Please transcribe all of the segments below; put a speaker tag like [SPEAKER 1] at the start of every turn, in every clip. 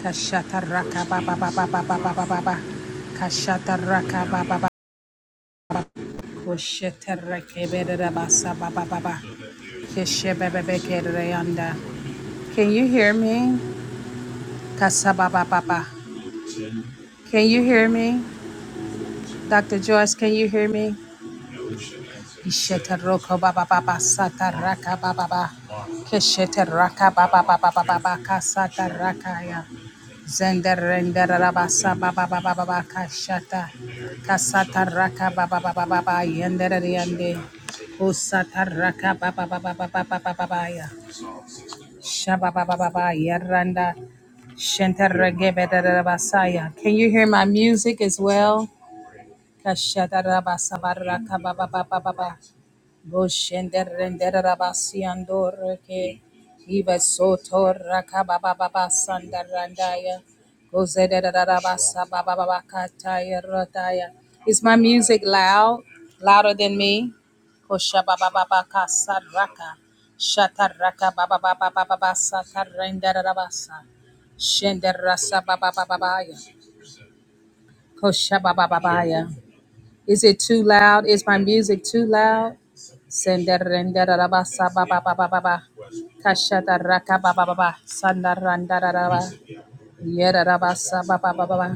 [SPEAKER 1] Kashataraka ba ba ba ba ba Kashataraka ba ba Koshetarake berere basa ba ba ba ba. Can you hear me? Kasaba ba ba Can you hear me? Dr. Joyce, can you hear me? Ishete roko baba baba sata raka baba baba. Keshete raka baba baba baba baka sata raka ya. Zender render raba baba baba baba kashata. Kasata raka baba baba baba yendere yende. Usata raka baba baba baba baba baba ya. Shaba baba baba yeranda. Shenter regebe raba saya. Can you hear my music as well? Kashata raba saba baba baba baba. Boshenderenderabasiandoreke, Ivasotorakabababasandarandaya, Gozederabasabababakataya rotaya. Is my music loud? Louder than me? Koshabababakasadraka, Shataraka Shenderasa babababaya, kosha babababaya, is it too loud? Is my music too loud? Senderendaraba saba ba ba ba ba ba. Kashata raka ba ba ba ba. Sandarandaraba. Yeraraba saba ba ba ba ba.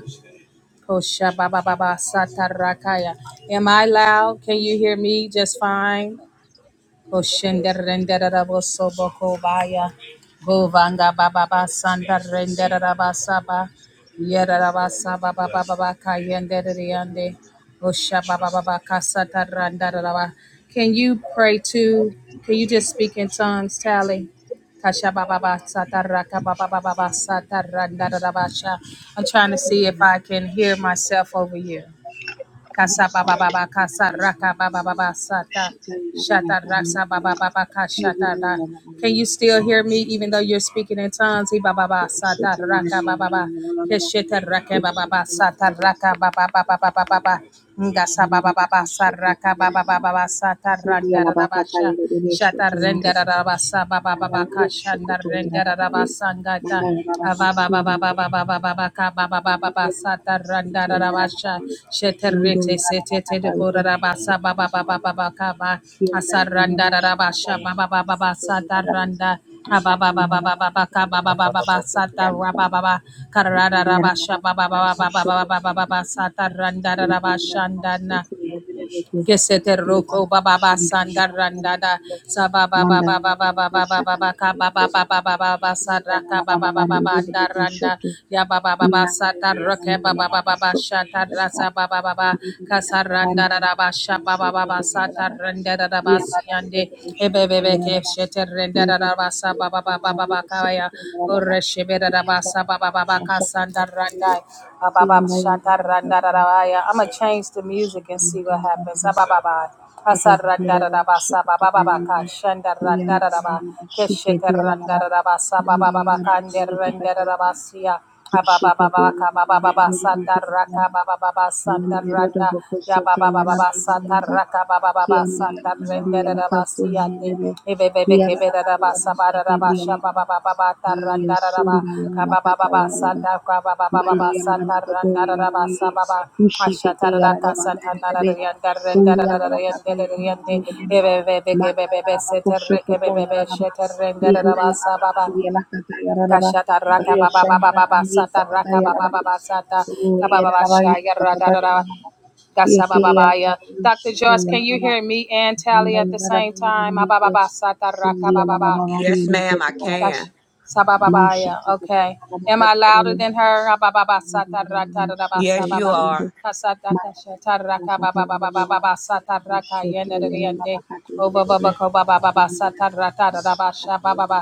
[SPEAKER 1] Kosha ba ba ba ba. Satarakaya.
[SPEAKER 2] Thank
[SPEAKER 1] Am I loud? Can you hear me just fine? Oshenderendererabosobokobaya. Govanga bababa sandarendererabasaba. Yererabasaba bababa Kasata Oshabababa raba. Can you pray too? Can you just speak in tongues, Tally? Kashabababa satarakabababa satarandarerabasha. I'm trying to see if I can hear myself over you. Kasa baba baba kasa raka baba baba sata shata rasa baba baba kashata da. Can you still hear me even though you're speaking in tongues? He baba baba sata raka baba baba keshita raka baba baba sata raka baba baba baba baba. Ngasa baba baba saraka baba
[SPEAKER 2] you.
[SPEAKER 1] baba basa
[SPEAKER 2] Sidi
[SPEAKER 1] taranda
[SPEAKER 2] Alabakata
[SPEAKER 1] rabasha
[SPEAKER 2] Yerebenesho
[SPEAKER 1] shata
[SPEAKER 2] to
[SPEAKER 1] renda
[SPEAKER 2] Yerebebe.
[SPEAKER 1] rabasa baba
[SPEAKER 2] Manda
[SPEAKER 1] baba
[SPEAKER 2] Yoroshuko
[SPEAKER 1] kashanda
[SPEAKER 2] to
[SPEAKER 1] renda
[SPEAKER 2] Yerababaye.
[SPEAKER 1] rabasa ngata
[SPEAKER 2] Manda Yarabaka
[SPEAKER 1] baba
[SPEAKER 2] Sindi
[SPEAKER 1] baba baba baba
[SPEAKER 2] Yerebebe.
[SPEAKER 1] baba ka baba baba
[SPEAKER 2] Manda
[SPEAKER 1] basa
[SPEAKER 2] Yarabaka
[SPEAKER 1] taranda
[SPEAKER 2] Sindi
[SPEAKER 1] rabasha
[SPEAKER 2] Yerababaye.
[SPEAKER 1] shete
[SPEAKER 2] Mundo
[SPEAKER 1] rente sete te
[SPEAKER 2] Yarabakata
[SPEAKER 1] de gora
[SPEAKER 2] Yerebebe
[SPEAKER 1] rabasa
[SPEAKER 2] Soto
[SPEAKER 1] baba baba
[SPEAKER 2] Yereba.
[SPEAKER 1] baba ka ba
[SPEAKER 2] Kianda
[SPEAKER 1] asaranda
[SPEAKER 2] Yarabasha Kata
[SPEAKER 1] rabasha baba
[SPEAKER 2] Yereba
[SPEAKER 1] baba
[SPEAKER 2] Soto
[SPEAKER 1] basa
[SPEAKER 2] Yereba.
[SPEAKER 1] taranda
[SPEAKER 2] Miyanda Yarabakata Yerebebe Shoto yelele. Thank you.
[SPEAKER 1] Karada Gesete roko baba ba sanda da saba ba ba
[SPEAKER 2] Manda
[SPEAKER 1] ba ba ba ba
[SPEAKER 2] yanayolenga
[SPEAKER 1] ba ba ba
[SPEAKER 2] shaka
[SPEAKER 1] ba ka ba
[SPEAKER 2] pelelele.
[SPEAKER 1] ba ba
[SPEAKER 2] Yana na mama wale vile vile shoto.
[SPEAKER 1] ya ba ba ba ba
[SPEAKER 2] Mianga
[SPEAKER 1] sata
[SPEAKER 2] yana na
[SPEAKER 1] roke
[SPEAKER 2] mama
[SPEAKER 1] ba ba
[SPEAKER 2] mama
[SPEAKER 1] ba ba
[SPEAKER 2] asoto. Thank
[SPEAKER 1] da da ba sha ba da da ba siyande e da da ba sa ba ba ba da da ba sa ba I'ma change the music and see what happens. Abababa. Asarandaraba sabababa ka shandarandaraba kesheterandaraba sabababa kanderandaraba siya abababa ka bababa sataraka
[SPEAKER 2] you.
[SPEAKER 1] bababa
[SPEAKER 2] Yala
[SPEAKER 1] sandaranda ya bababa sataraka bababa Basanda rendera rabasiate, ebebebe kebera rabasabara rabasha baba baba bata randara raba kaba baba basata kaba baba
[SPEAKER 2] Manda
[SPEAKER 1] baba
[SPEAKER 2] yala na
[SPEAKER 1] sata
[SPEAKER 2] kato
[SPEAKER 1] randara
[SPEAKER 2] magi
[SPEAKER 1] rabasa baba
[SPEAKER 2] ushikete
[SPEAKER 1] ashata
[SPEAKER 2] yala na
[SPEAKER 1] rata
[SPEAKER 2] manda
[SPEAKER 1] santa
[SPEAKER 2] yala
[SPEAKER 1] nara
[SPEAKER 2] be
[SPEAKER 1] rianda
[SPEAKER 2] sundi
[SPEAKER 1] rendera
[SPEAKER 2] yala na kata
[SPEAKER 1] rendera
[SPEAKER 2] yala na
[SPEAKER 1] rende
[SPEAKER 2] manda yala be
[SPEAKER 1] ebebebe
[SPEAKER 2] manda
[SPEAKER 1] kebebebe setere kebebebe shetere rendera
[SPEAKER 2] yanda yala
[SPEAKER 1] rabasa
[SPEAKER 2] na
[SPEAKER 1] baba
[SPEAKER 2] magi yala kata yala na ba
[SPEAKER 1] Gashata raka baba
[SPEAKER 2] resha
[SPEAKER 1] baba
[SPEAKER 2] yala na
[SPEAKER 1] baba
[SPEAKER 2] magi
[SPEAKER 1] sata
[SPEAKER 2] kata
[SPEAKER 1] raka
[SPEAKER 2] yala
[SPEAKER 1] baba
[SPEAKER 2] na be
[SPEAKER 1] baba sata kaba baba
[SPEAKER 2] magi
[SPEAKER 1] shaya rada
[SPEAKER 2] kata yala
[SPEAKER 1] rada
[SPEAKER 2] yeke yala na
[SPEAKER 1] Gasababaya.
[SPEAKER 2] magi
[SPEAKER 1] Dr. Joyce, can you hear me and
[SPEAKER 2] manda
[SPEAKER 1] Tally at the
[SPEAKER 2] yala
[SPEAKER 1] same time? Abababa,
[SPEAKER 2] sundi
[SPEAKER 1] sataraka,
[SPEAKER 2] yala na
[SPEAKER 1] bababa.
[SPEAKER 3] Yes, ma'am, I
[SPEAKER 1] Gosh.
[SPEAKER 3] can.
[SPEAKER 2] mosha
[SPEAKER 1] Sabababaya.
[SPEAKER 2] kata yala
[SPEAKER 1] Okay. Am I louder than her? Abababa, satara, tararaba,
[SPEAKER 3] Yes, you
[SPEAKER 1] sababa.
[SPEAKER 3] are.
[SPEAKER 1] Kasataka, shataraka, babababababa, sataraka,
[SPEAKER 2] Shoto
[SPEAKER 1] yenadadiyande.
[SPEAKER 2] Yamabahati,
[SPEAKER 1] Obababako, babababa, satara, tararaba, shabababa.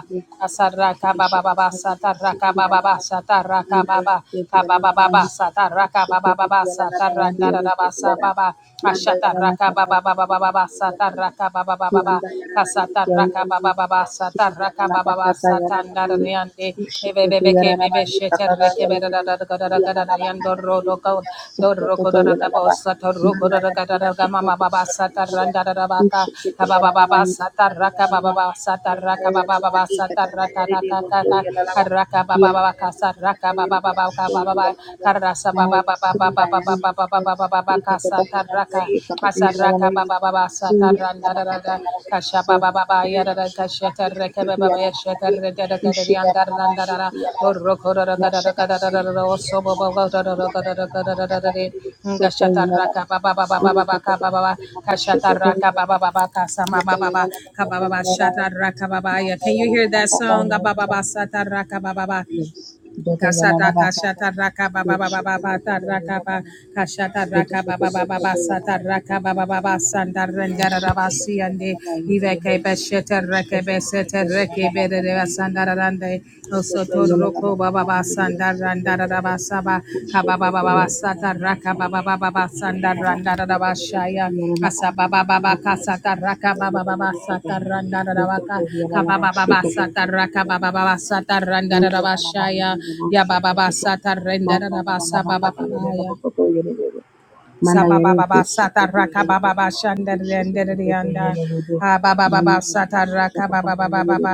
[SPEAKER 2] Manda yara
[SPEAKER 1] Asaraka,
[SPEAKER 2] yara
[SPEAKER 1] babababa, sataraka, bababa, sataraka, baba. Kababababa, sataraka, babababa, satara, nararaba, sababa. Ashataraka, babababababa, sataraka, babababa kasata raka baba baba sata raka baba baba sata ndariande ebe bebe ke bebe shete reke bere da da da da da da da yando ro do ko do ro ko da da ka bo sata ro ko da da ka da da ka
[SPEAKER 2] koto
[SPEAKER 1] mama
[SPEAKER 2] to
[SPEAKER 1] baba sata randa da da ba ka ka
[SPEAKER 2] yara yara yara. Ushikete yara yara
[SPEAKER 1] baba
[SPEAKER 2] yara
[SPEAKER 1] baba
[SPEAKER 2] yara yara.
[SPEAKER 1] sata raka baba
[SPEAKER 2] yara.
[SPEAKER 1] baba sata
[SPEAKER 2] Soto,
[SPEAKER 1] raka
[SPEAKER 2] la
[SPEAKER 1] baba
[SPEAKER 2] la la,
[SPEAKER 1] baba
[SPEAKER 2] y
[SPEAKER 1] sata
[SPEAKER 2] cata
[SPEAKER 1] rata ta ka ka ka ka raka baba baba ka sata raka baba baba ka baba baba karasa baba baba baba baba baba baba baka sataraka asaraka baba baba sataranda da kasha baba baba ya kasha taraka baba baba ya shataraka da yanda randa da da torro kororo da oso baba baba da da kasha taraka baba baba baba ka baba
[SPEAKER 2] también el
[SPEAKER 1] kasha
[SPEAKER 2] mejor
[SPEAKER 1] taraka baba baba ka baba
[SPEAKER 2] Dotayalana
[SPEAKER 1] ka baba
[SPEAKER 2] bakatayalana
[SPEAKER 1] shataraka baba ya can you
[SPEAKER 2] mandayalana
[SPEAKER 1] hear that song baba
[SPEAKER 2] bakatayalana
[SPEAKER 1] baba sataraka baba
[SPEAKER 2] Yes.
[SPEAKER 1] Kasata
[SPEAKER 2] Dotayalana bakata.
[SPEAKER 1] kashata raka ba ba
[SPEAKER 2] Yes.
[SPEAKER 1] ba ba
[SPEAKER 2] you
[SPEAKER 1] ba
[SPEAKER 2] could get the yellow.
[SPEAKER 1] kashata
[SPEAKER 2] Thank
[SPEAKER 1] raka ba ba ba ba ba sa ta raka si ande ive ke be shete reke be sete reke be re re also to roko ba ba ba sanda randa ra ra ba sa ba randa ra Kasa baba baba kasa taraka baba baba sata randa rabaka kaba baba baba sata raka baba
[SPEAKER 2] you.
[SPEAKER 1] baba sata randa
[SPEAKER 2] Uyala la ba
[SPEAKER 1] rabashaya
[SPEAKER 2] yele bo
[SPEAKER 1] ya
[SPEAKER 2] shoto
[SPEAKER 1] baba baba sata renda
[SPEAKER 2] Manda yala la
[SPEAKER 1] rabasa
[SPEAKER 2] ba
[SPEAKER 1] baba
[SPEAKER 2] kata
[SPEAKER 1] baba
[SPEAKER 2] la
[SPEAKER 1] ya
[SPEAKER 2] bo koto yele Manda
[SPEAKER 1] saba
[SPEAKER 2] yele
[SPEAKER 1] baba
[SPEAKER 2] ke
[SPEAKER 1] baba
[SPEAKER 2] shoto
[SPEAKER 1] sata
[SPEAKER 2] to yele
[SPEAKER 1] raka
[SPEAKER 2] yele.
[SPEAKER 1] baba baba shanda
[SPEAKER 2] Ishe
[SPEAKER 1] renda
[SPEAKER 2] shoto to to
[SPEAKER 1] renda baba
[SPEAKER 2] Da
[SPEAKER 1] baba
[SPEAKER 2] yele la ba
[SPEAKER 1] sata
[SPEAKER 2] kata
[SPEAKER 1] raka
[SPEAKER 2] shoto to
[SPEAKER 1] baba baba baba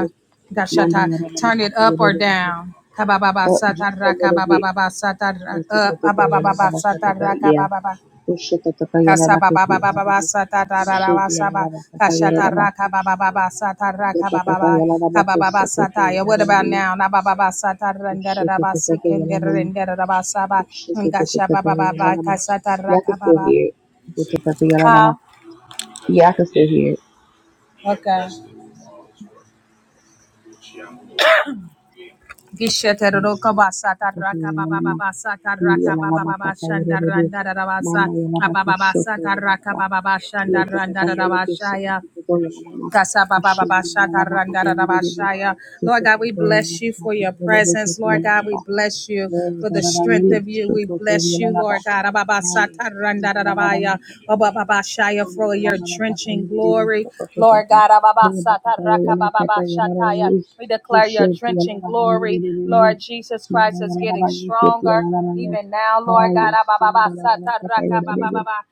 [SPEAKER 2] Manda
[SPEAKER 1] dashata
[SPEAKER 2] yala la ba
[SPEAKER 1] turn it
[SPEAKER 2] kata
[SPEAKER 1] up
[SPEAKER 2] yele
[SPEAKER 1] or down kaba baba
[SPEAKER 2] Uh,
[SPEAKER 1] sata
[SPEAKER 2] just a
[SPEAKER 1] raka
[SPEAKER 2] little
[SPEAKER 1] baba
[SPEAKER 2] bit.
[SPEAKER 1] baba sata
[SPEAKER 2] Oh, shoto to
[SPEAKER 1] up
[SPEAKER 2] to
[SPEAKER 1] baba baba
[SPEAKER 2] la ba
[SPEAKER 1] sata raka
[SPEAKER 2] Yeah.
[SPEAKER 1] baba baba
[SPEAKER 2] Ushe to to to la
[SPEAKER 1] Kasaba
[SPEAKER 2] kete
[SPEAKER 1] baba
[SPEAKER 2] yele
[SPEAKER 1] baba
[SPEAKER 2] la
[SPEAKER 1] baba
[SPEAKER 2] bo.
[SPEAKER 1] sata da da da
[SPEAKER 2] Ushe la
[SPEAKER 1] basaba
[SPEAKER 2] ba kata
[SPEAKER 1] kashata
[SPEAKER 2] la ba.
[SPEAKER 1] raka baba baba sata raka
[SPEAKER 2] Deta
[SPEAKER 1] baba
[SPEAKER 2] kata
[SPEAKER 1] baba
[SPEAKER 2] yele la ba
[SPEAKER 1] kaba
[SPEAKER 2] ke
[SPEAKER 1] baba
[SPEAKER 2] shoto
[SPEAKER 1] sata. Yeah, what
[SPEAKER 2] la ba.
[SPEAKER 1] about now? Na baba baba sata renda da
[SPEAKER 2] Ushe
[SPEAKER 1] da
[SPEAKER 2] ke to to
[SPEAKER 1] basi kenda
[SPEAKER 2] la
[SPEAKER 1] renda da da basaba
[SPEAKER 2] She said, "Go- go-
[SPEAKER 1] ngasha
[SPEAKER 2] go- go-
[SPEAKER 1] baba
[SPEAKER 2] go- la-
[SPEAKER 1] baba
[SPEAKER 2] la- la."
[SPEAKER 1] kasata
[SPEAKER 2] Yeah, I can
[SPEAKER 1] raka
[SPEAKER 2] still
[SPEAKER 1] baba.
[SPEAKER 2] hear it. Go- go- go- go- la- la- la.
[SPEAKER 1] Ha
[SPEAKER 2] Yeah, I can still hear it.
[SPEAKER 1] okay. Gishete
[SPEAKER 2] Go-
[SPEAKER 1] roka basata
[SPEAKER 2] go- go-
[SPEAKER 1] raka
[SPEAKER 2] la-
[SPEAKER 1] baba
[SPEAKER 2] la- la.
[SPEAKER 1] baba sata
[SPEAKER 2] Yeah,
[SPEAKER 1] raka
[SPEAKER 2] la- la-
[SPEAKER 1] baba
[SPEAKER 2] la,
[SPEAKER 1] baba
[SPEAKER 2] ka- ka- yeah, la-
[SPEAKER 1] shanda
[SPEAKER 2] la- la.
[SPEAKER 1] renda da da basa
[SPEAKER 2] Mama, yeah, la- la,
[SPEAKER 1] baba
[SPEAKER 2] ka-
[SPEAKER 1] baba
[SPEAKER 2] sho- ka-
[SPEAKER 1] sata
[SPEAKER 2] yeah, la- la-
[SPEAKER 1] raka
[SPEAKER 2] la.
[SPEAKER 1] baba baba
[SPEAKER 2] Yeah,
[SPEAKER 1] shanda
[SPEAKER 2] ka- ka-
[SPEAKER 1] renda
[SPEAKER 2] ka-
[SPEAKER 1] da
[SPEAKER 2] yeah,
[SPEAKER 1] da
[SPEAKER 2] la- ke- sho- go-
[SPEAKER 1] basaya.
[SPEAKER 2] go- go- go, yeah, la- la- la. She- yeah, la- la- la, ka- ka- yeah, la- la- la.
[SPEAKER 1] Kasababababashatarandadadabashaya.
[SPEAKER 2] Go-
[SPEAKER 1] Lord
[SPEAKER 2] go-
[SPEAKER 1] God,
[SPEAKER 2] go-
[SPEAKER 1] we
[SPEAKER 2] go, yeah, la-
[SPEAKER 1] bless
[SPEAKER 2] la- la,
[SPEAKER 1] you for
[SPEAKER 2] ka-
[SPEAKER 1] your
[SPEAKER 2] yeah, la- la- la,
[SPEAKER 1] presence.
[SPEAKER 2] ka-
[SPEAKER 1] Lord
[SPEAKER 2] yeah,
[SPEAKER 1] God,
[SPEAKER 2] la-
[SPEAKER 1] we
[SPEAKER 2] la.
[SPEAKER 1] bless you
[SPEAKER 2] Mandayana
[SPEAKER 1] for the strength of you. We bless you, Lord God, Ababasatarandadadabaya. Abababashaya, for your drenching glory. Lord God, Ababasatarakabababashataya. we declare your drenching glory. Lord Jesus Christ is getting stronger. Even now, Lord God, Ababasatarakabababaha.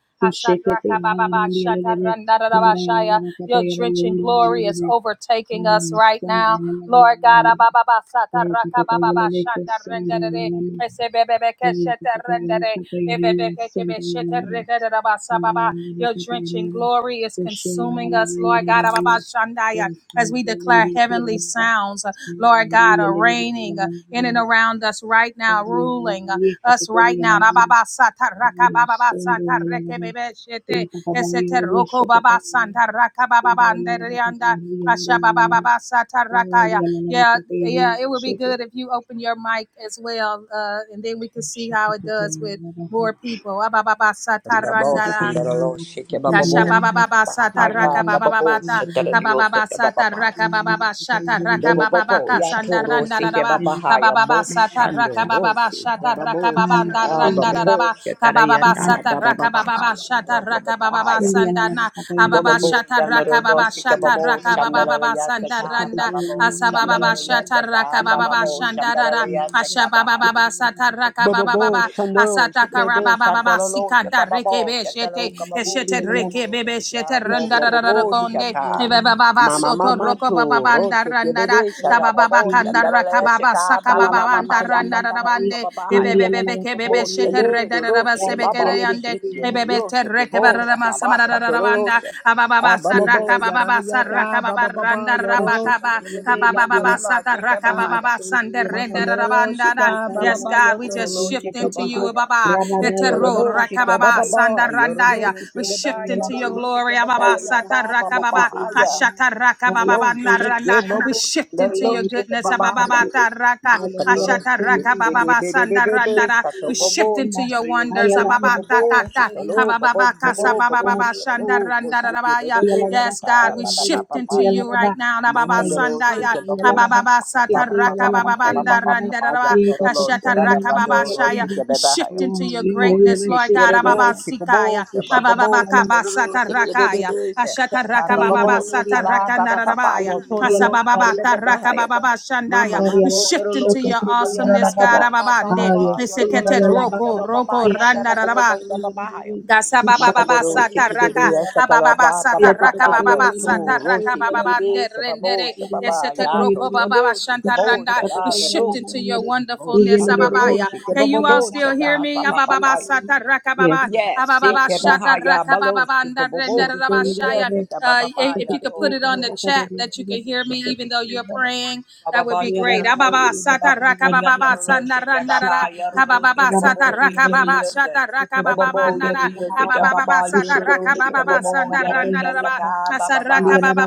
[SPEAKER 1] Your drenching glory is overtaking us right now. Lord God,
[SPEAKER 2] Thank
[SPEAKER 1] Your drenching glory is consuming us, Lord God, as we declare heavenly sounds, uh, Lord God, are reigning uh, in and around us right now, ruling uh, us right now. Esete roko baba sanda raka baba banda rianda. Ashababababasatarrakaya. Yeah, yeah, it would be
[SPEAKER 2] you.
[SPEAKER 1] good if you open your mic as well, uh, and then we can see
[SPEAKER 2] Sonda
[SPEAKER 1] how it does with more people. Tasha baba baba sata raka baba baba ta kaba baba sata raka baba baba shata raka baba baba kasanda randa raba kaba baba sata raka baba baba shata raka baba nda randa raba kaba baba
[SPEAKER 2] Thank
[SPEAKER 1] sata raka baba baba shata raka baba baba sanda na ababa shata raka baba shata raka baba baba sanda randa asaba baba shata raka baba baba shanda rara asha baba
[SPEAKER 3] Baba
[SPEAKER 1] baba sata raka baba
[SPEAKER 3] Bababo,
[SPEAKER 1] baba
[SPEAKER 3] Shandoro,
[SPEAKER 1] asata kara
[SPEAKER 3] Shikebe,
[SPEAKER 1] baba baba
[SPEAKER 3] Shantalolo,
[SPEAKER 1] sikanda
[SPEAKER 3] Shakababo,
[SPEAKER 1] rekebe shete
[SPEAKER 3] Shatalo, Kababo,
[SPEAKER 1] Eshete reke
[SPEAKER 3] Shatario,
[SPEAKER 2] you.
[SPEAKER 1] bebe shete
[SPEAKER 2] Thank
[SPEAKER 3] Shikabo,
[SPEAKER 2] you.
[SPEAKER 1] randa da da da da
[SPEAKER 3] Bobobo,
[SPEAKER 1] konde.
[SPEAKER 3] Shata,
[SPEAKER 1] Ebe baba
[SPEAKER 3] Mama
[SPEAKER 1] soto
[SPEAKER 3] Mama
[SPEAKER 1] roko
[SPEAKER 3] to
[SPEAKER 1] baba banda
[SPEAKER 3] Rose
[SPEAKER 1] randa da.
[SPEAKER 3] Kebebe,
[SPEAKER 1] Da baba
[SPEAKER 3] Shababo,
[SPEAKER 1] bakanda raka
[SPEAKER 3] Shandala,
[SPEAKER 1] baba
[SPEAKER 3] Shaka,
[SPEAKER 1] saka
[SPEAKER 3] Baba
[SPEAKER 1] baba
[SPEAKER 3] Baba,
[SPEAKER 1] banda
[SPEAKER 3] Yata,
[SPEAKER 1] randa da da bande. Ebe
[SPEAKER 3] Kababa,
[SPEAKER 1] bebe beke bebe
[SPEAKER 3] Boşa
[SPEAKER 1] shete re da
[SPEAKER 3] dörü
[SPEAKER 1] da da ba
[SPEAKER 3] roşe
[SPEAKER 1] sebe
[SPEAKER 3] baba
[SPEAKER 1] kere yande.
[SPEAKER 3] şık yeri
[SPEAKER 1] Ebe te
[SPEAKER 3] diyorsa ki
[SPEAKER 1] reke ba da da
[SPEAKER 3] boşa
[SPEAKER 1] ma
[SPEAKER 3] baba
[SPEAKER 1] da da da
[SPEAKER 3] katoro
[SPEAKER 1] banda.
[SPEAKER 3] roşe.
[SPEAKER 1] Aba baba
[SPEAKER 3] A baba bo
[SPEAKER 1] saraka baba
[SPEAKER 3] yaranı
[SPEAKER 1] baba
[SPEAKER 3] yata
[SPEAKER 1] saraka baba
[SPEAKER 3] baba baba
[SPEAKER 1] randa
[SPEAKER 3] yoro
[SPEAKER 1] raba
[SPEAKER 3] roşe
[SPEAKER 1] kaba.
[SPEAKER 3] kebebe
[SPEAKER 1] Kaba baba baba
[SPEAKER 3] yakalala teke
[SPEAKER 1] sataraka
[SPEAKER 2] Ayo
[SPEAKER 1] baba
[SPEAKER 3] bahaya.
[SPEAKER 1] baba
[SPEAKER 2] sende
[SPEAKER 1] sande
[SPEAKER 2] yala la
[SPEAKER 1] renda da
[SPEAKER 3] Mankandoro
[SPEAKER 1] da
[SPEAKER 2] makata.
[SPEAKER 3] roşe
[SPEAKER 1] banda da.
[SPEAKER 3] ka
[SPEAKER 2] Ata
[SPEAKER 1] Yes,
[SPEAKER 3] baba
[SPEAKER 2] yala la
[SPEAKER 3] ba
[SPEAKER 1] God, we
[SPEAKER 2] makata
[SPEAKER 3] yotoro
[SPEAKER 1] just
[SPEAKER 2] yala ya
[SPEAKER 3] roşe
[SPEAKER 1] shift
[SPEAKER 3] ka
[SPEAKER 1] into
[SPEAKER 2] pepepe.
[SPEAKER 1] you,
[SPEAKER 3] bahaya.
[SPEAKER 1] Baba.
[SPEAKER 2] Rabada yala
[SPEAKER 3] Mekoro
[SPEAKER 1] Etero
[SPEAKER 3] roşe
[SPEAKER 2] bakasa
[SPEAKER 3] ka
[SPEAKER 1] rakababa
[SPEAKER 2] kata
[SPEAKER 3] baba
[SPEAKER 2] yala
[SPEAKER 3] ba yoro
[SPEAKER 1] sandarandaya.
[SPEAKER 3] roşe
[SPEAKER 2] Hallelujah.
[SPEAKER 1] We
[SPEAKER 2] Oh,
[SPEAKER 3] kebebe
[SPEAKER 2] yeah,
[SPEAKER 1] shift
[SPEAKER 2] yeah,
[SPEAKER 1] into
[SPEAKER 3] yoro
[SPEAKER 1] your
[SPEAKER 3] roşe ke
[SPEAKER 1] glory.
[SPEAKER 3] baba
[SPEAKER 1] ababa ba,
[SPEAKER 3] ya ba
[SPEAKER 1] raka
[SPEAKER 3] baba
[SPEAKER 1] baba ta
[SPEAKER 3] bahaya.
[SPEAKER 1] ra ka ba ba ba na
[SPEAKER 3] Boşa
[SPEAKER 1] ra
[SPEAKER 3] ke
[SPEAKER 1] na We
[SPEAKER 3] baba
[SPEAKER 1] shift
[SPEAKER 3] yoro
[SPEAKER 1] into your
[SPEAKER 3] roşe ke
[SPEAKER 1] goodness. ababa
[SPEAKER 3] baba
[SPEAKER 1] ba ta ra ka,
[SPEAKER 3] Makadoro,
[SPEAKER 1] raka ta ra ka ba ba ba sanda ra
[SPEAKER 3] bebebebebebebe,
[SPEAKER 1] na ra
[SPEAKER 3] shato
[SPEAKER 1] We
[SPEAKER 3] bobo,
[SPEAKER 1] shift into your
[SPEAKER 3] shatoro
[SPEAKER 1] wonders.
[SPEAKER 3] bobo,
[SPEAKER 1] Ababa-ta-ka-ta,
[SPEAKER 3] shatolo bobo, bobo, bobo, shato, rosiki
[SPEAKER 1] ababa-ba-kasa-baba-ba-ba-shanda-ra-na-ra-ra-ba-ya. ba
[SPEAKER 3] bebebe,
[SPEAKER 1] Yes, God, we shift into
[SPEAKER 3] shata,
[SPEAKER 1] you right now. ababa
[SPEAKER 3] Makandoro
[SPEAKER 1] ya,
[SPEAKER 3] shike babo
[SPEAKER 1] ababa ba
[SPEAKER 3] ba
[SPEAKER 1] ta
[SPEAKER 3] ba
[SPEAKER 1] ra
[SPEAKER 3] ba
[SPEAKER 1] ka
[SPEAKER 3] ba
[SPEAKER 1] ba
[SPEAKER 3] ba
[SPEAKER 1] ba ba
[SPEAKER 3] ba ba
[SPEAKER 1] na
[SPEAKER 3] ba
[SPEAKER 1] ra
[SPEAKER 3] ba
[SPEAKER 1] na ra
[SPEAKER 3] ba ya
[SPEAKER 1] ra
[SPEAKER 3] toro
[SPEAKER 1] ba ba
[SPEAKER 3] lo shaba ba
[SPEAKER 1] raka
[SPEAKER 3] ba
[SPEAKER 1] baba
[SPEAKER 3] do ro
[SPEAKER 1] shaya
[SPEAKER 3] shike
[SPEAKER 1] we
[SPEAKER 3] ba ba ha
[SPEAKER 1] shift
[SPEAKER 3] ya
[SPEAKER 1] into your
[SPEAKER 3] bo
[SPEAKER 2] yeah,
[SPEAKER 1] greatness, Lord
[SPEAKER 2] shake
[SPEAKER 3] shike
[SPEAKER 1] God.
[SPEAKER 3] ro
[SPEAKER 2] it,
[SPEAKER 3] lo
[SPEAKER 2] yeah,
[SPEAKER 3] shike ba
[SPEAKER 1] Ababasikaya,
[SPEAKER 2] Yalala
[SPEAKER 3] ba bo shatoro lo shike be be
[SPEAKER 1] abababakabasatarrakaya,
[SPEAKER 3] be she ah ba ba bos ta la ba ba pa pa ya
[SPEAKER 1] ashatarakabababasatarrakandarabaya,
[SPEAKER 3] toro lo shike be ba ba ha ya ma
[SPEAKER 1] asabababatarrakabababashandaya. We
[SPEAKER 3] mako toro
[SPEAKER 1] shift
[SPEAKER 3] lo
[SPEAKER 1] into your
[SPEAKER 3] shike be ya
[SPEAKER 1] awesomeness, God.
[SPEAKER 3] shatala ka ba ba
[SPEAKER 1] Ababande,
[SPEAKER 3] ba ya toro
[SPEAKER 1] eseketet
[SPEAKER 3] lo shike
[SPEAKER 1] roko
[SPEAKER 3] ba ba ba
[SPEAKER 1] roko
[SPEAKER 3] ya toro lo
[SPEAKER 1] randaraba,
[SPEAKER 3] shike ba ba ha Makadoro Siki
[SPEAKER 1] Gasabababasataraka,
[SPEAKER 3] Bibi Satalaba Papa
[SPEAKER 1] abababasataraka,
[SPEAKER 3] Papa Yo To Ro
[SPEAKER 1] bababasataraka,
[SPEAKER 3] Siki Bibi Shababo
[SPEAKER 1] bababanderendere,
[SPEAKER 3] Shababa Yato
[SPEAKER 1] eseteroko,
[SPEAKER 3] Chodo Sikabo
[SPEAKER 1] bababashantaranda. We
[SPEAKER 3] Shada
[SPEAKER 1] shift
[SPEAKER 3] Rose
[SPEAKER 1] into your
[SPEAKER 3] Oh
[SPEAKER 1] wonderfulness.
[SPEAKER 3] Shando Ro
[SPEAKER 1] ababaya.
[SPEAKER 3] Siki
[SPEAKER 1] Can you all
[SPEAKER 3] Bobo
[SPEAKER 1] still hear
[SPEAKER 3] Shada
[SPEAKER 1] me?
[SPEAKER 3] Papa Papa
[SPEAKER 1] Abababasataraka, baba-
[SPEAKER 3] Yes
[SPEAKER 2] Shit,
[SPEAKER 3] Siki Bahaya
[SPEAKER 1] abababashataraka,
[SPEAKER 3] Balo Siko Bobo
[SPEAKER 2] the thing is, I
[SPEAKER 3] Shadidia
[SPEAKER 1] bababanderenderabashaya.
[SPEAKER 3] Sata
[SPEAKER 1] Uh, i-
[SPEAKER 3] Papa
[SPEAKER 1] if you could put
[SPEAKER 3] Yato
[SPEAKER 1] it
[SPEAKER 3] Ro
[SPEAKER 1] on the chat
[SPEAKER 3] Siki
[SPEAKER 1] that you can hear me, even though you're
[SPEAKER 2] don't know.
[SPEAKER 1] praying,
[SPEAKER 3] Baba
[SPEAKER 1] that
[SPEAKER 2] Yana
[SPEAKER 1] would
[SPEAKER 3] ba
[SPEAKER 1] be
[SPEAKER 3] ya
[SPEAKER 1] great.
[SPEAKER 3] tararo shike baba
[SPEAKER 1] Abababasataraka,
[SPEAKER 3] ba ya tararo shike baba
[SPEAKER 1] bababasandarandarara,
[SPEAKER 3] ya roro shike baba ya
[SPEAKER 1] kabababasataraka,
[SPEAKER 3] kiriyo se
[SPEAKER 1] babashataraka,
[SPEAKER 3] baba ba ya
[SPEAKER 1] bababa,
[SPEAKER 3] riyo se ta
[SPEAKER 1] Abababa
[SPEAKER 3] baba ya roro
[SPEAKER 1] Sadaraka
[SPEAKER 3] shike
[SPEAKER 1] Baba
[SPEAKER 3] baba ya riyo se
[SPEAKER 1] Sandarandaraba.
[SPEAKER 3] ta baba ba
[SPEAKER 1] Asaraka
[SPEAKER 3] ya
[SPEAKER 1] baba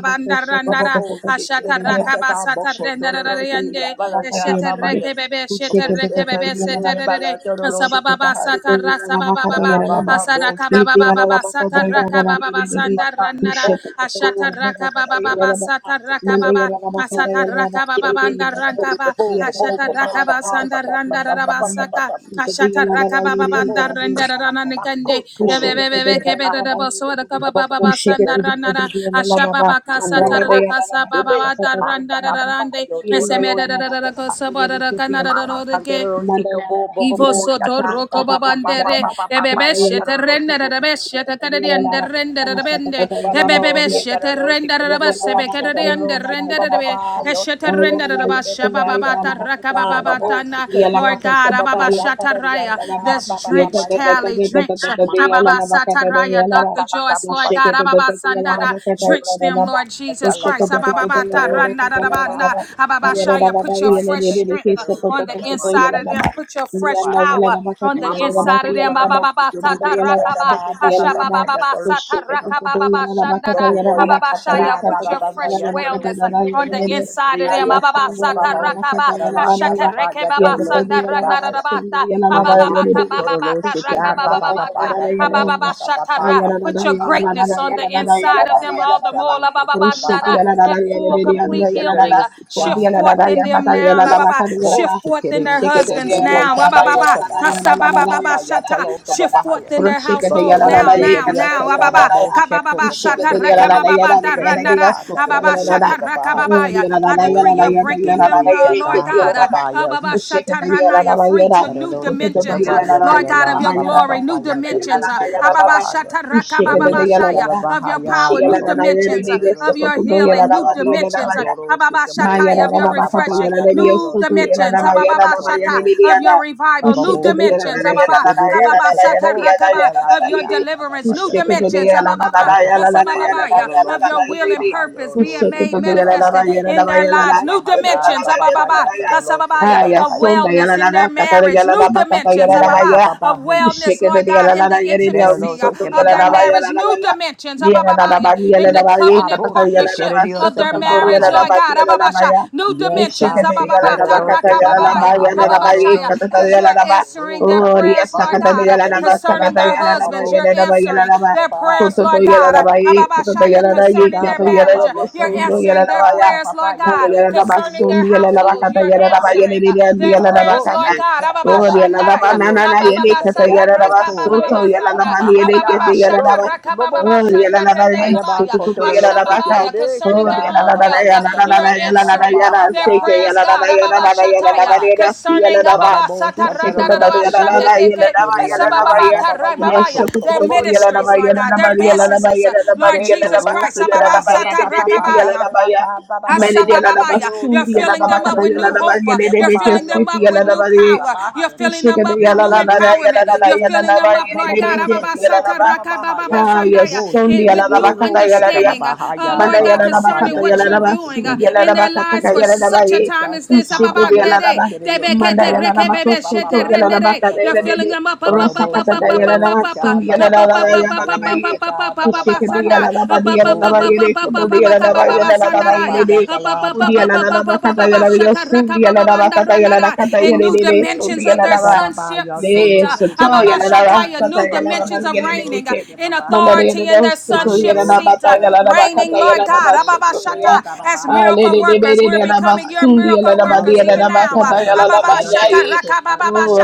[SPEAKER 3] baba
[SPEAKER 1] bandarandara
[SPEAKER 3] ba shike
[SPEAKER 1] ashata
[SPEAKER 3] riyo
[SPEAKER 1] raka
[SPEAKER 3] se ta
[SPEAKER 1] basata
[SPEAKER 3] boko tororo shike ya
[SPEAKER 1] rendararayande
[SPEAKER 3] bala ta
[SPEAKER 1] eshete
[SPEAKER 3] baba ya
[SPEAKER 1] reke bebe eshete
[SPEAKER 3] Okay,
[SPEAKER 1] reke bebe sete
[SPEAKER 3] me
[SPEAKER 1] rere
[SPEAKER 3] bala tororo
[SPEAKER 1] asababa
[SPEAKER 3] shike baba
[SPEAKER 1] basata rasa baba baba
[SPEAKER 3] ba
[SPEAKER 1] asadaka baba
[SPEAKER 3] shike
[SPEAKER 1] baba basata raka baba
[SPEAKER 3] Mando
[SPEAKER 1] basandaranara ashata raka baba baba sata raka
[SPEAKER 2] Manda
[SPEAKER 1] baba
[SPEAKER 2] yala la baka da
[SPEAKER 1] asata
[SPEAKER 2] yala la
[SPEAKER 1] raka
[SPEAKER 2] baka
[SPEAKER 1] baba
[SPEAKER 2] soto yala la baka
[SPEAKER 1] bandaranka ba
[SPEAKER 2] ya ta ta da
[SPEAKER 1] kashata
[SPEAKER 2] yala
[SPEAKER 1] raka
[SPEAKER 2] la baka soto yala la baka
[SPEAKER 1] basandarandarabasaka
[SPEAKER 2] ya ta da
[SPEAKER 1] ashata
[SPEAKER 2] yala la
[SPEAKER 1] raka
[SPEAKER 2] baka
[SPEAKER 1] baba
[SPEAKER 2] yala da yala da yala la baka ya
[SPEAKER 1] bandarandarananikande
[SPEAKER 2] kushe ke ta da da yala la baka yala da da kushe ke ta da da da da yala la baka raba da
[SPEAKER 3] rosa,
[SPEAKER 2] yala la baka
[SPEAKER 3] bebê,
[SPEAKER 2] sa ta
[SPEAKER 3] tá,
[SPEAKER 2] da yala
[SPEAKER 3] tá, tá,
[SPEAKER 2] la
[SPEAKER 3] tá,
[SPEAKER 2] baka
[SPEAKER 3] tá, eu tô
[SPEAKER 2] yala
[SPEAKER 3] no
[SPEAKER 2] yala la
[SPEAKER 3] longe,
[SPEAKER 2] baka da yala da
[SPEAKER 3] Mama
[SPEAKER 2] ke
[SPEAKER 1] Ashaba
[SPEAKER 2] Yalala
[SPEAKER 3] Kandoro Shika Bo Bo Bo
[SPEAKER 1] Ivo
[SPEAKER 3] Bo
[SPEAKER 1] soto
[SPEAKER 3] Shata Pa
[SPEAKER 1] roko
[SPEAKER 3] Pa Pa Pa
[SPEAKER 1] babandere
[SPEAKER 3] Pa Pa Pa Pa Pa
[SPEAKER 1] ebebe shete
[SPEAKER 3] Yatarolo
[SPEAKER 1] rende rebe shete kaderi ande rende rebende
[SPEAKER 3] Ba Ba Bo
[SPEAKER 1] ebebe shete
[SPEAKER 3] Yatarolo
[SPEAKER 1] rende
[SPEAKER 3] Shika Ba
[SPEAKER 1] rebe
[SPEAKER 3] Ba Bo
[SPEAKER 1] sebe kaderi
[SPEAKER 3] Shatarolo
[SPEAKER 1] ande
[SPEAKER 3] Shika
[SPEAKER 1] rende
[SPEAKER 3] Ba Ba Ba
[SPEAKER 1] rebe shete
[SPEAKER 3] Yotoro
[SPEAKER 1] rende
[SPEAKER 3] Shika
[SPEAKER 1] rebe
[SPEAKER 3] Ba Ba
[SPEAKER 1] shaba
[SPEAKER 3] Ba Ya
[SPEAKER 1] babata raka
[SPEAKER 3] Ba Ba Bo
[SPEAKER 1] babata na
[SPEAKER 3] Shatarolo
[SPEAKER 1] Lord
[SPEAKER 3] Shika
[SPEAKER 1] God
[SPEAKER 3] Ba Ba
[SPEAKER 1] ababa
[SPEAKER 3] Yatarolo
[SPEAKER 1] shataraya
[SPEAKER 3] Yatata Ba
[SPEAKER 1] this
[SPEAKER 3] Ba Ba Ba
[SPEAKER 1] drench tally
[SPEAKER 3] Yatarolo
[SPEAKER 1] drench
[SPEAKER 3] Mama Kandoro
[SPEAKER 1] ababa sataraya Dr.
[SPEAKER 3] Yatata
[SPEAKER 1] Joyce
[SPEAKER 3] Ba
[SPEAKER 1] Lord God ababa
[SPEAKER 3] Ba
[SPEAKER 1] sandada
[SPEAKER 3] Ba
[SPEAKER 1] drench them Lord Jesus Christ ababa bataranda rebe Shaya. Put your fresh strength uh, on the inside of them. Put your fresh power on the
[SPEAKER 3] Mama
[SPEAKER 1] inside of them. Ba,
[SPEAKER 3] Makutaro
[SPEAKER 1] ba, ba, ba, ta,
[SPEAKER 3] Chikibi
[SPEAKER 1] ta, ra, ka,
[SPEAKER 3] Satala
[SPEAKER 1] ba.
[SPEAKER 3] Baba
[SPEAKER 1] Asha, ba,
[SPEAKER 3] Baba
[SPEAKER 1] ba, ba, ba,
[SPEAKER 3] Yatolo
[SPEAKER 1] sa, ta, ra,
[SPEAKER 3] Baba
[SPEAKER 1] ka, ba, ba, ba, shanda, da.
[SPEAKER 3] Baba
[SPEAKER 1] Ah,
[SPEAKER 3] Boya
[SPEAKER 1] ba, ba,
[SPEAKER 3] Catala
[SPEAKER 1] Shaya. Put
[SPEAKER 3] Baba
[SPEAKER 1] your
[SPEAKER 3] Baba
[SPEAKER 1] fresh
[SPEAKER 3] Yatolo
[SPEAKER 1] wellness uh, on the
[SPEAKER 3] Chikibu
[SPEAKER 1] inside of them. Ah, ba,
[SPEAKER 3] Satala
[SPEAKER 1] ba, sa,
[SPEAKER 3] Baba
[SPEAKER 1] ta, ra,
[SPEAKER 3] Baba
[SPEAKER 1] ka, ba.
[SPEAKER 3] Satala
[SPEAKER 1] Asha, ta,
[SPEAKER 3] Baba
[SPEAKER 1] re, ke, ba, ba,
[SPEAKER 3] Yatolo
[SPEAKER 1] sanda, ra, na, da,
[SPEAKER 3] Chikibahaya
[SPEAKER 1] ba, ta. Ah, ba,
[SPEAKER 3] Mama
[SPEAKER 1] ba, ba, ka,
[SPEAKER 3] Mako
[SPEAKER 1] ba, ba, ba,
[SPEAKER 3] Torolo
[SPEAKER 1] ta, ra, ka,
[SPEAKER 3] Suka
[SPEAKER 1] ba, ba,
[SPEAKER 3] Baba
[SPEAKER 1] ba, ba,
[SPEAKER 3] Papa
[SPEAKER 1] da. Ah, ba,
[SPEAKER 3] Yatolo
[SPEAKER 1] ba, ba,
[SPEAKER 3] Baba
[SPEAKER 1] sha, ta,
[SPEAKER 3] Papa
[SPEAKER 1] ra. Put
[SPEAKER 3] Papa
[SPEAKER 1] your
[SPEAKER 3] Papa
[SPEAKER 1] greatness on the
[SPEAKER 3] Yatolo
[SPEAKER 1] inside
[SPEAKER 3] Suka
[SPEAKER 1] of
[SPEAKER 3] Baba
[SPEAKER 1] them all the more.
[SPEAKER 3] Yatolo
[SPEAKER 1] La, ba, ba,
[SPEAKER 3] Suka
[SPEAKER 1] ba,
[SPEAKER 3] Baba
[SPEAKER 1] na, da
[SPEAKER 3] Haya
[SPEAKER 1] that
[SPEAKER 2] Yala
[SPEAKER 1] full,
[SPEAKER 3] Baba Bo
[SPEAKER 1] complete
[SPEAKER 3] Shandere
[SPEAKER 1] healing. Uh,
[SPEAKER 2] Oh,
[SPEAKER 1] Shift
[SPEAKER 3] Suka
[SPEAKER 2] dia la la
[SPEAKER 1] forth
[SPEAKER 2] la
[SPEAKER 1] in
[SPEAKER 2] ya ba
[SPEAKER 1] them
[SPEAKER 2] da ya
[SPEAKER 1] now.
[SPEAKER 2] la
[SPEAKER 1] La,
[SPEAKER 2] la
[SPEAKER 1] ba,
[SPEAKER 3] Yes
[SPEAKER 2] ba
[SPEAKER 1] ba.
[SPEAKER 2] ka dia la
[SPEAKER 3] Bo
[SPEAKER 2] la.
[SPEAKER 1] Shift forth in
[SPEAKER 2] Oh,
[SPEAKER 1] their
[SPEAKER 3] Shikere
[SPEAKER 2] shake it
[SPEAKER 3] Suka
[SPEAKER 2] dia
[SPEAKER 1] husbands
[SPEAKER 2] la la
[SPEAKER 3] Bo
[SPEAKER 1] now.
[SPEAKER 2] la
[SPEAKER 1] Wa, ba, ba,
[SPEAKER 3] Shatare
[SPEAKER 2] ya la
[SPEAKER 1] ba.
[SPEAKER 2] la la
[SPEAKER 1] Ha,
[SPEAKER 2] ya
[SPEAKER 3] Yatata
[SPEAKER 2] la la
[SPEAKER 3] Baba
[SPEAKER 1] ba,
[SPEAKER 2] la
[SPEAKER 1] ba, ba, ba,
[SPEAKER 2] ya
[SPEAKER 3] Papa
[SPEAKER 2] la la la
[SPEAKER 1] shata.
[SPEAKER 2] ya
[SPEAKER 3] Yatolo
[SPEAKER 2] la la
[SPEAKER 1] Shift
[SPEAKER 2] la.
[SPEAKER 3] Baba
[SPEAKER 1] forth
[SPEAKER 3] Haya
[SPEAKER 1] in
[SPEAKER 2] Oh,
[SPEAKER 1] their
[SPEAKER 2] shake it
[SPEAKER 3] Baba
[SPEAKER 2] ya
[SPEAKER 1] household
[SPEAKER 2] la la
[SPEAKER 3] Bo
[SPEAKER 2] la
[SPEAKER 1] now,
[SPEAKER 2] ya
[SPEAKER 1] now,
[SPEAKER 2] ka ta
[SPEAKER 3] Yadadia
[SPEAKER 2] ta
[SPEAKER 1] now. Wa,
[SPEAKER 2] la
[SPEAKER 1] ba,
[SPEAKER 3] Sata
[SPEAKER 2] la
[SPEAKER 1] ba.
[SPEAKER 2] la
[SPEAKER 3] Baba
[SPEAKER 2] ya.
[SPEAKER 1] Ka, ba, ba,
[SPEAKER 3] Sheko
[SPEAKER 2] Oh,
[SPEAKER 1] ba,
[SPEAKER 2] shake
[SPEAKER 3] Baba
[SPEAKER 2] it
[SPEAKER 1] sata,
[SPEAKER 2] dia
[SPEAKER 1] ra,
[SPEAKER 2] la
[SPEAKER 1] ka,
[SPEAKER 2] la
[SPEAKER 1] ba,
[SPEAKER 3] Yatolo
[SPEAKER 2] la
[SPEAKER 1] ba,
[SPEAKER 2] ya
[SPEAKER 1] ba,
[SPEAKER 2] la
[SPEAKER 3] Suka
[SPEAKER 2] la
[SPEAKER 1] da,
[SPEAKER 2] ya
[SPEAKER 1] ra,
[SPEAKER 2] la
[SPEAKER 1] na,
[SPEAKER 3] Baba
[SPEAKER 2] la ya
[SPEAKER 1] ra.
[SPEAKER 3] Papa
[SPEAKER 2] so
[SPEAKER 1] Ah,
[SPEAKER 2] to
[SPEAKER 1] ba,
[SPEAKER 2] ya
[SPEAKER 1] ba,
[SPEAKER 2] la la
[SPEAKER 3] Yatolo
[SPEAKER 2] la.
[SPEAKER 1] shata, ra, ka,
[SPEAKER 3] Baba
[SPEAKER 1] ba,
[SPEAKER 2] Oh,
[SPEAKER 3] Haya
[SPEAKER 1] ba, ya.
[SPEAKER 2] dia la la
[SPEAKER 1] I
[SPEAKER 2] la ya la
[SPEAKER 1] decree
[SPEAKER 2] la
[SPEAKER 1] you're
[SPEAKER 3] Boro
[SPEAKER 2] ya da
[SPEAKER 3] Suka
[SPEAKER 2] ya
[SPEAKER 1] breaking
[SPEAKER 2] la la la
[SPEAKER 1] them,
[SPEAKER 3] Baba
[SPEAKER 2] ya
[SPEAKER 1] uh,
[SPEAKER 2] re ke
[SPEAKER 1] Lord
[SPEAKER 3] Shaka
[SPEAKER 2] dia la
[SPEAKER 1] God.
[SPEAKER 3] Baba
[SPEAKER 2] la
[SPEAKER 1] Uh,
[SPEAKER 2] ba.
[SPEAKER 1] ah, ba,
[SPEAKER 3] Haya
[SPEAKER 1] ba,
[SPEAKER 2] Oh, shake it
[SPEAKER 1] shata, ra,
[SPEAKER 2] ya
[SPEAKER 1] na,
[SPEAKER 2] la la
[SPEAKER 1] ya.
[SPEAKER 2] la ya
[SPEAKER 1] Free
[SPEAKER 2] la.
[SPEAKER 1] to new
[SPEAKER 3] Karelo
[SPEAKER 2] Oh, to to
[SPEAKER 3] shike
[SPEAKER 2] to
[SPEAKER 1] dimensions,
[SPEAKER 2] ya
[SPEAKER 1] uh,
[SPEAKER 2] la
[SPEAKER 3] baba
[SPEAKER 2] la
[SPEAKER 3] ya
[SPEAKER 2] la
[SPEAKER 1] Lord
[SPEAKER 2] ya la
[SPEAKER 1] God
[SPEAKER 2] la
[SPEAKER 1] of
[SPEAKER 3] kalala
[SPEAKER 1] your
[SPEAKER 2] ba ya
[SPEAKER 3] papa
[SPEAKER 2] la la
[SPEAKER 1] glory,
[SPEAKER 2] la
[SPEAKER 3] papa
[SPEAKER 1] new
[SPEAKER 2] ka
[SPEAKER 3] ya
[SPEAKER 2] ta ya la
[SPEAKER 3] karelo
[SPEAKER 1] dimensions.
[SPEAKER 2] la
[SPEAKER 1] Uh,
[SPEAKER 2] ba ya
[SPEAKER 3] shike
[SPEAKER 1] ah,
[SPEAKER 2] la
[SPEAKER 1] ba,
[SPEAKER 2] la
[SPEAKER 3] baba
[SPEAKER 1] ba,
[SPEAKER 2] ba.
[SPEAKER 3] ya
[SPEAKER 1] shata,
[SPEAKER 2] Oh,
[SPEAKER 1] ra, ka, ba,
[SPEAKER 2] shake
[SPEAKER 1] ba,
[SPEAKER 2] it
[SPEAKER 3] Deriya
[SPEAKER 2] dia la
[SPEAKER 3] shike
[SPEAKER 2] la
[SPEAKER 1] Hababashaya,
[SPEAKER 2] la.
[SPEAKER 3] baba
[SPEAKER 1] of your
[SPEAKER 2] Oh,
[SPEAKER 3] ya
[SPEAKER 2] shake
[SPEAKER 1] power,
[SPEAKER 2] la
[SPEAKER 1] new
[SPEAKER 3] baba
[SPEAKER 2] la la ya
[SPEAKER 3] boya
[SPEAKER 2] re
[SPEAKER 1] dimensions
[SPEAKER 2] re
[SPEAKER 1] uh,
[SPEAKER 2] be
[SPEAKER 3] karelo
[SPEAKER 2] se
[SPEAKER 1] of
[SPEAKER 2] ko
[SPEAKER 1] your
[SPEAKER 3] shike
[SPEAKER 2] to ya la
[SPEAKER 3] baba
[SPEAKER 1] healing,
[SPEAKER 2] la
[SPEAKER 1] new
[SPEAKER 2] ba
[SPEAKER 3] ya
[SPEAKER 2] ya la la
[SPEAKER 3] bosha
[SPEAKER 2] ba
[SPEAKER 1] dimensions uh,
[SPEAKER 3] toro shike
[SPEAKER 1] Hababashatai,
[SPEAKER 3] boya
[SPEAKER 1] of your
[SPEAKER 3] baba baba
[SPEAKER 1] refreshing,
[SPEAKER 3] ya karelo
[SPEAKER 1] new
[SPEAKER 3] shike
[SPEAKER 1] dimensions
[SPEAKER 3] baba ya
[SPEAKER 1] Hababashata,
[SPEAKER 3] toro shike
[SPEAKER 1] of your revival,
[SPEAKER 3] baba
[SPEAKER 1] new
[SPEAKER 3] bo
[SPEAKER 1] dimensions
[SPEAKER 3] shakariya
[SPEAKER 1] Hababa-
[SPEAKER 3] shike bebe
[SPEAKER 1] Kababasata
[SPEAKER 3] shatabo
[SPEAKER 1] Rakaba,
[SPEAKER 3] shakarala
[SPEAKER 1] of your
[SPEAKER 3] kata baba
[SPEAKER 1] deliverance,
[SPEAKER 3] baba
[SPEAKER 1] new
[SPEAKER 3] ya toro shike
[SPEAKER 1] dimensions Habababa-
[SPEAKER 3] Ah, papa papa ya
[SPEAKER 1] Hasabababaya,
[SPEAKER 3] karelo
[SPEAKER 1] of your
[SPEAKER 3] shike
[SPEAKER 1] will and purpose
[SPEAKER 3] ro
[SPEAKER 1] being made
[SPEAKER 3] shike baba
[SPEAKER 1] manifested
[SPEAKER 3] ya
[SPEAKER 1] in their
[SPEAKER 3] karelo
[SPEAKER 1] lives,
[SPEAKER 3] shike
[SPEAKER 1] new
[SPEAKER 3] baba ya
[SPEAKER 1] dimensions
[SPEAKER 3] baba baba
[SPEAKER 1] Habababa- Hasababaya, of wellness in their marriage, new dimensions
[SPEAKER 3] Ya baba
[SPEAKER 1] of
[SPEAKER 3] bahın
[SPEAKER 1] wellness, Lord God, in the
[SPEAKER 3] berolo
[SPEAKER 1] intimacy uh,
[SPEAKER 3] seke
[SPEAKER 1] of their
[SPEAKER 3] baba hayır.
[SPEAKER 1] marriage, new
[SPEAKER 2] Maya
[SPEAKER 1] dimensions, ah,
[SPEAKER 2] Yala da da ba,
[SPEAKER 1] yeah, in
[SPEAKER 2] yala da
[SPEAKER 1] the
[SPEAKER 3] Ya
[SPEAKER 2] ba, ye kata
[SPEAKER 1] covenant
[SPEAKER 3] abo
[SPEAKER 2] kata yala da
[SPEAKER 1] partnership
[SPEAKER 3] şekeri
[SPEAKER 2] ba,
[SPEAKER 3] diyor
[SPEAKER 1] of
[SPEAKER 2] soto
[SPEAKER 1] their
[SPEAKER 3] seke
[SPEAKER 2] toto
[SPEAKER 3] baba
[SPEAKER 2] yala
[SPEAKER 1] marriage,
[SPEAKER 2] da
[SPEAKER 3] hayır.
[SPEAKER 1] Lord
[SPEAKER 2] ba,
[SPEAKER 1] God, ah,
[SPEAKER 2] yala da ba ya.
[SPEAKER 1] new
[SPEAKER 2] Ye
[SPEAKER 3] Yes,
[SPEAKER 1] dimensions,
[SPEAKER 2] sheke
[SPEAKER 3] God,
[SPEAKER 1] ah,
[SPEAKER 2] de
[SPEAKER 1] bah,
[SPEAKER 3] shake
[SPEAKER 1] bah,
[SPEAKER 2] yala
[SPEAKER 3] it a
[SPEAKER 2] da ba,
[SPEAKER 3] little,
[SPEAKER 2] kata
[SPEAKER 3] shake it a
[SPEAKER 2] yala da ba,
[SPEAKER 1] yeah, ah,
[SPEAKER 2] yala da ba,
[SPEAKER 3] bahaya,
[SPEAKER 2] ye
[SPEAKER 3] rodo,
[SPEAKER 1] yeah,
[SPEAKER 2] kata
[SPEAKER 3] shake it
[SPEAKER 2] kata
[SPEAKER 1] as
[SPEAKER 2] yala
[SPEAKER 1] you're
[SPEAKER 2] da ba.
[SPEAKER 3] a
[SPEAKER 1] answering
[SPEAKER 3] rodo, shake
[SPEAKER 1] their
[SPEAKER 2] Oh, ye
[SPEAKER 3] it
[SPEAKER 1] prayers, Lord
[SPEAKER 3] babu,
[SPEAKER 2] sakata de
[SPEAKER 1] God, uh,
[SPEAKER 2] yala
[SPEAKER 3] shake
[SPEAKER 2] da
[SPEAKER 3] it
[SPEAKER 2] ba,
[SPEAKER 3] a
[SPEAKER 1] concerning
[SPEAKER 2] sakata
[SPEAKER 1] their
[SPEAKER 3] talaba,
[SPEAKER 2] yala da ba,
[SPEAKER 1] husbands,
[SPEAKER 3] babu,
[SPEAKER 1] you're
[SPEAKER 2] yala
[SPEAKER 3] shake
[SPEAKER 2] da
[SPEAKER 3] it
[SPEAKER 2] ba,
[SPEAKER 3] a
[SPEAKER 2] yala
[SPEAKER 1] answering
[SPEAKER 2] da
[SPEAKER 3] shake it
[SPEAKER 2] ba.
[SPEAKER 3] a
[SPEAKER 1] their prayers,
[SPEAKER 3] bahaya.
[SPEAKER 2] Koto
[SPEAKER 1] Lord
[SPEAKER 2] to yala
[SPEAKER 1] God,
[SPEAKER 2] da
[SPEAKER 1] uh,
[SPEAKER 2] ba,
[SPEAKER 1] ah,
[SPEAKER 2] ye
[SPEAKER 3] Babu,
[SPEAKER 2] koto to
[SPEAKER 3] shake it
[SPEAKER 1] yeah,
[SPEAKER 2] yala da
[SPEAKER 3] a
[SPEAKER 2] ye
[SPEAKER 3] shake
[SPEAKER 1] concerning
[SPEAKER 3] a
[SPEAKER 1] their
[SPEAKER 2] kato yala
[SPEAKER 1] marriage,
[SPEAKER 2] da
[SPEAKER 1] uh,
[SPEAKER 2] ba,
[SPEAKER 3] babaya,
[SPEAKER 1] you're
[SPEAKER 2] sondo
[SPEAKER 3] tolo,
[SPEAKER 2] yala
[SPEAKER 1] answering
[SPEAKER 3] shake
[SPEAKER 2] da
[SPEAKER 1] their
[SPEAKER 2] ba ya.
[SPEAKER 3] a
[SPEAKER 1] prayers, Lord
[SPEAKER 2] Ha,
[SPEAKER 3] babaya,
[SPEAKER 1] God,
[SPEAKER 2] Yala
[SPEAKER 3] tolo,
[SPEAKER 2] da ba,
[SPEAKER 1] concerning their
[SPEAKER 2] sondi
[SPEAKER 3] shake
[SPEAKER 2] yala
[SPEAKER 3] it
[SPEAKER 2] da
[SPEAKER 3] a
[SPEAKER 2] ba,
[SPEAKER 3] little,
[SPEAKER 1] households,
[SPEAKER 2] kata
[SPEAKER 1] you're
[SPEAKER 3] shake it a
[SPEAKER 2] yala da
[SPEAKER 1] answering
[SPEAKER 2] ba,
[SPEAKER 3] bahaya.
[SPEAKER 2] yala
[SPEAKER 1] answering
[SPEAKER 2] de
[SPEAKER 1] uh,
[SPEAKER 2] yala
[SPEAKER 1] their
[SPEAKER 2] yala da ba
[SPEAKER 1] prayers,
[SPEAKER 3] Aro,
[SPEAKER 2] kata.
[SPEAKER 1] Lord
[SPEAKER 3] shake
[SPEAKER 1] God.
[SPEAKER 3] it a rose, ya
[SPEAKER 2] Oh, yala da ba,
[SPEAKER 3] bakando,
[SPEAKER 1] Ababashandaya,
[SPEAKER 2] na na
[SPEAKER 3] rose,
[SPEAKER 2] na
[SPEAKER 3] shake it
[SPEAKER 2] yele
[SPEAKER 3] a
[SPEAKER 2] kata
[SPEAKER 3] babaya,
[SPEAKER 2] yala da ba,
[SPEAKER 1] abababasataraka,
[SPEAKER 3] toto,
[SPEAKER 2] soto
[SPEAKER 3] shake
[SPEAKER 2] yala
[SPEAKER 3] a
[SPEAKER 2] da
[SPEAKER 1] babababasanda,
[SPEAKER 2] ba, yele kete
[SPEAKER 3] babaya,
[SPEAKER 2] yala da
[SPEAKER 3] babu,
[SPEAKER 2] ba.
[SPEAKER 3] shake it
[SPEAKER 1] abababashataraka,
[SPEAKER 2] Oh,
[SPEAKER 3] babu,
[SPEAKER 2] yala
[SPEAKER 1] bababasanda,
[SPEAKER 2] la la la,
[SPEAKER 3] Haya ba
[SPEAKER 2] sutu
[SPEAKER 1] rendadadabaya,
[SPEAKER 2] tutu yala
[SPEAKER 3] kotorolo
[SPEAKER 2] la baka.
[SPEAKER 1] ashababaya,
[SPEAKER 3] sikidede
[SPEAKER 2] Oh,
[SPEAKER 1] Concerning their
[SPEAKER 3] shita
[SPEAKER 2] yala la
[SPEAKER 1] own
[SPEAKER 3] baba
[SPEAKER 2] la la,
[SPEAKER 3] ba
[SPEAKER 1] health,
[SPEAKER 3] ya
[SPEAKER 1] uh,
[SPEAKER 2] yala la
[SPEAKER 1] you
[SPEAKER 2] la la,
[SPEAKER 1] are
[SPEAKER 3] tarolo
[SPEAKER 2] yala
[SPEAKER 3] shita
[SPEAKER 2] la la
[SPEAKER 1] answering uh,
[SPEAKER 3] baba
[SPEAKER 2] yala,
[SPEAKER 1] their
[SPEAKER 3] haya
[SPEAKER 2] seke
[SPEAKER 3] bo
[SPEAKER 1] prayers,
[SPEAKER 2] yala la la
[SPEAKER 1] God.
[SPEAKER 2] yala
[SPEAKER 3] shandarala
[SPEAKER 2] la la
[SPEAKER 3] shita
[SPEAKER 2] yala la
[SPEAKER 3] baba
[SPEAKER 2] la
[SPEAKER 1] Ababashataya,
[SPEAKER 3] haya.
[SPEAKER 2] yala, si yala
[SPEAKER 1] Concerning
[SPEAKER 2] la ba.
[SPEAKER 3] Baba bo
[SPEAKER 2] Usheke da da
[SPEAKER 3] shantarolo
[SPEAKER 2] da yala la la
[SPEAKER 3] sikubo
[SPEAKER 2] yala
[SPEAKER 1] ababasatarandadadabashandekeke,
[SPEAKER 2] la ba
[SPEAKER 3] sikiri
[SPEAKER 2] yala la ba
[SPEAKER 3] yanala
[SPEAKER 2] ya.
[SPEAKER 3] baba ba
[SPEAKER 2] Ya
[SPEAKER 1] esabababatarababaya,
[SPEAKER 3] to
[SPEAKER 2] shoku tutu
[SPEAKER 1] their
[SPEAKER 3] kobo bo
[SPEAKER 2] tutu yala la
[SPEAKER 1] ministries,
[SPEAKER 2] ba
[SPEAKER 1] Lord
[SPEAKER 3] torolo
[SPEAKER 2] yala
[SPEAKER 1] God,
[SPEAKER 2] la ba
[SPEAKER 1] their
[SPEAKER 3] sikiba
[SPEAKER 2] yala la ba
[SPEAKER 3] haya.
[SPEAKER 1] businesses, uh,
[SPEAKER 2] yala la ba
[SPEAKER 1] Lord
[SPEAKER 3] Be
[SPEAKER 2] yala la
[SPEAKER 1] Jesus
[SPEAKER 2] ba kato
[SPEAKER 1] Christ.
[SPEAKER 2] yala la
[SPEAKER 3] sika
[SPEAKER 2] ba yala
[SPEAKER 3] baba
[SPEAKER 2] de
[SPEAKER 3] ba ba
[SPEAKER 2] de de yala la
[SPEAKER 1] ababasatarakabaya.
[SPEAKER 2] ba ya.
[SPEAKER 3] talaka baba ba
[SPEAKER 2] Mene de
[SPEAKER 3] bo
[SPEAKER 2] yala la ba
[SPEAKER 1] Ashabababaya.
[SPEAKER 3] shatalo
[SPEAKER 1] You're
[SPEAKER 2] sundi
[SPEAKER 3] sika
[SPEAKER 2] yala la
[SPEAKER 1] filling
[SPEAKER 2] ba
[SPEAKER 3] baba
[SPEAKER 1] them up
[SPEAKER 3] ya
[SPEAKER 2] kato
[SPEAKER 1] with
[SPEAKER 2] yala
[SPEAKER 1] new
[SPEAKER 2] la ba
[SPEAKER 3] torolo
[SPEAKER 1] hope. Uh,
[SPEAKER 2] yala
[SPEAKER 3] sika
[SPEAKER 2] de
[SPEAKER 1] You're
[SPEAKER 2] de de
[SPEAKER 3] baba
[SPEAKER 1] filling
[SPEAKER 3] ya
[SPEAKER 1] them
[SPEAKER 2] siti
[SPEAKER 1] up
[SPEAKER 2] yala
[SPEAKER 1] with
[SPEAKER 2] la
[SPEAKER 3] torolo
[SPEAKER 1] new
[SPEAKER 2] ba
[SPEAKER 3] sika
[SPEAKER 2] de.
[SPEAKER 1] power.
[SPEAKER 3] baba
[SPEAKER 1] You're
[SPEAKER 3] haya.
[SPEAKER 1] filling
[SPEAKER 2] Usheke
[SPEAKER 1] them
[SPEAKER 2] da
[SPEAKER 1] up with
[SPEAKER 2] yala
[SPEAKER 1] new
[SPEAKER 2] la la la
[SPEAKER 3] Mandorosa
[SPEAKER 2] yala la
[SPEAKER 1] empowerment.
[SPEAKER 2] la
[SPEAKER 1] You're
[SPEAKER 3] Kidede
[SPEAKER 2] yala
[SPEAKER 1] filling
[SPEAKER 2] la ba
[SPEAKER 1] them
[SPEAKER 3] Shata
[SPEAKER 1] up,
[SPEAKER 2] yala
[SPEAKER 3] Baba
[SPEAKER 1] Lord
[SPEAKER 2] de de
[SPEAKER 1] God,
[SPEAKER 3] Bo
[SPEAKER 2] de yala la
[SPEAKER 3] Shatala
[SPEAKER 1] Ababasata
[SPEAKER 2] ba.
[SPEAKER 3] Baba Bahaya
[SPEAKER 2] Ah, yes,
[SPEAKER 3] Bo
[SPEAKER 1] rakabababasanaya, eh,
[SPEAKER 2] Sundi
[SPEAKER 1] with
[SPEAKER 3] Shatera
[SPEAKER 1] new
[SPEAKER 2] Alabakata
[SPEAKER 3] Roshika
[SPEAKER 2] Yalaria,
[SPEAKER 1] understanding, uh,
[SPEAKER 3] Baba
[SPEAKER 1] uh,
[SPEAKER 3] Haya
[SPEAKER 2] Banda
[SPEAKER 1] Lord God,
[SPEAKER 3] Baba
[SPEAKER 1] concerning
[SPEAKER 2] Yalabakata
[SPEAKER 3] Papaya
[SPEAKER 1] what you're
[SPEAKER 3] Torolo
[SPEAKER 2] Yalaraba,
[SPEAKER 1] doing uh,
[SPEAKER 2] Sundi
[SPEAKER 3] Shikeba
[SPEAKER 1] in
[SPEAKER 3] Yat
[SPEAKER 1] their
[SPEAKER 2] Alabakata
[SPEAKER 1] lives
[SPEAKER 3] in the
[SPEAKER 1] for
[SPEAKER 3] name of
[SPEAKER 1] such a
[SPEAKER 2] Yalabaye,
[SPEAKER 3] Jesus
[SPEAKER 1] time as this.
[SPEAKER 2] Ushid
[SPEAKER 3] Shata
[SPEAKER 2] the
[SPEAKER 3] Babo
[SPEAKER 1] Ababandere,
[SPEAKER 2] Alaraba,
[SPEAKER 3] Shikere
[SPEAKER 2] Manda
[SPEAKER 1] debekete
[SPEAKER 3] Shata Baba
[SPEAKER 2] Yalamaku
[SPEAKER 1] rekebebe
[SPEAKER 3] Papa
[SPEAKER 2] Soto
[SPEAKER 1] shete
[SPEAKER 3] Papa Papa
[SPEAKER 1] rendere.
[SPEAKER 2] Yalabaka,
[SPEAKER 1] You're
[SPEAKER 2] the
[SPEAKER 3] Tatolo
[SPEAKER 1] filling
[SPEAKER 2] baby,
[SPEAKER 1] them up. up,
[SPEAKER 3] Baba
[SPEAKER 1] up, up,
[SPEAKER 3] Bo
[SPEAKER 1] up,
[SPEAKER 2] Rosakata
[SPEAKER 1] in
[SPEAKER 3] Shandera
[SPEAKER 2] Yalaraba,
[SPEAKER 3] Roshika
[SPEAKER 2] Sundi
[SPEAKER 3] Baba
[SPEAKER 2] Yalava
[SPEAKER 3] Papaya Tala
[SPEAKER 2] Yalabaye,
[SPEAKER 3] Shata Baba
[SPEAKER 2] Ushik
[SPEAKER 3] Papa
[SPEAKER 2] the
[SPEAKER 3] Haya
[SPEAKER 2] Yalaba, the
[SPEAKER 3] Bo
[SPEAKER 2] Yalabaye,
[SPEAKER 3] Roshiki
[SPEAKER 2] the
[SPEAKER 3] Bibi
[SPEAKER 2] Yalaba,
[SPEAKER 3] Shata Baba Papaya
[SPEAKER 2] Yalabaye,
[SPEAKER 3] Tala
[SPEAKER 2] Undi
[SPEAKER 3] Baba Papa Papa
[SPEAKER 2] Alabakata
[SPEAKER 3] Papa
[SPEAKER 2] Yalario,
[SPEAKER 3] Yatolo
[SPEAKER 2] Sundi
[SPEAKER 3] Shikaba Haya
[SPEAKER 2] Alabakata Yalakata
[SPEAKER 3] Mama
[SPEAKER 1] new
[SPEAKER 2] Yalade,
[SPEAKER 3] Makadoro,
[SPEAKER 1] dimensions
[SPEAKER 2] Sundi
[SPEAKER 1] of their
[SPEAKER 3] Shake
[SPEAKER 2] Yalaba,
[SPEAKER 3] Baba Baba,
[SPEAKER 1] sonship seat.
[SPEAKER 2] De
[SPEAKER 3] Yatolo,
[SPEAKER 1] uh,
[SPEAKER 2] Soto
[SPEAKER 3] Shake
[SPEAKER 2] Yalaraba,
[SPEAKER 3] Baba
[SPEAKER 1] Ababashataya,
[SPEAKER 2] Sata
[SPEAKER 3] Baba
[SPEAKER 1] New
[SPEAKER 3] Baba,
[SPEAKER 1] dimensions
[SPEAKER 2] Yalaraba,
[SPEAKER 1] of
[SPEAKER 3] Yatolo,
[SPEAKER 1] reigning uh,
[SPEAKER 2] Yalabeke.
[SPEAKER 3] Shake
[SPEAKER 1] in
[SPEAKER 3] Baba Hayan.
[SPEAKER 1] authority in their sonship
[SPEAKER 3] Mandoro, Shake
[SPEAKER 1] seat. uh,
[SPEAKER 3] Baba Baba,
[SPEAKER 1] Reigning, Lord God,
[SPEAKER 3] Yotolo, Shake
[SPEAKER 1] Ababashata,
[SPEAKER 3] Baba
[SPEAKER 1] as
[SPEAKER 3] Baba,
[SPEAKER 1] miracle
[SPEAKER 3] Yatolo,
[SPEAKER 1] workers.
[SPEAKER 3] Shake
[SPEAKER 1] We're
[SPEAKER 3] Baba
[SPEAKER 1] becoming your
[SPEAKER 3] Hayan.
[SPEAKER 1] miracle workers
[SPEAKER 3] Mororo,
[SPEAKER 1] even
[SPEAKER 3] Shake
[SPEAKER 1] now. Uh,
[SPEAKER 3] Baba Baba, Yatolo, Shake Baba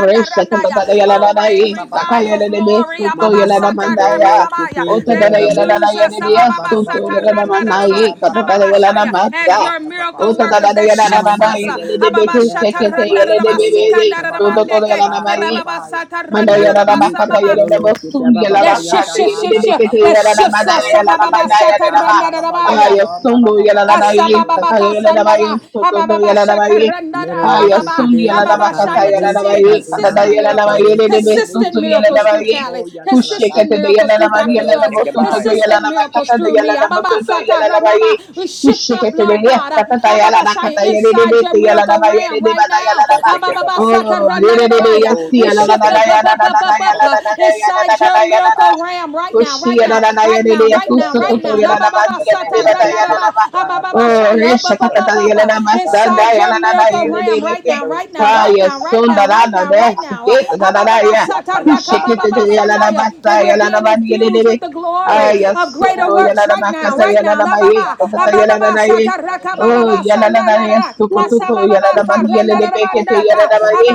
[SPEAKER 1] Oh, rain
[SPEAKER 3] Shake Baba
[SPEAKER 1] revival glory.
[SPEAKER 3] Mama ma under the road, she did da
[SPEAKER 1] That
[SPEAKER 3] da da bo,
[SPEAKER 1] renews
[SPEAKER 3] ta
[SPEAKER 1] us.
[SPEAKER 3] ta,
[SPEAKER 1] Ababa
[SPEAKER 3] la la, ba ba ba la
[SPEAKER 1] As
[SPEAKER 3] la,
[SPEAKER 1] your
[SPEAKER 3] ba
[SPEAKER 1] miracle
[SPEAKER 3] him.
[SPEAKER 1] workers, that
[SPEAKER 3] Mama
[SPEAKER 1] shifts
[SPEAKER 3] ma
[SPEAKER 1] us. Uh,
[SPEAKER 3] under the road, she did da ba ba, ya ta la la, she ta ba ba, ya ta la, ba ba ba him.
[SPEAKER 2] Manda
[SPEAKER 3] Bo,
[SPEAKER 2] yala la
[SPEAKER 3] you ta
[SPEAKER 2] bakata
[SPEAKER 3] ta
[SPEAKER 2] yala
[SPEAKER 3] la
[SPEAKER 2] la
[SPEAKER 3] la, she ta
[SPEAKER 2] basuni
[SPEAKER 3] ba ba
[SPEAKER 2] yala
[SPEAKER 3] ba,
[SPEAKER 1] That
[SPEAKER 2] la
[SPEAKER 3] ya
[SPEAKER 1] shift,
[SPEAKER 3] ta
[SPEAKER 2] kata
[SPEAKER 1] shift,
[SPEAKER 2] yala
[SPEAKER 3] la,
[SPEAKER 2] de
[SPEAKER 1] shift,
[SPEAKER 3] ba ba ba
[SPEAKER 2] bekete
[SPEAKER 1] shift.
[SPEAKER 3] ba
[SPEAKER 1] That
[SPEAKER 2] yala
[SPEAKER 3] ba,
[SPEAKER 2] la
[SPEAKER 1] shifts
[SPEAKER 2] bada
[SPEAKER 1] us.
[SPEAKER 2] yala la bada yala la ba ayo sundo yala la la
[SPEAKER 3] yo ta la
[SPEAKER 2] yesa
[SPEAKER 3] la,
[SPEAKER 2] kaya
[SPEAKER 3] she
[SPEAKER 2] yala la ba
[SPEAKER 1] Asabababakasandara,
[SPEAKER 3] him.
[SPEAKER 2] yoso to to yala la ba ye
[SPEAKER 1] abababashatarandara,
[SPEAKER 3] Merero
[SPEAKER 2] ayo
[SPEAKER 1] bababa,
[SPEAKER 2] sundi
[SPEAKER 3] Shitibe
[SPEAKER 2] yala la
[SPEAKER 3] Shata
[SPEAKER 2] bakata
[SPEAKER 1] ababashaya, To
[SPEAKER 2] yala
[SPEAKER 3] Babo
[SPEAKER 2] la ba
[SPEAKER 1] seeing
[SPEAKER 3] Shata
[SPEAKER 2] ye kata da
[SPEAKER 1] consistent
[SPEAKER 3] Lababa
[SPEAKER 2] yala la ba
[SPEAKER 1] miracles,
[SPEAKER 3] Kataro
[SPEAKER 2] yele de
[SPEAKER 3] Shitibabu
[SPEAKER 1] consistent
[SPEAKER 2] besuto yala la
[SPEAKER 1] miracles
[SPEAKER 3] Shitalo
[SPEAKER 2] ba
[SPEAKER 1] through
[SPEAKER 2] ye
[SPEAKER 1] Tally,
[SPEAKER 3] Babo
[SPEAKER 2] kushe
[SPEAKER 3] Yatalanda
[SPEAKER 1] consistent
[SPEAKER 2] kete de
[SPEAKER 3] Baba
[SPEAKER 1] miracles
[SPEAKER 2] yala la
[SPEAKER 1] through
[SPEAKER 2] ba
[SPEAKER 1] Dr.
[SPEAKER 2] yala
[SPEAKER 3] Yanalo
[SPEAKER 2] la
[SPEAKER 1] Joyce,
[SPEAKER 2] bosun to toto
[SPEAKER 3] Shikabaya
[SPEAKER 2] yala
[SPEAKER 1] consistent
[SPEAKER 2] la
[SPEAKER 1] miracles
[SPEAKER 2] bakata de
[SPEAKER 1] through
[SPEAKER 2] yala
[SPEAKER 1] me.
[SPEAKER 2] la boto to yala la ba ye
[SPEAKER 1] Ababasatarababa. We shift
[SPEAKER 2] kushe
[SPEAKER 1] up,
[SPEAKER 2] kete de
[SPEAKER 1] Lord God,
[SPEAKER 2] yesa
[SPEAKER 1] uh,
[SPEAKER 2] kata yala la
[SPEAKER 1] ababashaya,
[SPEAKER 2] kata yele de
[SPEAKER 1] inside your
[SPEAKER 2] bete yala la
[SPEAKER 1] miracle
[SPEAKER 2] ba yele
[SPEAKER 1] realm
[SPEAKER 2] de
[SPEAKER 1] right
[SPEAKER 2] bada yala
[SPEAKER 1] now.
[SPEAKER 2] la ba
[SPEAKER 3] Shikabaya
[SPEAKER 2] Oh, re re re re ya
[SPEAKER 3] Babo
[SPEAKER 1] Abababasatarandadadabaya.
[SPEAKER 2] si
[SPEAKER 1] We
[SPEAKER 2] ya la la la
[SPEAKER 1] shift
[SPEAKER 3] Shitala
[SPEAKER 2] la
[SPEAKER 1] up,
[SPEAKER 2] ya
[SPEAKER 1] up,
[SPEAKER 2] la
[SPEAKER 1] up,
[SPEAKER 2] la
[SPEAKER 1] up,
[SPEAKER 2] la
[SPEAKER 1] up,
[SPEAKER 2] ya
[SPEAKER 1] up,
[SPEAKER 2] la
[SPEAKER 1] uh, inside your
[SPEAKER 2] la ya la la
[SPEAKER 1] miracle realm right now,
[SPEAKER 2] oshi
[SPEAKER 1] right
[SPEAKER 2] ya la
[SPEAKER 1] now,
[SPEAKER 2] la la ya
[SPEAKER 1] right
[SPEAKER 2] re
[SPEAKER 1] now,
[SPEAKER 2] re ya
[SPEAKER 1] right now, right
[SPEAKER 2] su
[SPEAKER 1] now,
[SPEAKER 2] su
[SPEAKER 1] right now
[SPEAKER 2] ya la
[SPEAKER 1] down.
[SPEAKER 2] la ya re re ba ya la la ba Oh, re shakata ya la la ma sa
[SPEAKER 1] Inside
[SPEAKER 2] ya
[SPEAKER 1] your
[SPEAKER 2] la la la ya
[SPEAKER 1] miracle
[SPEAKER 2] re re
[SPEAKER 1] realm
[SPEAKER 2] be
[SPEAKER 1] right
[SPEAKER 2] ke
[SPEAKER 1] now, right now,
[SPEAKER 3] Shikabaya
[SPEAKER 1] right
[SPEAKER 2] ya
[SPEAKER 1] now, right
[SPEAKER 2] sun da
[SPEAKER 1] now,
[SPEAKER 2] la
[SPEAKER 1] right
[SPEAKER 2] la
[SPEAKER 1] now,
[SPEAKER 2] da
[SPEAKER 1] right
[SPEAKER 2] si
[SPEAKER 1] now.
[SPEAKER 2] ke
[SPEAKER 1] Uh,
[SPEAKER 2] ya
[SPEAKER 3] Babo
[SPEAKER 2] ishikete te ya la la ma
[SPEAKER 1] And
[SPEAKER 2] sa ya
[SPEAKER 1] we're
[SPEAKER 2] la la
[SPEAKER 1] being
[SPEAKER 2] ma
[SPEAKER 3] Shitala
[SPEAKER 2] ya re re
[SPEAKER 1] infused with
[SPEAKER 2] be
[SPEAKER 1] the
[SPEAKER 3] Baba
[SPEAKER 1] glory
[SPEAKER 2] ya
[SPEAKER 1] of
[SPEAKER 2] sun
[SPEAKER 1] greater
[SPEAKER 2] do
[SPEAKER 1] works right
[SPEAKER 2] ma
[SPEAKER 1] now,
[SPEAKER 2] ka
[SPEAKER 1] right
[SPEAKER 2] ya la
[SPEAKER 1] now.
[SPEAKER 2] la ma ye ta ya la la la Oh, yalalala yasukututu, yalalamandi yalelebekete, yalalamaye,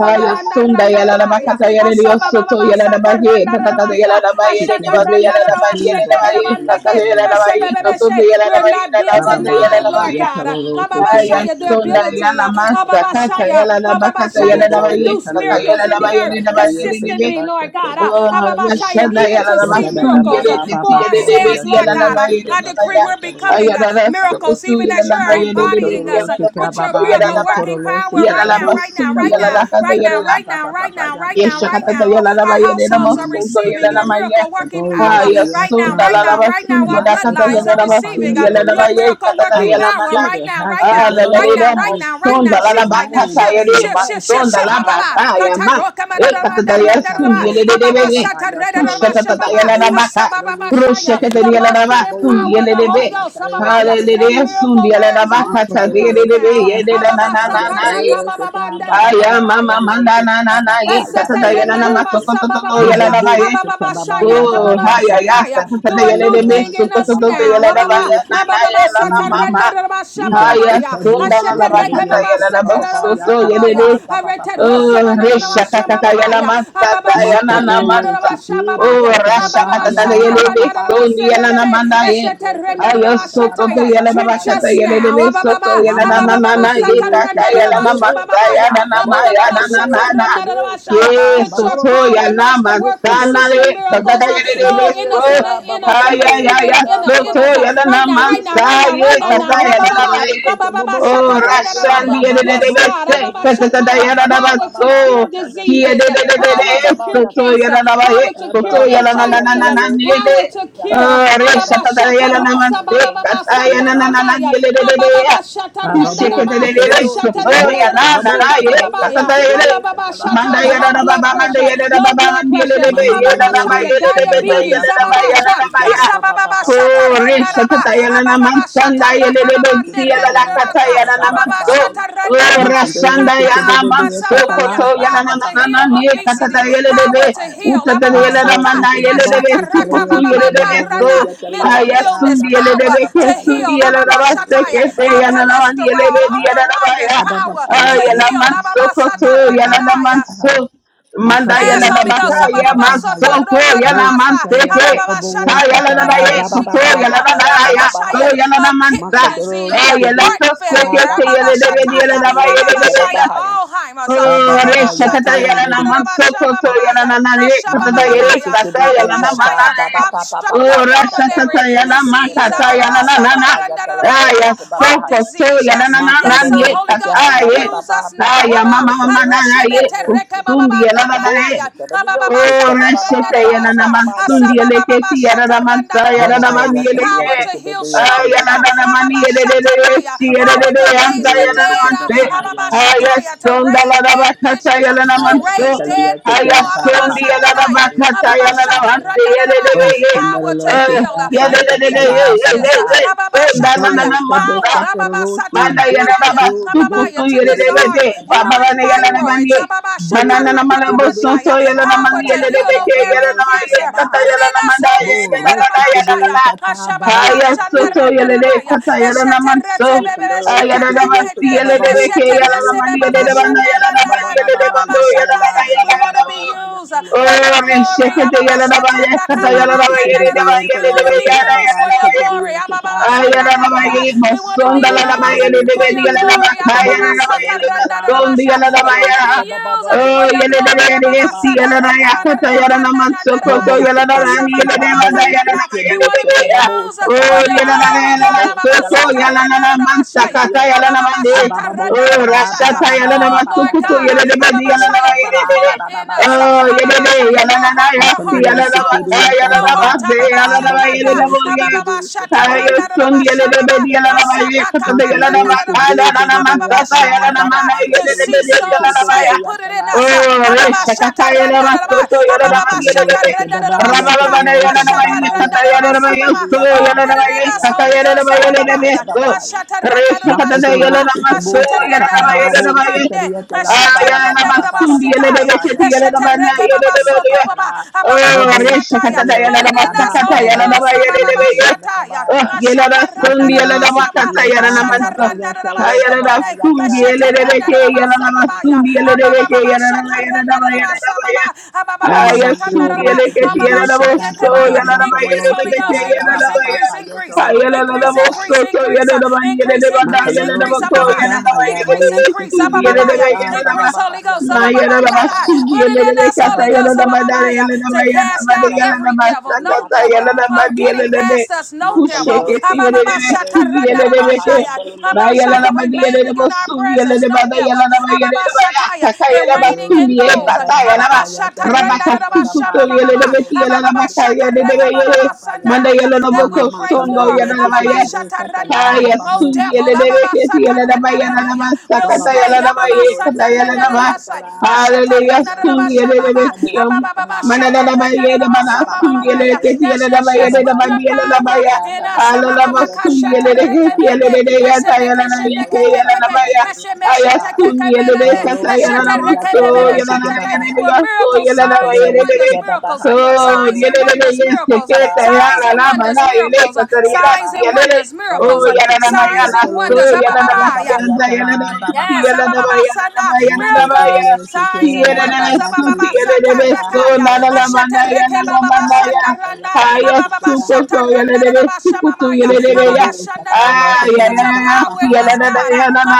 [SPEAKER 2] haya sunda, yalalamakata, yaleliosoto, yalalamaye, tatatata, yalalamaye, yalelemande, yalalamandi, yalelamaye, tatata, yalalamaye, tototo,
[SPEAKER 1] We're
[SPEAKER 2] yalalamaye,
[SPEAKER 1] not being
[SPEAKER 2] yalalamande,
[SPEAKER 1] denied,
[SPEAKER 3] Baba,
[SPEAKER 1] Lord
[SPEAKER 2] yalalamaya,
[SPEAKER 1] God, uh,
[SPEAKER 3] Yatarolo, Sikya, Yatarolo,
[SPEAKER 2] haya
[SPEAKER 1] Ababashaya, the
[SPEAKER 2] sunda,
[SPEAKER 3] Sikya,
[SPEAKER 1] ability
[SPEAKER 3] Baba
[SPEAKER 1] uh,
[SPEAKER 2] yalamasa, kata,
[SPEAKER 1] Ababashaya,
[SPEAKER 3] Baba,
[SPEAKER 2] yalalamakata,
[SPEAKER 3] Bobo,
[SPEAKER 1] Ababashaya, to
[SPEAKER 2] yalelamaye,
[SPEAKER 1] produce
[SPEAKER 2] tata,
[SPEAKER 3] Yatarolo,
[SPEAKER 1] miracles in
[SPEAKER 3] Sikya,
[SPEAKER 1] the
[SPEAKER 2] yalamaye,
[SPEAKER 1] earth
[SPEAKER 2] yalelamaye,
[SPEAKER 3] Yatarolo,
[SPEAKER 2] yalelebe,
[SPEAKER 1] consistently, Lord God.
[SPEAKER 3] Sikya,
[SPEAKER 1] uh,
[SPEAKER 2] Oh,
[SPEAKER 3] I receive
[SPEAKER 1] Ababashaya,
[SPEAKER 3] it. I
[SPEAKER 1] And
[SPEAKER 2] yashanda
[SPEAKER 3] receive
[SPEAKER 1] even
[SPEAKER 2] yala
[SPEAKER 1] to
[SPEAKER 3] it.
[SPEAKER 2] la
[SPEAKER 1] see
[SPEAKER 3] I
[SPEAKER 2] basundi
[SPEAKER 1] miracles
[SPEAKER 2] yele
[SPEAKER 1] uh,
[SPEAKER 2] keti
[SPEAKER 1] for
[SPEAKER 2] yele
[SPEAKER 1] ourselves, Lord
[SPEAKER 2] yala la
[SPEAKER 1] God.
[SPEAKER 2] ba
[SPEAKER 1] Uh,
[SPEAKER 3] receive
[SPEAKER 1] I decree we're
[SPEAKER 3] it.
[SPEAKER 1] becoming uh,
[SPEAKER 2] Ayala
[SPEAKER 1] miracles
[SPEAKER 2] sokotu
[SPEAKER 1] even
[SPEAKER 2] yala
[SPEAKER 1] as you
[SPEAKER 2] la ba
[SPEAKER 1] are embodying us
[SPEAKER 2] yala
[SPEAKER 1] uh,
[SPEAKER 2] la
[SPEAKER 1] with your
[SPEAKER 2] bokoto yala
[SPEAKER 1] miracle
[SPEAKER 2] la
[SPEAKER 1] working power
[SPEAKER 2] Yala
[SPEAKER 1] right
[SPEAKER 2] la
[SPEAKER 1] right now, right
[SPEAKER 2] yala
[SPEAKER 1] now,
[SPEAKER 2] la
[SPEAKER 1] right
[SPEAKER 2] yala
[SPEAKER 1] now, right now, right now, right now, right now, right
[SPEAKER 2] Yeshakatata
[SPEAKER 1] now, now. Our
[SPEAKER 2] yalalabaya
[SPEAKER 1] households are
[SPEAKER 3] Amen.
[SPEAKER 2] nerabasunzo
[SPEAKER 1] receiving your
[SPEAKER 2] yalalamaya.
[SPEAKER 1] miracle working
[SPEAKER 2] Ah,
[SPEAKER 1] power right now,
[SPEAKER 2] yasunda
[SPEAKER 1] right now, right now.
[SPEAKER 2] lalabasundi
[SPEAKER 1] Our
[SPEAKER 2] yalakata
[SPEAKER 1] bloodlines are receiving
[SPEAKER 2] yalalabasundi
[SPEAKER 1] uh, your
[SPEAKER 2] yalalabaya
[SPEAKER 1] miracle
[SPEAKER 2] katata
[SPEAKER 1] working power
[SPEAKER 2] mana.
[SPEAKER 1] right now, right
[SPEAKER 2] Ah,
[SPEAKER 1] now,
[SPEAKER 2] la la
[SPEAKER 1] right now,
[SPEAKER 2] la
[SPEAKER 1] right now, right
[SPEAKER 2] masunda
[SPEAKER 1] now.
[SPEAKER 2] la la
[SPEAKER 1] Shift right now,
[SPEAKER 2] lalabakata
[SPEAKER 1] shift,
[SPEAKER 2] yale
[SPEAKER 1] shift, shift, shift,
[SPEAKER 2] masunda
[SPEAKER 1] shift.
[SPEAKER 2] la
[SPEAKER 3] Amen.
[SPEAKER 1] Ah, bah, bah.
[SPEAKER 3] Amen.
[SPEAKER 2] labata
[SPEAKER 1] La ta-
[SPEAKER 2] yama.
[SPEAKER 1] oh, come on, da-
[SPEAKER 2] Eh,
[SPEAKER 1] da- da-
[SPEAKER 2] la
[SPEAKER 3] Baba
[SPEAKER 1] da- da-
[SPEAKER 3] ya
[SPEAKER 1] da- da-
[SPEAKER 2] yasundi
[SPEAKER 1] da-
[SPEAKER 3] tarolo
[SPEAKER 1] Ah, bah,
[SPEAKER 3] seke
[SPEAKER 1] bah,
[SPEAKER 2] yaledebeye.
[SPEAKER 1] sa-
[SPEAKER 3] baba
[SPEAKER 1] ta- re-
[SPEAKER 3] ya
[SPEAKER 1] da- da- da- ba-
[SPEAKER 3] tarolo
[SPEAKER 1] sha-
[SPEAKER 2] Kushatatata
[SPEAKER 1] bah,
[SPEAKER 3] seke
[SPEAKER 1] bah.
[SPEAKER 3] babo
[SPEAKER 1] Ah,
[SPEAKER 3] seke
[SPEAKER 1] sa-
[SPEAKER 2] yalalabaka.
[SPEAKER 1] bah, bah,
[SPEAKER 3] tarolo
[SPEAKER 1] bah, sha-
[SPEAKER 3] seke
[SPEAKER 1] ya.
[SPEAKER 3] babo
[SPEAKER 2] Roshakata
[SPEAKER 1] The
[SPEAKER 2] la la
[SPEAKER 3] seke
[SPEAKER 1] mustard
[SPEAKER 2] la
[SPEAKER 1] and
[SPEAKER 3] babo
[SPEAKER 1] power
[SPEAKER 3] ya
[SPEAKER 1] of the
[SPEAKER 3] baba
[SPEAKER 1] Holy
[SPEAKER 3] ya
[SPEAKER 1] Ghost ah, bah,
[SPEAKER 3] tarolo
[SPEAKER 1] bah, ya.
[SPEAKER 3] seke
[SPEAKER 1] in
[SPEAKER 3] baba
[SPEAKER 2] sundi
[SPEAKER 1] miracle realms
[SPEAKER 3] Master
[SPEAKER 2] yalalabakata
[SPEAKER 1] overtake us
[SPEAKER 2] yaledebe
[SPEAKER 1] now.
[SPEAKER 3] Delosita,
[SPEAKER 1] Ah,
[SPEAKER 3] Papa
[SPEAKER 1] bah, bah, sa-
[SPEAKER 3] Papaya,
[SPEAKER 1] ta-
[SPEAKER 2] yedananana.
[SPEAKER 1] ra- ka- bah, bah, bah,
[SPEAKER 3] Telosita,
[SPEAKER 1] da-
[SPEAKER 3] Papa
[SPEAKER 1] re- da-
[SPEAKER 2] Aya
[SPEAKER 1] da-
[SPEAKER 3] Paya,
[SPEAKER 1] ba-
[SPEAKER 2] mama
[SPEAKER 1] ya.
[SPEAKER 2] manda na
[SPEAKER 3] Telosita,
[SPEAKER 2] na na
[SPEAKER 3] Papa
[SPEAKER 2] ye
[SPEAKER 3] Paya,
[SPEAKER 1] Gasete
[SPEAKER 2] katata yala
[SPEAKER 1] renda
[SPEAKER 2] na
[SPEAKER 1] da da ba
[SPEAKER 3] Torosita,
[SPEAKER 1] sa
[SPEAKER 2] masokoto
[SPEAKER 1] ba
[SPEAKER 2] toto yala
[SPEAKER 3] Bobo
[SPEAKER 1] ya.
[SPEAKER 2] na ba ye
[SPEAKER 1] Ababa
[SPEAKER 3] Bosita, Baba
[SPEAKER 1] shaya
[SPEAKER 2] oh
[SPEAKER 1] kamama
[SPEAKER 3] Yatalaya,
[SPEAKER 2] haya ya
[SPEAKER 1] sataya.
[SPEAKER 3] Papa
[SPEAKER 1] Do
[SPEAKER 2] satata
[SPEAKER 1] a
[SPEAKER 3] Paya,
[SPEAKER 2] yala de
[SPEAKER 1] new
[SPEAKER 2] me
[SPEAKER 1] thing in
[SPEAKER 3] Telosita,
[SPEAKER 2] sokoto
[SPEAKER 1] us
[SPEAKER 3] Papa
[SPEAKER 2] toto
[SPEAKER 1] now.
[SPEAKER 2] yala na ba
[SPEAKER 1] Ababa
[SPEAKER 2] ya na
[SPEAKER 3] Yatalosita,
[SPEAKER 2] na
[SPEAKER 1] ababa
[SPEAKER 2] yala
[SPEAKER 3] and
[SPEAKER 2] na
[SPEAKER 1] sata
[SPEAKER 3] then
[SPEAKER 2] mama
[SPEAKER 1] renda da da ba sha ba ba
[SPEAKER 3] Jesus,
[SPEAKER 1] ba
[SPEAKER 2] haya
[SPEAKER 3] it's
[SPEAKER 1] ya.
[SPEAKER 3] a book,
[SPEAKER 2] sunda la la
[SPEAKER 1] Ashete
[SPEAKER 3] it's a
[SPEAKER 1] reke
[SPEAKER 2] bakata
[SPEAKER 1] ba
[SPEAKER 3] radio,
[SPEAKER 1] ba
[SPEAKER 2] yala
[SPEAKER 3] it's a
[SPEAKER 2] na ba
[SPEAKER 1] seka
[SPEAKER 3] Papa
[SPEAKER 1] da da ba sa
[SPEAKER 3] Paya,
[SPEAKER 2] soto yele
[SPEAKER 3] Talala, Papa
[SPEAKER 1] Arete
[SPEAKER 3] Papa
[SPEAKER 1] rosa
[SPEAKER 3] Paya,
[SPEAKER 1] ma
[SPEAKER 2] Oh,
[SPEAKER 1] na
[SPEAKER 2] resha kata
[SPEAKER 3] Telosita,
[SPEAKER 2] kaya
[SPEAKER 3] Papa
[SPEAKER 2] la
[SPEAKER 3] Paya.
[SPEAKER 2] mansa
[SPEAKER 1] Ababa
[SPEAKER 2] kaya
[SPEAKER 3] Master
[SPEAKER 2] na
[SPEAKER 1] shata
[SPEAKER 2] na
[SPEAKER 1] renda da da
[SPEAKER 2] mansa.
[SPEAKER 3] Delosita,
[SPEAKER 2] Oh,
[SPEAKER 3] Shaka
[SPEAKER 2] rasha
[SPEAKER 3] Papa
[SPEAKER 1] Ababa
[SPEAKER 2] kata kata
[SPEAKER 3] Haya,
[SPEAKER 1] shata
[SPEAKER 2] yele
[SPEAKER 3] Papa
[SPEAKER 2] be
[SPEAKER 1] renda da da ba
[SPEAKER 3] Papaya,
[SPEAKER 2] sondi na manda
[SPEAKER 3] Telosita,
[SPEAKER 2] ye.
[SPEAKER 3] Papa
[SPEAKER 1] renda da da
[SPEAKER 3] Paya,
[SPEAKER 2] Ayo
[SPEAKER 3] Telosita,
[SPEAKER 2] soto de
[SPEAKER 3] Papa
[SPEAKER 2] yala
[SPEAKER 3] Papa
[SPEAKER 2] baba
[SPEAKER 1] Drench us
[SPEAKER 2] yele de
[SPEAKER 3] Paya,
[SPEAKER 1] now.
[SPEAKER 2] be
[SPEAKER 1] Ababa
[SPEAKER 2] soto yala
[SPEAKER 3] Mama
[SPEAKER 2] na na
[SPEAKER 3] ma
[SPEAKER 2] na
[SPEAKER 1] ababa
[SPEAKER 2] na ye
[SPEAKER 1] sata
[SPEAKER 3] kotororo
[SPEAKER 2] kaka
[SPEAKER 1] renda
[SPEAKER 3] shete
[SPEAKER 1] da da
[SPEAKER 2] na
[SPEAKER 3] bebe
[SPEAKER 2] mansa ya na
[SPEAKER 3] shaba
[SPEAKER 2] na
[SPEAKER 3] babo
[SPEAKER 2] ma ya
[SPEAKER 1] Ababa
[SPEAKER 2] na na na
[SPEAKER 3] shetororo
[SPEAKER 1] shata
[SPEAKER 2] na.
[SPEAKER 1] renda da
[SPEAKER 3] shete shaba
[SPEAKER 2] Ye
[SPEAKER 3] ba
[SPEAKER 1] Put your
[SPEAKER 3] babo
[SPEAKER 2] soto
[SPEAKER 3] shete
[SPEAKER 1] power in
[SPEAKER 2] yala
[SPEAKER 1] us to
[SPEAKER 3] le
[SPEAKER 1] work
[SPEAKER 2] mansa na
[SPEAKER 3] kotoro
[SPEAKER 2] le
[SPEAKER 1] consistent
[SPEAKER 3] shaba
[SPEAKER 2] kaka
[SPEAKER 1] miracles.
[SPEAKER 3] babo
[SPEAKER 1] uh,
[SPEAKER 2] yele de be
[SPEAKER 1] Oh, in
[SPEAKER 3] shetororo
[SPEAKER 2] so.
[SPEAKER 1] us, in us,
[SPEAKER 3] shete
[SPEAKER 1] in
[SPEAKER 3] baba
[SPEAKER 1] us, in
[SPEAKER 2] Aya
[SPEAKER 1] us,
[SPEAKER 3] yamoro
[SPEAKER 2] ya
[SPEAKER 1] in
[SPEAKER 2] ya
[SPEAKER 1] us,
[SPEAKER 3] shete
[SPEAKER 1] in us,
[SPEAKER 3] baba
[SPEAKER 1] in
[SPEAKER 2] soto
[SPEAKER 1] us. uh,
[SPEAKER 3] babo
[SPEAKER 2] yala
[SPEAKER 1] Right
[SPEAKER 2] na
[SPEAKER 1] now,
[SPEAKER 3] shetororo
[SPEAKER 1] right now,
[SPEAKER 2] mansa
[SPEAKER 3] shete
[SPEAKER 1] right now,
[SPEAKER 2] ye
[SPEAKER 1] right now,
[SPEAKER 2] kata
[SPEAKER 1] now.
[SPEAKER 3] ababo
[SPEAKER 1] Ba, ba,
[SPEAKER 2] yala
[SPEAKER 1] ba, ba.
[SPEAKER 3] shetororo
[SPEAKER 1] Ba,
[SPEAKER 3] shete
[SPEAKER 1] ba, ba, ba,
[SPEAKER 3] babo
[SPEAKER 2] Oh,
[SPEAKER 1] shata, ra, da, da, ba,
[SPEAKER 3] shetororo
[SPEAKER 1] ya.
[SPEAKER 2] Rashandi,
[SPEAKER 3] ba ba ba
[SPEAKER 1] Yes,
[SPEAKER 3] bo
[SPEAKER 1] God. Ba, ba,
[SPEAKER 2] Edebese,
[SPEAKER 1] ba,
[SPEAKER 3] shetororo
[SPEAKER 2] Katakata
[SPEAKER 1] shata,
[SPEAKER 3] shete ba ba ba ba
[SPEAKER 1] Power
[SPEAKER 3] ba
[SPEAKER 1] to
[SPEAKER 3] ba
[SPEAKER 1] cure
[SPEAKER 2] Yarabaso,
[SPEAKER 3] yata
[SPEAKER 2] Kia
[SPEAKER 3] shetororo
[SPEAKER 1] diseases.
[SPEAKER 2] de
[SPEAKER 1] uh,
[SPEAKER 2] de
[SPEAKER 3] shete
[SPEAKER 2] de
[SPEAKER 3] ba
[SPEAKER 2] de
[SPEAKER 3] ba ba
[SPEAKER 1] Power
[SPEAKER 2] de,
[SPEAKER 3] ba
[SPEAKER 1] to
[SPEAKER 3] ba
[SPEAKER 1] cure
[SPEAKER 3] yata
[SPEAKER 2] Soto
[SPEAKER 1] cancer.
[SPEAKER 2] Yarabaye,
[SPEAKER 1] Power to cure
[SPEAKER 2] Soto
[SPEAKER 3] Baba Papa
[SPEAKER 1] HIV. uh,
[SPEAKER 3] Yatalolo
[SPEAKER 2] Yaranananananele,
[SPEAKER 1] Power to
[SPEAKER 3] Sikibidi
[SPEAKER 1] cure.
[SPEAKER 2] Oh,
[SPEAKER 3] Yatalolo
[SPEAKER 1] Ba, ba, ba,
[SPEAKER 3] Baba
[SPEAKER 2] Reshatata
[SPEAKER 3] Papa
[SPEAKER 1] shata, ra,
[SPEAKER 3] Papa
[SPEAKER 1] sa, ba,
[SPEAKER 2] Yaranamase,
[SPEAKER 1] ba, ba,
[SPEAKER 3] Yatalolo
[SPEAKER 1] ba, sanda, ra,
[SPEAKER 3] Sikibidi
[SPEAKER 1] da, ya.
[SPEAKER 2] Katayananananele de
[SPEAKER 1] Ba,
[SPEAKER 2] de
[SPEAKER 1] ba, ba,
[SPEAKER 2] de,
[SPEAKER 1] ba, shata,
[SPEAKER 3] Ah,
[SPEAKER 1] ra, da, da,
[SPEAKER 3] babo,
[SPEAKER 1] ba. Ah,
[SPEAKER 2] Ishikadere,
[SPEAKER 3] shikeleyo,
[SPEAKER 1] shata,
[SPEAKER 2] Soto
[SPEAKER 1] ra, da,
[SPEAKER 3] shikebo,
[SPEAKER 1] da, da, ba,
[SPEAKER 3] shababo,
[SPEAKER 1] sika, ba,
[SPEAKER 2] Yananaye,
[SPEAKER 1] ba, ba,
[SPEAKER 3] shakaleyo,
[SPEAKER 1] ya. Ah,
[SPEAKER 2] Katatayere,
[SPEAKER 1] ba,
[SPEAKER 3] shikebebe,
[SPEAKER 1] ba, ba,
[SPEAKER 3] shakala,
[SPEAKER 1] shata,
[SPEAKER 2] Manda
[SPEAKER 3] ba
[SPEAKER 1] Shaya,
[SPEAKER 3] ba ba
[SPEAKER 1] high
[SPEAKER 3] ba ba
[SPEAKER 1] blood
[SPEAKER 3] ba,
[SPEAKER 2] Yarababa, Manda
[SPEAKER 1] pressure,
[SPEAKER 3] ya
[SPEAKER 2] Yarababa,
[SPEAKER 1] low blood
[SPEAKER 2] Mandele
[SPEAKER 1] pressure,
[SPEAKER 2] de
[SPEAKER 3] Mama
[SPEAKER 2] Be,
[SPEAKER 1] Ababa
[SPEAKER 2] Yarababa,
[SPEAKER 3] Mandoro,
[SPEAKER 1] Shaya,
[SPEAKER 2] Yele
[SPEAKER 3] Sike
[SPEAKER 2] de
[SPEAKER 3] Baba
[SPEAKER 1] diabetes,
[SPEAKER 2] Be,
[SPEAKER 1] Ababa
[SPEAKER 3] Yatoro,
[SPEAKER 1] Shaya,
[SPEAKER 3] Sike
[SPEAKER 2] Yarababa,
[SPEAKER 3] Baba Baba
[SPEAKER 1] Masababa
[SPEAKER 3] Papa
[SPEAKER 1] Shata
[SPEAKER 2] Oh,
[SPEAKER 3] Papa
[SPEAKER 2] resha
[SPEAKER 1] Ranaraba,
[SPEAKER 2] tataya na
[SPEAKER 3] Yatata, Baba
[SPEAKER 2] naman
[SPEAKER 1] Ababa
[SPEAKER 3] Papa
[SPEAKER 1] Shata
[SPEAKER 2] sanda yele
[SPEAKER 3] Yatoro,
[SPEAKER 1] Rakababa
[SPEAKER 3] Sike
[SPEAKER 2] rebensi yala la
[SPEAKER 3] Bebe,
[SPEAKER 1] Nerenarabasa,
[SPEAKER 2] kataya
[SPEAKER 3] Satala,
[SPEAKER 2] na
[SPEAKER 3] Baba
[SPEAKER 2] naman
[SPEAKER 1] Ababa
[SPEAKER 2] so.
[SPEAKER 3] Papa Haya.
[SPEAKER 1] Shata
[SPEAKER 2] Oh,
[SPEAKER 1] Ranaraba
[SPEAKER 3] Mankandoro,
[SPEAKER 2] rashanda
[SPEAKER 3] Sike
[SPEAKER 1] Shikandara,
[SPEAKER 2] yala man
[SPEAKER 3] Bebe,
[SPEAKER 2] so
[SPEAKER 1] Asababaya,
[SPEAKER 3] Satala,
[SPEAKER 2] koto
[SPEAKER 3] Baba
[SPEAKER 2] yala
[SPEAKER 1] power
[SPEAKER 2] na na
[SPEAKER 1] to
[SPEAKER 3] Papa
[SPEAKER 2] na
[SPEAKER 1] heal
[SPEAKER 2] na
[SPEAKER 3] Papa
[SPEAKER 2] ni e
[SPEAKER 1] obesity,
[SPEAKER 2] katata
[SPEAKER 3] Yatoro,
[SPEAKER 2] yele
[SPEAKER 3] Sike
[SPEAKER 1] power
[SPEAKER 2] rebe.
[SPEAKER 1] to
[SPEAKER 3] Baba Haya.
[SPEAKER 1] heal,
[SPEAKER 2] Utata
[SPEAKER 1] Ababa
[SPEAKER 3] Baba
[SPEAKER 2] yele na
[SPEAKER 3] Bo,
[SPEAKER 1] Sata,
[SPEAKER 2] mana
[SPEAKER 3] thank you,
[SPEAKER 2] yele
[SPEAKER 3] Baba,
[SPEAKER 2] rebe
[SPEAKER 1] Ashata
[SPEAKER 3] Sike
[SPEAKER 2] si
[SPEAKER 3] Leo,
[SPEAKER 2] koto
[SPEAKER 3] Sike
[SPEAKER 2] yele
[SPEAKER 1] Rakababa
[SPEAKER 3] Baba
[SPEAKER 2] rebe so.
[SPEAKER 3] Bo,
[SPEAKER 1] Rana,
[SPEAKER 3] Yatari
[SPEAKER 1] mental
[SPEAKER 2] Aya
[SPEAKER 3] Yataka,
[SPEAKER 1] illness,
[SPEAKER 2] sundi yele
[SPEAKER 3] Baba
[SPEAKER 1] power
[SPEAKER 2] rebe
[SPEAKER 3] Papa
[SPEAKER 1] to
[SPEAKER 2] ke
[SPEAKER 3] Papa
[SPEAKER 1] heal,
[SPEAKER 2] sundi
[SPEAKER 3] Yatoro,
[SPEAKER 2] yala
[SPEAKER 1] Ababa
[SPEAKER 2] raba se
[SPEAKER 1] Shataya,
[SPEAKER 2] ke
[SPEAKER 3] Sike
[SPEAKER 2] se
[SPEAKER 1] high
[SPEAKER 3] Baba
[SPEAKER 2] yana na
[SPEAKER 3] Yatoro,
[SPEAKER 2] mani yele
[SPEAKER 1] cholesterol,
[SPEAKER 2] rebe
[SPEAKER 3] Sike
[SPEAKER 2] di yala raba
[SPEAKER 1] arthritis,
[SPEAKER 2] ya.
[SPEAKER 3] Baba
[SPEAKER 1] power to
[SPEAKER 2] Aya la
[SPEAKER 3] Haya.
[SPEAKER 1] heal,
[SPEAKER 2] man so
[SPEAKER 1] Ababa Sata
[SPEAKER 2] koto yala na man
[SPEAKER 1] Ranaraya.
[SPEAKER 2] so. Manda yala
[SPEAKER 1] Yes,
[SPEAKER 3] Makadoro
[SPEAKER 2] la
[SPEAKER 1] Holy Ghost.
[SPEAKER 2] bakaya
[SPEAKER 1] Ababa
[SPEAKER 2] man
[SPEAKER 1] soto
[SPEAKER 2] so to
[SPEAKER 1] ronda rabasa.
[SPEAKER 3] Bosataria
[SPEAKER 2] seke.
[SPEAKER 1] Ababa
[SPEAKER 2] Ta
[SPEAKER 3] Tekabowo
[SPEAKER 1] shata
[SPEAKER 2] yala la
[SPEAKER 1] randa
[SPEAKER 2] la
[SPEAKER 3] Shatara
[SPEAKER 2] ye,
[SPEAKER 3] Baba
[SPEAKER 2] koto
[SPEAKER 3] Baba
[SPEAKER 2] yala la la
[SPEAKER 1] rabashikanara.
[SPEAKER 3] Yatara
[SPEAKER 2] la ya,
[SPEAKER 1] Ababa
[SPEAKER 2] to
[SPEAKER 1] shaya
[SPEAKER 3] Kababahaya
[SPEAKER 2] yala la
[SPEAKER 1] uh,
[SPEAKER 2] mansa.
[SPEAKER 1] kidney
[SPEAKER 3] Makadoro
[SPEAKER 1] disease,
[SPEAKER 2] Oh,
[SPEAKER 1] uh,
[SPEAKER 2] yala
[SPEAKER 3] Sikebe
[SPEAKER 1] heart
[SPEAKER 2] to seke
[SPEAKER 3] Shatara
[SPEAKER 1] failure.
[SPEAKER 2] te
[SPEAKER 3] Baba
[SPEAKER 2] yala
[SPEAKER 1] Ababa
[SPEAKER 2] de
[SPEAKER 3] Papa
[SPEAKER 2] be di yala
[SPEAKER 1] shataya.
[SPEAKER 2] la ba
[SPEAKER 3] Yotoro
[SPEAKER 2] yala
[SPEAKER 1] Ababa
[SPEAKER 2] de be ya.
[SPEAKER 1] shaya
[SPEAKER 3] Sikababahaya
[SPEAKER 1] Alzheimer's. uh,
[SPEAKER 2] Oh, re
[SPEAKER 3] Ababa
[SPEAKER 1] Ababa
[SPEAKER 2] shakata
[SPEAKER 1] sata
[SPEAKER 3] Yato
[SPEAKER 2] yala
[SPEAKER 1] randa
[SPEAKER 2] na
[SPEAKER 3] Lidia
[SPEAKER 2] manso koto
[SPEAKER 3] Kababahaya
[SPEAKER 2] yala
[SPEAKER 1] rabashamamaya.
[SPEAKER 2] la la ye, kata ta yere
[SPEAKER 3] Manoro
[SPEAKER 1] Ashabababaya.
[SPEAKER 2] kata
[SPEAKER 3] Sikebe
[SPEAKER 2] yala
[SPEAKER 1] Ababa
[SPEAKER 2] na mana
[SPEAKER 3] Yata
[SPEAKER 1] shaya
[SPEAKER 2] ye.
[SPEAKER 3] Baba Papa Papa
[SPEAKER 2] Oh,
[SPEAKER 1] obstructive
[SPEAKER 2] re shakata
[SPEAKER 3] Yatatalo
[SPEAKER 1] pulmonary
[SPEAKER 2] yala ma
[SPEAKER 3] Bosikiri
[SPEAKER 1] disease.
[SPEAKER 2] kata
[SPEAKER 1] Ababa
[SPEAKER 2] yala
[SPEAKER 3] Yatala
[SPEAKER 2] la la
[SPEAKER 3] Baba
[SPEAKER 2] la.
[SPEAKER 1] sata
[SPEAKER 3] baba
[SPEAKER 1] randa
[SPEAKER 2] Ah,
[SPEAKER 3] Yatalo
[SPEAKER 2] ya
[SPEAKER 1] rabashaya.
[SPEAKER 2] so
[SPEAKER 1] Heart
[SPEAKER 3] Sikababahaya
[SPEAKER 2] koto
[SPEAKER 1] disease.
[SPEAKER 2] yala
[SPEAKER 1] Yes,
[SPEAKER 2] na na na
[SPEAKER 1] yes, uh,
[SPEAKER 2] ye,
[SPEAKER 3] Makandara
[SPEAKER 1] Holy
[SPEAKER 2] kata
[SPEAKER 1] Ghost
[SPEAKER 3] Sitya Baba
[SPEAKER 2] ye.
[SPEAKER 1] infuse
[SPEAKER 3] Baba
[SPEAKER 1] us
[SPEAKER 3] Baba
[SPEAKER 2] Ah,
[SPEAKER 1] now.
[SPEAKER 2] ya
[SPEAKER 3] Baba
[SPEAKER 1] Abba,
[SPEAKER 2] mama mama na
[SPEAKER 3] Yatalo
[SPEAKER 2] na
[SPEAKER 3] Shika
[SPEAKER 2] ye,
[SPEAKER 1] Areshebete
[SPEAKER 3] Babo Shika
[SPEAKER 2] kusumbi yala
[SPEAKER 1] rekebababanda
[SPEAKER 2] la
[SPEAKER 3] Shika
[SPEAKER 2] la
[SPEAKER 3] Bo
[SPEAKER 2] ye.
[SPEAKER 1] randaya.
[SPEAKER 3] Shika Badio
[SPEAKER 1] Abababa
[SPEAKER 2] Oh,
[SPEAKER 3] Shika
[SPEAKER 1] sata
[SPEAKER 3] Baba
[SPEAKER 1] randa
[SPEAKER 3] Baba
[SPEAKER 2] reshete yana
[SPEAKER 3] Baba
[SPEAKER 1] rabasa.
[SPEAKER 3] Baba
[SPEAKER 2] namansundi
[SPEAKER 3] Yatalo
[SPEAKER 1] Asabababa
[SPEAKER 2] eleketi yana
[SPEAKER 1] shata randa
[SPEAKER 2] namansa yana
[SPEAKER 3] Baba Bo
[SPEAKER 2] namani
[SPEAKER 1] rabashaya.
[SPEAKER 3] Yatalo
[SPEAKER 2] eleke.
[SPEAKER 1] Power to
[SPEAKER 3] Shika
[SPEAKER 1] heal
[SPEAKER 3] Baby
[SPEAKER 2] Ah,
[SPEAKER 1] strokes.
[SPEAKER 3] Yatalo
[SPEAKER 2] yana
[SPEAKER 1] uh,
[SPEAKER 3] Shika
[SPEAKER 2] namani
[SPEAKER 1] Ababa
[SPEAKER 3] Baba Baba
[SPEAKER 1] shataraya.
[SPEAKER 2] eleleleshi
[SPEAKER 3] Baba
[SPEAKER 1] Power
[SPEAKER 2] elelele
[SPEAKER 3] Baba
[SPEAKER 1] to raise
[SPEAKER 2] anza
[SPEAKER 1] the
[SPEAKER 3] Yatalo
[SPEAKER 2] yana
[SPEAKER 1] dead.
[SPEAKER 3] Shika
[SPEAKER 2] namanse.
[SPEAKER 1] uh,
[SPEAKER 3] Baba
[SPEAKER 1] Ababa
[SPEAKER 2] Ah,
[SPEAKER 3] Baba
[SPEAKER 1] shataya.
[SPEAKER 2] yes,
[SPEAKER 1] To
[SPEAKER 2] sonda la
[SPEAKER 1] raise dead
[SPEAKER 2] nabakata
[SPEAKER 1] visions. uh,
[SPEAKER 2] yana
[SPEAKER 1] To
[SPEAKER 2] namanso.
[SPEAKER 1] raise dead
[SPEAKER 2] Ah,
[SPEAKER 1] people.
[SPEAKER 2] yes,
[SPEAKER 1] Ababa
[SPEAKER 2] sondi yana
[SPEAKER 1] sandaraya.
[SPEAKER 2] nabakata
[SPEAKER 1] Ababa
[SPEAKER 2] yana namanse
[SPEAKER 1] shataranda
[SPEAKER 2] elelele
[SPEAKER 1] rabaya.
[SPEAKER 2] ye.
[SPEAKER 1] Power to
[SPEAKER 2] Ah,
[SPEAKER 1] heal uh,
[SPEAKER 2] yana elelele ye ye ye
[SPEAKER 1] endometriosis. uh,
[SPEAKER 2] ye.
[SPEAKER 1] Ababa
[SPEAKER 2] Sonda la
[SPEAKER 1] shataya.
[SPEAKER 2] nanamansa.
[SPEAKER 1] Power. Ababa
[SPEAKER 2] Manda yana
[SPEAKER 1] sataranda
[SPEAKER 2] raba suku tu
[SPEAKER 1] Ababaya, to
[SPEAKER 2] yele de
[SPEAKER 1] dissolve
[SPEAKER 2] bete. Baba
[SPEAKER 1] uterine
[SPEAKER 2] bana yana raba
[SPEAKER 1] fibroids.
[SPEAKER 2] niye. Mana na na mala boso to yele na
[SPEAKER 1] Power
[SPEAKER 2] mani
[SPEAKER 1] to
[SPEAKER 2] yele de
[SPEAKER 1] heal
[SPEAKER 2] bete yele
[SPEAKER 1] ovarian
[SPEAKER 2] na ye
[SPEAKER 1] cancer.
[SPEAKER 2] kata
[SPEAKER 1] Put it
[SPEAKER 2] yele
[SPEAKER 1] in
[SPEAKER 2] na
[SPEAKER 1] us,
[SPEAKER 2] manda
[SPEAKER 1] Holy
[SPEAKER 3] Bo
[SPEAKER 2] yele da
[SPEAKER 1] Spirit.
[SPEAKER 2] da
[SPEAKER 3] rosti
[SPEAKER 2] da yele da
[SPEAKER 3] kebe
[SPEAKER 2] da.
[SPEAKER 3] sata babo
[SPEAKER 2] Haya
[SPEAKER 3] sato
[SPEAKER 2] soto yele
[SPEAKER 3] babo
[SPEAKER 2] de
[SPEAKER 3] baba
[SPEAKER 2] kata yele
[SPEAKER 3] katoro
[SPEAKER 2] na manso.
[SPEAKER 3] Nikandoro
[SPEAKER 2] Haya da da
[SPEAKER 3] Shikiriyo
[SPEAKER 2] masi yele de
[SPEAKER 3] Shikababo
[SPEAKER 2] bete yele na
[SPEAKER 3] Shikiriyo
[SPEAKER 2] mani yele de
[SPEAKER 3] Shikababo
[SPEAKER 2] bana yele na
[SPEAKER 3] Shaka
[SPEAKER 2] mani
[SPEAKER 3] Baba Baba
[SPEAKER 2] yele de
[SPEAKER 3] Baba
[SPEAKER 2] bando yele da da
[SPEAKER 3] Yatalala
[SPEAKER 2] yele
[SPEAKER 1] We
[SPEAKER 3] Baba
[SPEAKER 2] da
[SPEAKER 1] want
[SPEAKER 2] da
[SPEAKER 1] to
[SPEAKER 3] Baba
[SPEAKER 2] bo.
[SPEAKER 1] be
[SPEAKER 3] Baba
[SPEAKER 1] used uh,
[SPEAKER 3] Yatalo
[SPEAKER 1] for your
[SPEAKER 2] Oh,
[SPEAKER 3] Shikiriyo
[SPEAKER 2] me
[SPEAKER 1] glory.
[SPEAKER 3] Shaka
[SPEAKER 2] shekete
[SPEAKER 3] Baba
[SPEAKER 2] yele
[SPEAKER 3] Baba
[SPEAKER 2] da ba yele kata
[SPEAKER 3] Balolo
[SPEAKER 2] yele da ba yele de
[SPEAKER 3] Shikiriyo
[SPEAKER 2] ba
[SPEAKER 1] We
[SPEAKER 2] yele de
[SPEAKER 1] want to
[SPEAKER 2] be
[SPEAKER 3] Yatalalo
[SPEAKER 1] be
[SPEAKER 3] Shaka
[SPEAKER 2] yele
[SPEAKER 3] Baba
[SPEAKER 1] used
[SPEAKER 2] yele da
[SPEAKER 1] for
[SPEAKER 2] ba
[SPEAKER 1] your
[SPEAKER 2] ye.
[SPEAKER 3] Shikiriyo
[SPEAKER 1] glory.
[SPEAKER 3] Shaka Balo Shikabahayan
[SPEAKER 1] We want to be
[SPEAKER 3] Abo
[SPEAKER 1] used
[SPEAKER 3] Shikiriyo
[SPEAKER 1] for your
[SPEAKER 3] Shikiriyo
[SPEAKER 1] glory.
[SPEAKER 3] Shikababo Shaka Yangalamba Shaka
[SPEAKER 1] We want to be
[SPEAKER 3] Shika Baba
[SPEAKER 1] used
[SPEAKER 3] Baba
[SPEAKER 1] for your
[SPEAKER 3] Yatalo
[SPEAKER 1] glory.
[SPEAKER 3] Shaka Baba Baba Yataka Baba Baba Baboshata, Baloshata,
[SPEAKER 1] We want to be
[SPEAKER 3] Dushata,
[SPEAKER 1] used for
[SPEAKER 3] Baboshata,
[SPEAKER 1] your glory,
[SPEAKER 3] Baba,
[SPEAKER 1] God.
[SPEAKER 3] Baboshata, Baba, Kataloshata, Ababoshata, Baba, Baba,
[SPEAKER 1] Oh,
[SPEAKER 3] Baba,
[SPEAKER 1] Lord God.
[SPEAKER 3] Yataloshata,
[SPEAKER 1] put a
[SPEAKER 3] Baba,
[SPEAKER 1] heart in
[SPEAKER 3] Baba,
[SPEAKER 1] us.
[SPEAKER 3] Baba, Yatalosa,
[SPEAKER 1] your heart, your heart for
[SPEAKER 3] Makandoro
[SPEAKER 1] souls,
[SPEAKER 3] Sikiri Yata
[SPEAKER 1] your heart.
[SPEAKER 3] Baba Sata Bokataro
[SPEAKER 1] Ababa
[SPEAKER 2] Oh,
[SPEAKER 3] Sikidu
[SPEAKER 2] Tayo
[SPEAKER 3] Sitabogu
[SPEAKER 1] shataranda raba
[SPEAKER 2] sundi ele
[SPEAKER 3] Sitadu
[SPEAKER 2] de
[SPEAKER 1] shamama.
[SPEAKER 2] bedi ele na
[SPEAKER 3] Sikidadaha
[SPEAKER 2] ba kata
[SPEAKER 1] Asabaka
[SPEAKER 2] de ele na
[SPEAKER 1] taranda
[SPEAKER 2] ba
[SPEAKER 3] Makandoro
[SPEAKER 2] kala
[SPEAKER 1] rabaya.
[SPEAKER 3] Sikiri
[SPEAKER 2] na na
[SPEAKER 3] Bidu
[SPEAKER 2] man
[SPEAKER 1] Ababa
[SPEAKER 2] sata
[SPEAKER 3] Yata
[SPEAKER 2] ele
[SPEAKER 3] La
[SPEAKER 2] na
[SPEAKER 3] Baba
[SPEAKER 2] man
[SPEAKER 1] shataranda
[SPEAKER 2] na
[SPEAKER 1] to
[SPEAKER 3] Yatu
[SPEAKER 2] de
[SPEAKER 1] see
[SPEAKER 2] bedi ele
[SPEAKER 3] Sikiri
[SPEAKER 1] souls
[SPEAKER 2] na ba ya.
[SPEAKER 3] Bidu
[SPEAKER 1] saved. Put it
[SPEAKER 3] Yata
[SPEAKER 1] in
[SPEAKER 3] La
[SPEAKER 1] us.
[SPEAKER 3] Baba
[SPEAKER 2] Oh, re
[SPEAKER 3] Baba
[SPEAKER 1] Ababa
[SPEAKER 2] shaka ka
[SPEAKER 3] Baba
[SPEAKER 2] ele
[SPEAKER 1] shataranda
[SPEAKER 2] ba
[SPEAKER 1] raba.
[SPEAKER 2] soto ele na man
[SPEAKER 1] Ababa
[SPEAKER 2] ele
[SPEAKER 3] Makandoro
[SPEAKER 2] de be.
[SPEAKER 3] Sikiri
[SPEAKER 1] shataranda
[SPEAKER 3] Baba
[SPEAKER 1] raba
[SPEAKER 2] Raba ba ba na ele
[SPEAKER 3] Yatoro
[SPEAKER 2] na ba ye
[SPEAKER 3] Baba
[SPEAKER 1] Ashataranda
[SPEAKER 2] kata
[SPEAKER 3] Yatoro
[SPEAKER 2] ele
[SPEAKER 1] raba
[SPEAKER 2] na ba ye
[SPEAKER 3] Sikiri
[SPEAKER 2] so ele
[SPEAKER 1] Oh,
[SPEAKER 2] na
[SPEAKER 3] Yata
[SPEAKER 1] put
[SPEAKER 2] ba
[SPEAKER 1] it
[SPEAKER 2] ye
[SPEAKER 3] Baba
[SPEAKER 1] in us,
[SPEAKER 2] kata
[SPEAKER 1] Holy
[SPEAKER 3] Yatoro
[SPEAKER 2] ele na
[SPEAKER 1] Ghost.
[SPEAKER 2] ba
[SPEAKER 3] Sata
[SPEAKER 2] ele de
[SPEAKER 1] Ababa
[SPEAKER 2] be
[SPEAKER 3] Baloka
[SPEAKER 2] so.
[SPEAKER 3] Baba
[SPEAKER 2] Re
[SPEAKER 1] Ashataranda
[SPEAKER 2] shaka
[SPEAKER 1] raba
[SPEAKER 2] de ele
[SPEAKER 3] Makotoro
[SPEAKER 2] na ma so
[SPEAKER 3] Sitabo Sata
[SPEAKER 2] na
[SPEAKER 1] Ashataranda
[SPEAKER 2] ba
[SPEAKER 1] raba
[SPEAKER 3] Baba
[SPEAKER 2] ele na
[SPEAKER 3] Bo
[SPEAKER 2] ba
[SPEAKER 3] Sitaria Tala
[SPEAKER 2] Ah, ele
[SPEAKER 3] Baba
[SPEAKER 2] na
[SPEAKER 3] Papa
[SPEAKER 1] Ashataranda
[SPEAKER 2] ba
[SPEAKER 3] Papa
[SPEAKER 1] raba
[SPEAKER 2] sundi
[SPEAKER 3] Papa
[SPEAKER 2] de be
[SPEAKER 1] sikaya.
[SPEAKER 3] Papa
[SPEAKER 2] keti ele na ba
[SPEAKER 3] Yatala
[SPEAKER 2] na de
[SPEAKER 1] baba
[SPEAKER 2] be
[SPEAKER 3] Sitabella
[SPEAKER 1] soko
[SPEAKER 2] eh.
[SPEAKER 1] baba.
[SPEAKER 3] Yatatala
[SPEAKER 2] Oh,
[SPEAKER 1] Ababa
[SPEAKER 2] re
[SPEAKER 3] Bobo
[SPEAKER 2] shaka ta
[SPEAKER 1] Sataya.
[SPEAKER 2] de ele
[SPEAKER 3] Sitario
[SPEAKER 1] Put
[SPEAKER 2] na
[SPEAKER 1] it
[SPEAKER 2] ba
[SPEAKER 1] in us,
[SPEAKER 3] Sitaba
[SPEAKER 2] sakata
[SPEAKER 3] Baba
[SPEAKER 1] Holy
[SPEAKER 2] na
[SPEAKER 3] Bo
[SPEAKER 2] ba
[SPEAKER 1] Ghost.
[SPEAKER 2] ele de
[SPEAKER 3] Sitario
[SPEAKER 1] Sabababa
[SPEAKER 2] be eh.
[SPEAKER 1] Shataya.
[SPEAKER 2] Oh,
[SPEAKER 3] Sitabaya
[SPEAKER 2] yelada
[SPEAKER 1] Ashata
[SPEAKER 2] sundi
[SPEAKER 3] Makandoro
[SPEAKER 2] yelada
[SPEAKER 1] Randarabasama.
[SPEAKER 2] makata
[SPEAKER 3] Sitaria
[SPEAKER 2] yela
[SPEAKER 3] Ta
[SPEAKER 2] na
[SPEAKER 1] Ashata
[SPEAKER 3] Baba
[SPEAKER 2] manso.
[SPEAKER 3] Paya
[SPEAKER 2] Ah,
[SPEAKER 3] Solo
[SPEAKER 2] yelada
[SPEAKER 3] Baba
[SPEAKER 1] Randarabashenkene.
[SPEAKER 2] sundi
[SPEAKER 3] Yatala
[SPEAKER 1] Ashata
[SPEAKER 2] yelada
[SPEAKER 3] Sita
[SPEAKER 2] beke
[SPEAKER 3] Baba
[SPEAKER 2] yelada
[SPEAKER 3] Yatala
[SPEAKER 1] Randarabasababaya.
[SPEAKER 2] masundi
[SPEAKER 3] Sita
[SPEAKER 2] yelada
[SPEAKER 3] Baba
[SPEAKER 2] beke
[SPEAKER 1] Abababa
[SPEAKER 3] Bo
[SPEAKER 2] yelada ma
[SPEAKER 1] Shata
[SPEAKER 3] Sitaria
[SPEAKER 2] yelada ma
[SPEAKER 3] Sitabaya
[SPEAKER 2] yelada ma
[SPEAKER 1] Randarabasababa.
[SPEAKER 2] yelada.
[SPEAKER 1] Abababa
[SPEAKER 2] Ah,
[SPEAKER 3] Mama
[SPEAKER 2] yela
[SPEAKER 1] Shata
[SPEAKER 3] Mando
[SPEAKER 2] sundi, yasundi
[SPEAKER 1] Naraba.
[SPEAKER 3] Rosi
[SPEAKER 2] yeleke ti
[SPEAKER 1] Ababa
[SPEAKER 3] Baby
[SPEAKER 2] yelada
[SPEAKER 3] Sata
[SPEAKER 2] boso
[SPEAKER 3] Baba
[SPEAKER 1] Shayankemaya.
[SPEAKER 2] yelada ma
[SPEAKER 1] Increase,
[SPEAKER 3] Yatolo
[SPEAKER 2] yelada
[SPEAKER 1] Holy
[SPEAKER 2] beke
[SPEAKER 1] Ghost.
[SPEAKER 3] Sita Baba
[SPEAKER 2] yelada
[SPEAKER 1] Increase,
[SPEAKER 2] ma
[SPEAKER 1] increase,
[SPEAKER 3] Papa
[SPEAKER 1] increase.
[SPEAKER 2] yelada. Ah,
[SPEAKER 1] Uh,
[SPEAKER 3] Yotolo Sita
[SPEAKER 2] yelada
[SPEAKER 1] Increase,
[SPEAKER 3] Baba
[SPEAKER 2] boso
[SPEAKER 1] increase,
[SPEAKER 2] to
[SPEAKER 1] increase. Uh,
[SPEAKER 2] yelada ma yelada
[SPEAKER 1] Increase,
[SPEAKER 2] ma da
[SPEAKER 1] increase,
[SPEAKER 3] Makandoro
[SPEAKER 2] yelada ma
[SPEAKER 1] increase.
[SPEAKER 2] ko
[SPEAKER 3] shike baba
[SPEAKER 1] Ababaya.
[SPEAKER 2] yelada ma
[SPEAKER 3] haya
[SPEAKER 2] yelada
[SPEAKER 1] Increase,
[SPEAKER 3] bolo
[SPEAKER 2] be
[SPEAKER 1] increase.
[SPEAKER 3] shike
[SPEAKER 2] sundi
[SPEAKER 3] riya
[SPEAKER 2] yelada be
[SPEAKER 1] Ababaya.
[SPEAKER 3] kata
[SPEAKER 2] yelada
[SPEAKER 3] baba
[SPEAKER 2] ma.
[SPEAKER 1] Increase,
[SPEAKER 3] baba
[SPEAKER 1] Holy
[SPEAKER 3] ya
[SPEAKER 1] Ghost.
[SPEAKER 2] Ma
[SPEAKER 3] tolo lo
[SPEAKER 1] Abababa
[SPEAKER 2] yelada ma
[SPEAKER 3] shike
[SPEAKER 1] Tara.
[SPEAKER 3] baba
[SPEAKER 2] sundi
[SPEAKER 1] Put
[SPEAKER 3] haya
[SPEAKER 1] it in
[SPEAKER 2] yelada be
[SPEAKER 1] Send us,
[SPEAKER 3] baba
[SPEAKER 2] kata
[SPEAKER 1] Holy Ghost,
[SPEAKER 3] baba
[SPEAKER 2] yelada
[SPEAKER 3] ya
[SPEAKER 2] ma da
[SPEAKER 3] tolo lo
[SPEAKER 2] yelada
[SPEAKER 3] shike
[SPEAKER 2] ma
[SPEAKER 1] to
[SPEAKER 3] baba
[SPEAKER 2] yelada
[SPEAKER 1] cast
[SPEAKER 2] ma
[SPEAKER 3] haya
[SPEAKER 2] de
[SPEAKER 1] out
[SPEAKER 3] bolo
[SPEAKER 2] yelada
[SPEAKER 1] every
[SPEAKER 2] ma
[SPEAKER 1] devil,
[SPEAKER 3] shike
[SPEAKER 1] no
[SPEAKER 3] riya
[SPEAKER 2] sakata
[SPEAKER 3] kata
[SPEAKER 1] devil,
[SPEAKER 2] yelada ma
[SPEAKER 3] baba
[SPEAKER 1] oh,
[SPEAKER 3] baba
[SPEAKER 2] yela de
[SPEAKER 1] getting
[SPEAKER 3] haya
[SPEAKER 2] yelada be.
[SPEAKER 1] past us, no devil,
[SPEAKER 2] Kusheke
[SPEAKER 3] Makandoro shike
[SPEAKER 2] tigerere
[SPEAKER 3] be kado shike baba
[SPEAKER 2] ma
[SPEAKER 3] haya bolo lo
[SPEAKER 2] Mayala
[SPEAKER 3] shike be
[SPEAKER 2] la
[SPEAKER 3] kata
[SPEAKER 2] madiyere de
[SPEAKER 1] remaining in
[SPEAKER 3] baba
[SPEAKER 1] our
[SPEAKER 3] baba
[SPEAKER 2] bosuviyele
[SPEAKER 3] ya
[SPEAKER 1] presence,
[SPEAKER 2] de
[SPEAKER 1] no
[SPEAKER 3] tolo lo
[SPEAKER 2] badayala
[SPEAKER 1] devil,
[SPEAKER 2] la
[SPEAKER 3] shike baba
[SPEAKER 2] mayere de
[SPEAKER 3] haya
[SPEAKER 2] bayaka
[SPEAKER 1] and
[SPEAKER 2] kayala
[SPEAKER 3] Mama,
[SPEAKER 1] reigning in
[SPEAKER 2] basuviye
[SPEAKER 1] those,
[SPEAKER 2] pataya yala ba rabaka sukutoriyele de betiyala la makayele de bayere yala la
[SPEAKER 1] that
[SPEAKER 2] boko
[SPEAKER 1] we
[SPEAKER 3] mama,
[SPEAKER 1] pray for,
[SPEAKER 2] sondo
[SPEAKER 3] sandalo,
[SPEAKER 2] yala la ba
[SPEAKER 3] shiki,
[SPEAKER 2] ya
[SPEAKER 3] baby, sata, ba,
[SPEAKER 2] Haya
[SPEAKER 3] ba, ba,
[SPEAKER 1] oh,
[SPEAKER 3] boo,
[SPEAKER 2] sundi
[SPEAKER 1] devil,
[SPEAKER 3] sata, ya,
[SPEAKER 2] elelebeketi
[SPEAKER 3] sata, ba, ba,
[SPEAKER 2] eleleba
[SPEAKER 3] ba, ha, ya.
[SPEAKER 2] yeleleba
[SPEAKER 1] will
[SPEAKER 3] Ba,
[SPEAKER 2] sakata
[SPEAKER 3] ba, ba,
[SPEAKER 1] stay,
[SPEAKER 3] ya,
[SPEAKER 2] yeleleba
[SPEAKER 3] sata, lo,
[SPEAKER 2] yekata
[SPEAKER 3] shiki,
[SPEAKER 1] renda da
[SPEAKER 2] yeleleba.
[SPEAKER 3] baby,
[SPEAKER 1] da
[SPEAKER 3] ya, sata,
[SPEAKER 1] basai.
[SPEAKER 3] la, ba, ba, ba,
[SPEAKER 1] Ashata
[SPEAKER 3] ba,
[SPEAKER 2] Hallelujah
[SPEAKER 1] renda
[SPEAKER 3] ya,
[SPEAKER 1] da da
[SPEAKER 3] sata,
[SPEAKER 2] sundi
[SPEAKER 3] lo,
[SPEAKER 1] basha
[SPEAKER 3] shiki,
[SPEAKER 1] baba.
[SPEAKER 3] ba, boo,
[SPEAKER 2] elelebekiyom.
[SPEAKER 1] Ababa
[SPEAKER 3] sata,
[SPEAKER 1] baba
[SPEAKER 3] la, ba, ba,
[SPEAKER 1] shata
[SPEAKER 2] Maneleleba
[SPEAKER 3] boo,
[SPEAKER 1] renda da
[SPEAKER 3] sata,
[SPEAKER 1] da
[SPEAKER 2] yeleleba la
[SPEAKER 3] ba,
[SPEAKER 1] basa
[SPEAKER 3] ba, ba,
[SPEAKER 1] mama
[SPEAKER 3] ba,
[SPEAKER 2] sundi
[SPEAKER 1] mama
[SPEAKER 3] ya,
[SPEAKER 1] ya.
[SPEAKER 3] sata,
[SPEAKER 2] eleleketi
[SPEAKER 3] la.
[SPEAKER 1] Yes,
[SPEAKER 3] Baba
[SPEAKER 2] yeleleba
[SPEAKER 1] yes, yes.
[SPEAKER 2] yeleleba
[SPEAKER 1] Put your
[SPEAKER 2] yeleleba
[SPEAKER 1] power
[SPEAKER 2] ya.
[SPEAKER 1] in us. Ababa
[SPEAKER 2] Hallelujah
[SPEAKER 1] baka
[SPEAKER 2] sundi
[SPEAKER 1] shata renke
[SPEAKER 2] eleleketi elelebe
[SPEAKER 1] meke.
[SPEAKER 2] yata
[SPEAKER 1] Esemeke
[SPEAKER 2] yeleleba
[SPEAKER 1] shende
[SPEAKER 2] yete
[SPEAKER 1] ke ke ke
[SPEAKER 2] yeleleba
[SPEAKER 1] ke.
[SPEAKER 2] ya.
[SPEAKER 1] Eseme
[SPEAKER 2] Haya
[SPEAKER 1] shete ke
[SPEAKER 2] sundi
[SPEAKER 1] ke mene me.
[SPEAKER 2] elelekata
[SPEAKER 1] Eshete
[SPEAKER 2] yeleleba
[SPEAKER 1] reke
[SPEAKER 2] so
[SPEAKER 1] bebe be shete
[SPEAKER 2] yeleleba
[SPEAKER 1] te. For
[SPEAKER 2] yeleleba so
[SPEAKER 1] miracles,
[SPEAKER 2] yeleleba
[SPEAKER 1] signs and
[SPEAKER 2] yelelebe.
[SPEAKER 1] wonders, miracles,
[SPEAKER 2] So
[SPEAKER 1] signs and
[SPEAKER 2] yelelebe
[SPEAKER 1] wonders, miracles,
[SPEAKER 2] yeseketa
[SPEAKER 1] signs
[SPEAKER 2] yeleleba
[SPEAKER 1] and wonders,
[SPEAKER 2] la
[SPEAKER 1] miracles,
[SPEAKER 2] yelekata
[SPEAKER 1] signs
[SPEAKER 2] yeleleba
[SPEAKER 1] and
[SPEAKER 2] yelele.
[SPEAKER 1] wonders,
[SPEAKER 2] Oh,
[SPEAKER 1] miracles,
[SPEAKER 2] yananamaya
[SPEAKER 1] signs and
[SPEAKER 2] lasso,
[SPEAKER 1] wonders. Ababa baya.
[SPEAKER 2] yananamayanda, yananamasi,
[SPEAKER 1] Yes,
[SPEAKER 2] yananamaya, yananamaya,
[SPEAKER 1] abababasana,
[SPEAKER 3] Mama
[SPEAKER 2] yananamaya.
[SPEAKER 1] miracles, signs and wonders,
[SPEAKER 2] Tiyananamesu, tiyananemesu,
[SPEAKER 1] abababasatarakaya,
[SPEAKER 2] nananamana,
[SPEAKER 1] ashetereke
[SPEAKER 2] yananamanaya.
[SPEAKER 1] bababasandaranda,
[SPEAKER 2] Haya sukoto,
[SPEAKER 1] abababashataranda,
[SPEAKER 2] yananemesu, kutu,
[SPEAKER 1] dadabashamamaya,
[SPEAKER 2] yananemeya. Ah,
[SPEAKER 1] ababashandarandaya. Put your
[SPEAKER 2] yananaya,
[SPEAKER 1] power in us,
[SPEAKER 2] yananana,
[SPEAKER 1] God.
[SPEAKER 2] yanana.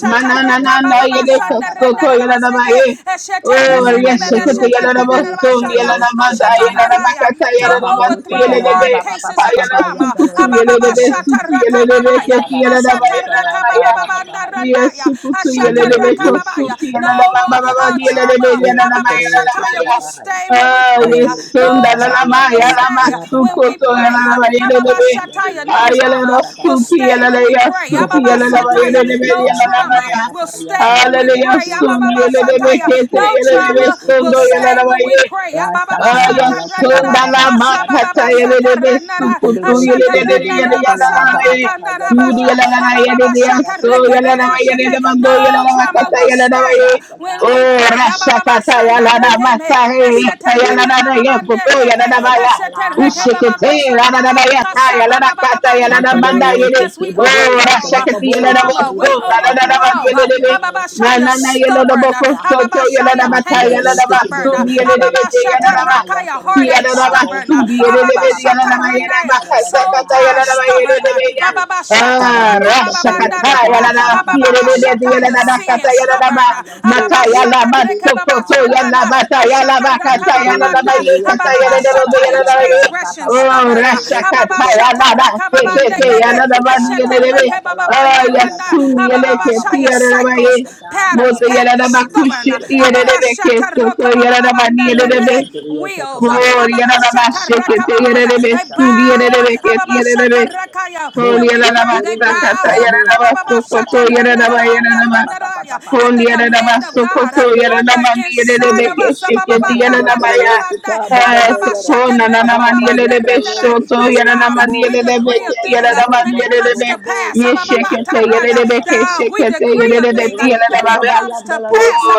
[SPEAKER 2] Mananana, yaneka,
[SPEAKER 1] bababasandaranda,
[SPEAKER 2] soto, yananamaya.
[SPEAKER 1] dadabaseke,
[SPEAKER 2] Oh,
[SPEAKER 1] esheterese,
[SPEAKER 2] yes, shekete,
[SPEAKER 3] Mandaro,
[SPEAKER 1] bebebesheterenda,
[SPEAKER 3] Sikiri,
[SPEAKER 2] yananamoso,
[SPEAKER 3] Sikaro,
[SPEAKER 1] dadabashaya,
[SPEAKER 2] yananamada,
[SPEAKER 3] Sikabahaya.
[SPEAKER 1] oshatararaya.
[SPEAKER 2] yananamakata,
[SPEAKER 1] To
[SPEAKER 3] Baba Bo
[SPEAKER 2] yananamansi,
[SPEAKER 1] overthrow
[SPEAKER 3] Sikala,
[SPEAKER 2] yananebe.
[SPEAKER 1] hard
[SPEAKER 3] Baba
[SPEAKER 1] cases
[SPEAKER 3] Papa
[SPEAKER 1] of
[SPEAKER 2] Payala
[SPEAKER 3] Papa
[SPEAKER 1] trauma,
[SPEAKER 2] sukutu
[SPEAKER 3] Yatalo,
[SPEAKER 2] yelelebe
[SPEAKER 3] Sikabo
[SPEAKER 2] sutu
[SPEAKER 3] Sikala,
[SPEAKER 1] abababashataraka,
[SPEAKER 2] yelelebe keti
[SPEAKER 3] Baba Papa
[SPEAKER 2] yelelebe
[SPEAKER 1] babaya,
[SPEAKER 3] Yatala,
[SPEAKER 2] yelelebe ya.
[SPEAKER 3] Baba Bahaya.
[SPEAKER 2] Miye
[SPEAKER 1] Rakabababanda-randaya,
[SPEAKER 2] sukutu
[SPEAKER 1] ashata
[SPEAKER 2] yelelebe
[SPEAKER 3] Mando Rusi
[SPEAKER 2] kosutu yelelebe
[SPEAKER 3] Katapa
[SPEAKER 1] No uh,
[SPEAKER 3] Papa
[SPEAKER 2] bababa
[SPEAKER 1] uh,
[SPEAKER 3] Papa
[SPEAKER 2] yelelebe
[SPEAKER 1] trauma
[SPEAKER 3] Rusi
[SPEAKER 2] yelelebe
[SPEAKER 3] Korea
[SPEAKER 2] yelelebe
[SPEAKER 3] Kita
[SPEAKER 1] ababashataya,
[SPEAKER 2] ya.
[SPEAKER 1] will
[SPEAKER 3] Babaya
[SPEAKER 1] stay when we
[SPEAKER 2] Ah,
[SPEAKER 1] pray.
[SPEAKER 3] Balo
[SPEAKER 2] yes,
[SPEAKER 1] Uh,
[SPEAKER 3] Rusi
[SPEAKER 2] sunda
[SPEAKER 1] No
[SPEAKER 2] lalaba
[SPEAKER 3] Kababaya
[SPEAKER 1] trauma will
[SPEAKER 3] Kalia
[SPEAKER 2] yalaba
[SPEAKER 1] stay uh,
[SPEAKER 3] Kala Papa
[SPEAKER 1] when we
[SPEAKER 2] sukutu
[SPEAKER 3] Papa
[SPEAKER 1] pray. Uh,
[SPEAKER 2] yelelebe
[SPEAKER 3] Kita Papa
[SPEAKER 2] yelelebe.
[SPEAKER 3] Papa
[SPEAKER 1] ababashataya,
[SPEAKER 3] Rusi
[SPEAKER 1] No
[SPEAKER 3] Kita
[SPEAKER 2] Ayelele
[SPEAKER 1] trauma
[SPEAKER 3] Papa
[SPEAKER 1] will
[SPEAKER 3] Papa
[SPEAKER 2] sutu
[SPEAKER 3] Ya
[SPEAKER 1] stay
[SPEAKER 3] Kala
[SPEAKER 1] when
[SPEAKER 2] yelele
[SPEAKER 1] we
[SPEAKER 2] ya
[SPEAKER 1] pray.
[SPEAKER 2] sutu
[SPEAKER 3] Baba Boya
[SPEAKER 2] yelelebe
[SPEAKER 3] Nara
[SPEAKER 1] Ababasataya,
[SPEAKER 2] yelelebe
[SPEAKER 3] Rusi
[SPEAKER 1] No
[SPEAKER 3] Kita
[SPEAKER 2] yelelebe
[SPEAKER 3] Papa
[SPEAKER 1] trauma
[SPEAKER 3] Papa
[SPEAKER 2] ya.
[SPEAKER 1] will
[SPEAKER 3] Papa Ya
[SPEAKER 1] stay
[SPEAKER 3] Kala
[SPEAKER 1] when we
[SPEAKER 3] Rusi
[SPEAKER 2] Hallelujah,
[SPEAKER 1] pray.
[SPEAKER 2] sun
[SPEAKER 3] Kita Papa
[SPEAKER 2] yelelebe
[SPEAKER 3] Ya
[SPEAKER 1] Ababasataya,
[SPEAKER 2] kete
[SPEAKER 3] Bako
[SPEAKER 1] No
[SPEAKER 2] yelelebe
[SPEAKER 3] Turu
[SPEAKER 1] trauma
[SPEAKER 3] Kita
[SPEAKER 1] will
[SPEAKER 2] sundo
[SPEAKER 1] stay
[SPEAKER 2] yelelebe
[SPEAKER 3] Babaya
[SPEAKER 1] when we
[SPEAKER 2] ye.
[SPEAKER 1] pray.
[SPEAKER 3] Rasata
[SPEAKER 2] Aya
[SPEAKER 3] balaka baba
[SPEAKER 1] Ababasataranara,
[SPEAKER 2] sonda
[SPEAKER 3] baba
[SPEAKER 2] la
[SPEAKER 3] baba yata
[SPEAKER 2] makata
[SPEAKER 3] talaloke.
[SPEAKER 2] yelele
[SPEAKER 1] asabababasatarana,
[SPEAKER 2] besukutu
[SPEAKER 3] Makandoro
[SPEAKER 2] yelele
[SPEAKER 3] shike bebe
[SPEAKER 2] yelele
[SPEAKER 3] yata la
[SPEAKER 2] yalala
[SPEAKER 1] ashataranarabasababa.
[SPEAKER 3] baba
[SPEAKER 2] ye.
[SPEAKER 3] baba yata
[SPEAKER 2] Uri
[SPEAKER 3] la
[SPEAKER 2] yalala
[SPEAKER 3] baba
[SPEAKER 2] la
[SPEAKER 3] baba
[SPEAKER 2] yelele
[SPEAKER 3] baba yato
[SPEAKER 2] yaso yalala
[SPEAKER 3] roke
[SPEAKER 2] ma
[SPEAKER 3] kebe
[SPEAKER 2] yelele mando
[SPEAKER 3] shata
[SPEAKER 1] No
[SPEAKER 2] yalala
[SPEAKER 3] baba baba
[SPEAKER 1] trauma
[SPEAKER 2] makata
[SPEAKER 1] will
[SPEAKER 3] yata
[SPEAKER 2] yalala ma
[SPEAKER 1] stay
[SPEAKER 2] ye.
[SPEAKER 1] uh,
[SPEAKER 3] talala
[SPEAKER 1] when
[SPEAKER 2] O
[SPEAKER 3] shata
[SPEAKER 1] we
[SPEAKER 3] baba
[SPEAKER 1] pray.
[SPEAKER 3] baba
[SPEAKER 1] Yes,
[SPEAKER 3] yata.
[SPEAKER 2] rasha kata yalala
[SPEAKER 3] Makandoro shike
[SPEAKER 2] masahe
[SPEAKER 3] bebe shabu
[SPEAKER 2] yalala na
[SPEAKER 3] shata
[SPEAKER 2] ye
[SPEAKER 3] baba
[SPEAKER 2] kuto
[SPEAKER 3] shata
[SPEAKER 2] yalala
[SPEAKER 3] tala
[SPEAKER 2] ma ya.
[SPEAKER 3] yata la baba baba
[SPEAKER 2] Ushikete
[SPEAKER 3] yato
[SPEAKER 2] yalala
[SPEAKER 3] roke
[SPEAKER 2] na
[SPEAKER 3] kebe
[SPEAKER 2] yata yalala
[SPEAKER 3] haya.
[SPEAKER 2] kata yalala manda
[SPEAKER 3] Makandoro
[SPEAKER 2] yele.
[SPEAKER 3] shike
[SPEAKER 1] we
[SPEAKER 2] O
[SPEAKER 3] bebe
[SPEAKER 1] overthrow
[SPEAKER 3] shata
[SPEAKER 2] rasha
[SPEAKER 1] uh,
[SPEAKER 3] baba
[SPEAKER 2] kati
[SPEAKER 3] bo
[SPEAKER 2] yalala mo
[SPEAKER 3] shata
[SPEAKER 1] trauma. We
[SPEAKER 3] yata
[SPEAKER 2] sonda
[SPEAKER 3] la
[SPEAKER 2] la la la ma
[SPEAKER 3] baba
[SPEAKER 1] overthrow
[SPEAKER 3] baba
[SPEAKER 1] uh,
[SPEAKER 3] yata
[SPEAKER 2] yelele.
[SPEAKER 3] la shike
[SPEAKER 2] Na
[SPEAKER 1] Ababashaya
[SPEAKER 2] na
[SPEAKER 3] bebe
[SPEAKER 2] na
[SPEAKER 3] yata la
[SPEAKER 2] yelo da
[SPEAKER 1] stubborn.
[SPEAKER 3] yata
[SPEAKER 1] uh,
[SPEAKER 2] boko
[SPEAKER 3] baba. haya.
[SPEAKER 2] soto yelo da
[SPEAKER 1] Ababashaya
[SPEAKER 2] bata
[SPEAKER 1] pain
[SPEAKER 2] yelo da
[SPEAKER 1] stubborn. uh,
[SPEAKER 2] basundi yelo da bete yelo da ba
[SPEAKER 1] Ababashatarakaya
[SPEAKER 2] ki
[SPEAKER 1] heartache
[SPEAKER 2] yelo da
[SPEAKER 1] stubborn. uh,
[SPEAKER 2] basundi yelo da bete yelo da ba yelo da ba
[SPEAKER 1] Ababashataranaya
[SPEAKER 2] kata
[SPEAKER 1] soul
[SPEAKER 2] kata
[SPEAKER 1] tie
[SPEAKER 2] yelo da ba yelo
[SPEAKER 1] stubborn.
[SPEAKER 2] da be ya
[SPEAKER 3] Baba
[SPEAKER 1] Ababa shata
[SPEAKER 3] Baba
[SPEAKER 2] ah
[SPEAKER 1] raka
[SPEAKER 3] Bosta
[SPEAKER 1] baba
[SPEAKER 2] rasha
[SPEAKER 1] banda
[SPEAKER 2] kata
[SPEAKER 3] Talayata,
[SPEAKER 1] randa.
[SPEAKER 2] yelo da
[SPEAKER 3] Baba
[SPEAKER 2] ki yelo
[SPEAKER 1] Ababa
[SPEAKER 3] Baba
[SPEAKER 2] da bete
[SPEAKER 3] Yata
[SPEAKER 1] shata
[SPEAKER 2] yelo
[SPEAKER 1] your
[SPEAKER 2] da ba
[SPEAKER 3] Tala, Baba
[SPEAKER 1] sin
[SPEAKER 2] kata yelo
[SPEAKER 3] Papa
[SPEAKER 2] da ba
[SPEAKER 1] stubborn.
[SPEAKER 3] Papa Yasu,
[SPEAKER 2] mata
[SPEAKER 1] Ababa
[SPEAKER 2] yelo
[SPEAKER 1] shata
[SPEAKER 2] ba
[SPEAKER 1] reke baba
[SPEAKER 3] Rosita,
[SPEAKER 2] sokoto yelo
[SPEAKER 3] Baba
[SPEAKER 2] da
[SPEAKER 1] sanana.
[SPEAKER 2] bata
[SPEAKER 3] Bayatalem,
[SPEAKER 2] yelo
[SPEAKER 1] Shata
[SPEAKER 2] ba
[SPEAKER 1] raka
[SPEAKER 2] kata
[SPEAKER 1] baba
[SPEAKER 2] yelo
[SPEAKER 3] Masaturu
[SPEAKER 2] da ba
[SPEAKER 1] banda.
[SPEAKER 2] ye kata
[SPEAKER 3] Sikiriata,
[SPEAKER 1] Ababa
[SPEAKER 2] yelo da ba
[SPEAKER 3] Papa
[SPEAKER 1] shata your
[SPEAKER 2] yelo da ba ye
[SPEAKER 3] Payatala,
[SPEAKER 1] transgression
[SPEAKER 3] Papa
[SPEAKER 2] oh
[SPEAKER 1] stubborn.
[SPEAKER 3] Papa
[SPEAKER 2] rasha
[SPEAKER 1] Ababa
[SPEAKER 2] kata
[SPEAKER 3] Rosita,
[SPEAKER 2] yelo
[SPEAKER 1] shata
[SPEAKER 2] da
[SPEAKER 1] raka
[SPEAKER 2] te
[SPEAKER 1] baba
[SPEAKER 2] te
[SPEAKER 3] Bosta
[SPEAKER 2] te
[SPEAKER 1] ndekeke.
[SPEAKER 2] yelo da ba
[SPEAKER 3] Narata,
[SPEAKER 1] Shata
[SPEAKER 2] yelo
[SPEAKER 3] Baba
[SPEAKER 2] da be
[SPEAKER 1] reke baba
[SPEAKER 3] Bayatala,
[SPEAKER 1] banda
[SPEAKER 2] ah
[SPEAKER 3] Baba
[SPEAKER 1] randa.
[SPEAKER 2] yasuni
[SPEAKER 3] Yatalo,
[SPEAKER 2] yelo
[SPEAKER 3] Baba
[SPEAKER 1] Ababa
[SPEAKER 2] te
[SPEAKER 3] Baba
[SPEAKER 2] te
[SPEAKER 1] shaya your
[SPEAKER 3] Bosta
[SPEAKER 2] yelo da ba
[SPEAKER 1] cycles,
[SPEAKER 2] ye
[SPEAKER 3] Talayata, Baba
[SPEAKER 1] patterns,
[SPEAKER 2] Moto yarara
[SPEAKER 1] patterns stubborn.
[SPEAKER 2] makushiti
[SPEAKER 3] Bayatala,
[SPEAKER 1] Ababa
[SPEAKER 3] Baba
[SPEAKER 2] yerere
[SPEAKER 1] shata
[SPEAKER 2] keso to
[SPEAKER 1] roka baba
[SPEAKER 2] yarara mani
[SPEAKER 1] banda
[SPEAKER 3] Pero
[SPEAKER 1] randa.
[SPEAKER 2] yerere
[SPEAKER 3] si querías a
[SPEAKER 1] Wheels.
[SPEAKER 3] capopo
[SPEAKER 2] Mor
[SPEAKER 3] ya
[SPEAKER 1] Ababa
[SPEAKER 2] yarara
[SPEAKER 3] saca
[SPEAKER 1] shata
[SPEAKER 3] pa pa
[SPEAKER 1] raka
[SPEAKER 3] pa
[SPEAKER 2] mashekete yerere
[SPEAKER 3] ya
[SPEAKER 1] they
[SPEAKER 3] sale lo
[SPEAKER 2] sudi
[SPEAKER 3] que
[SPEAKER 1] bow
[SPEAKER 2] yerere
[SPEAKER 3] pa
[SPEAKER 2] kete
[SPEAKER 3] ya sale lo
[SPEAKER 2] yerere
[SPEAKER 3] que
[SPEAKER 2] Mor
[SPEAKER 3] vos
[SPEAKER 1] when we
[SPEAKER 3] si
[SPEAKER 2] yarara
[SPEAKER 1] pray.
[SPEAKER 3] quieres
[SPEAKER 1] They
[SPEAKER 3] que
[SPEAKER 2] masakata
[SPEAKER 1] bow
[SPEAKER 3] vamos
[SPEAKER 2] yarara
[SPEAKER 3] a pa
[SPEAKER 2] masokoto
[SPEAKER 3] ya sale
[SPEAKER 2] yarara
[SPEAKER 3] la pa pa
[SPEAKER 2] yarara
[SPEAKER 3] pa pa pa pa pa
[SPEAKER 1] at
[SPEAKER 3] ya
[SPEAKER 2] Kundi
[SPEAKER 1] the
[SPEAKER 3] sale la
[SPEAKER 1] command of
[SPEAKER 2] yadadabaso
[SPEAKER 3] poco
[SPEAKER 1] God
[SPEAKER 2] koto
[SPEAKER 3] pero
[SPEAKER 1] uh, on the
[SPEAKER 3] dos
[SPEAKER 2] yadadamandi
[SPEAKER 1] inside of
[SPEAKER 2] yadadebeke
[SPEAKER 1] us.
[SPEAKER 2] sheketi
[SPEAKER 3] Baba
[SPEAKER 2] yadadabaya.
[SPEAKER 1] Abababataranaranabandai.
[SPEAKER 2] Yes, kona nanamandi yadadebe shoto
[SPEAKER 1] Yes, God, uh,
[SPEAKER 2] yadadamandi
[SPEAKER 1] we decree
[SPEAKER 2] yadadebeke
[SPEAKER 1] a thing uh,
[SPEAKER 2] yadadamandi
[SPEAKER 1] and it comes
[SPEAKER 2] yadadebe. be,
[SPEAKER 1] to pass.
[SPEAKER 2] yadadebeke
[SPEAKER 1] uh,
[SPEAKER 2] shekete be
[SPEAKER 1] We
[SPEAKER 2] shekete,
[SPEAKER 1] decree a thing
[SPEAKER 2] yadadebeke
[SPEAKER 1] uh, and it
[SPEAKER 2] yadadabaya.
[SPEAKER 1] comes to pass.
[SPEAKER 2] Oh,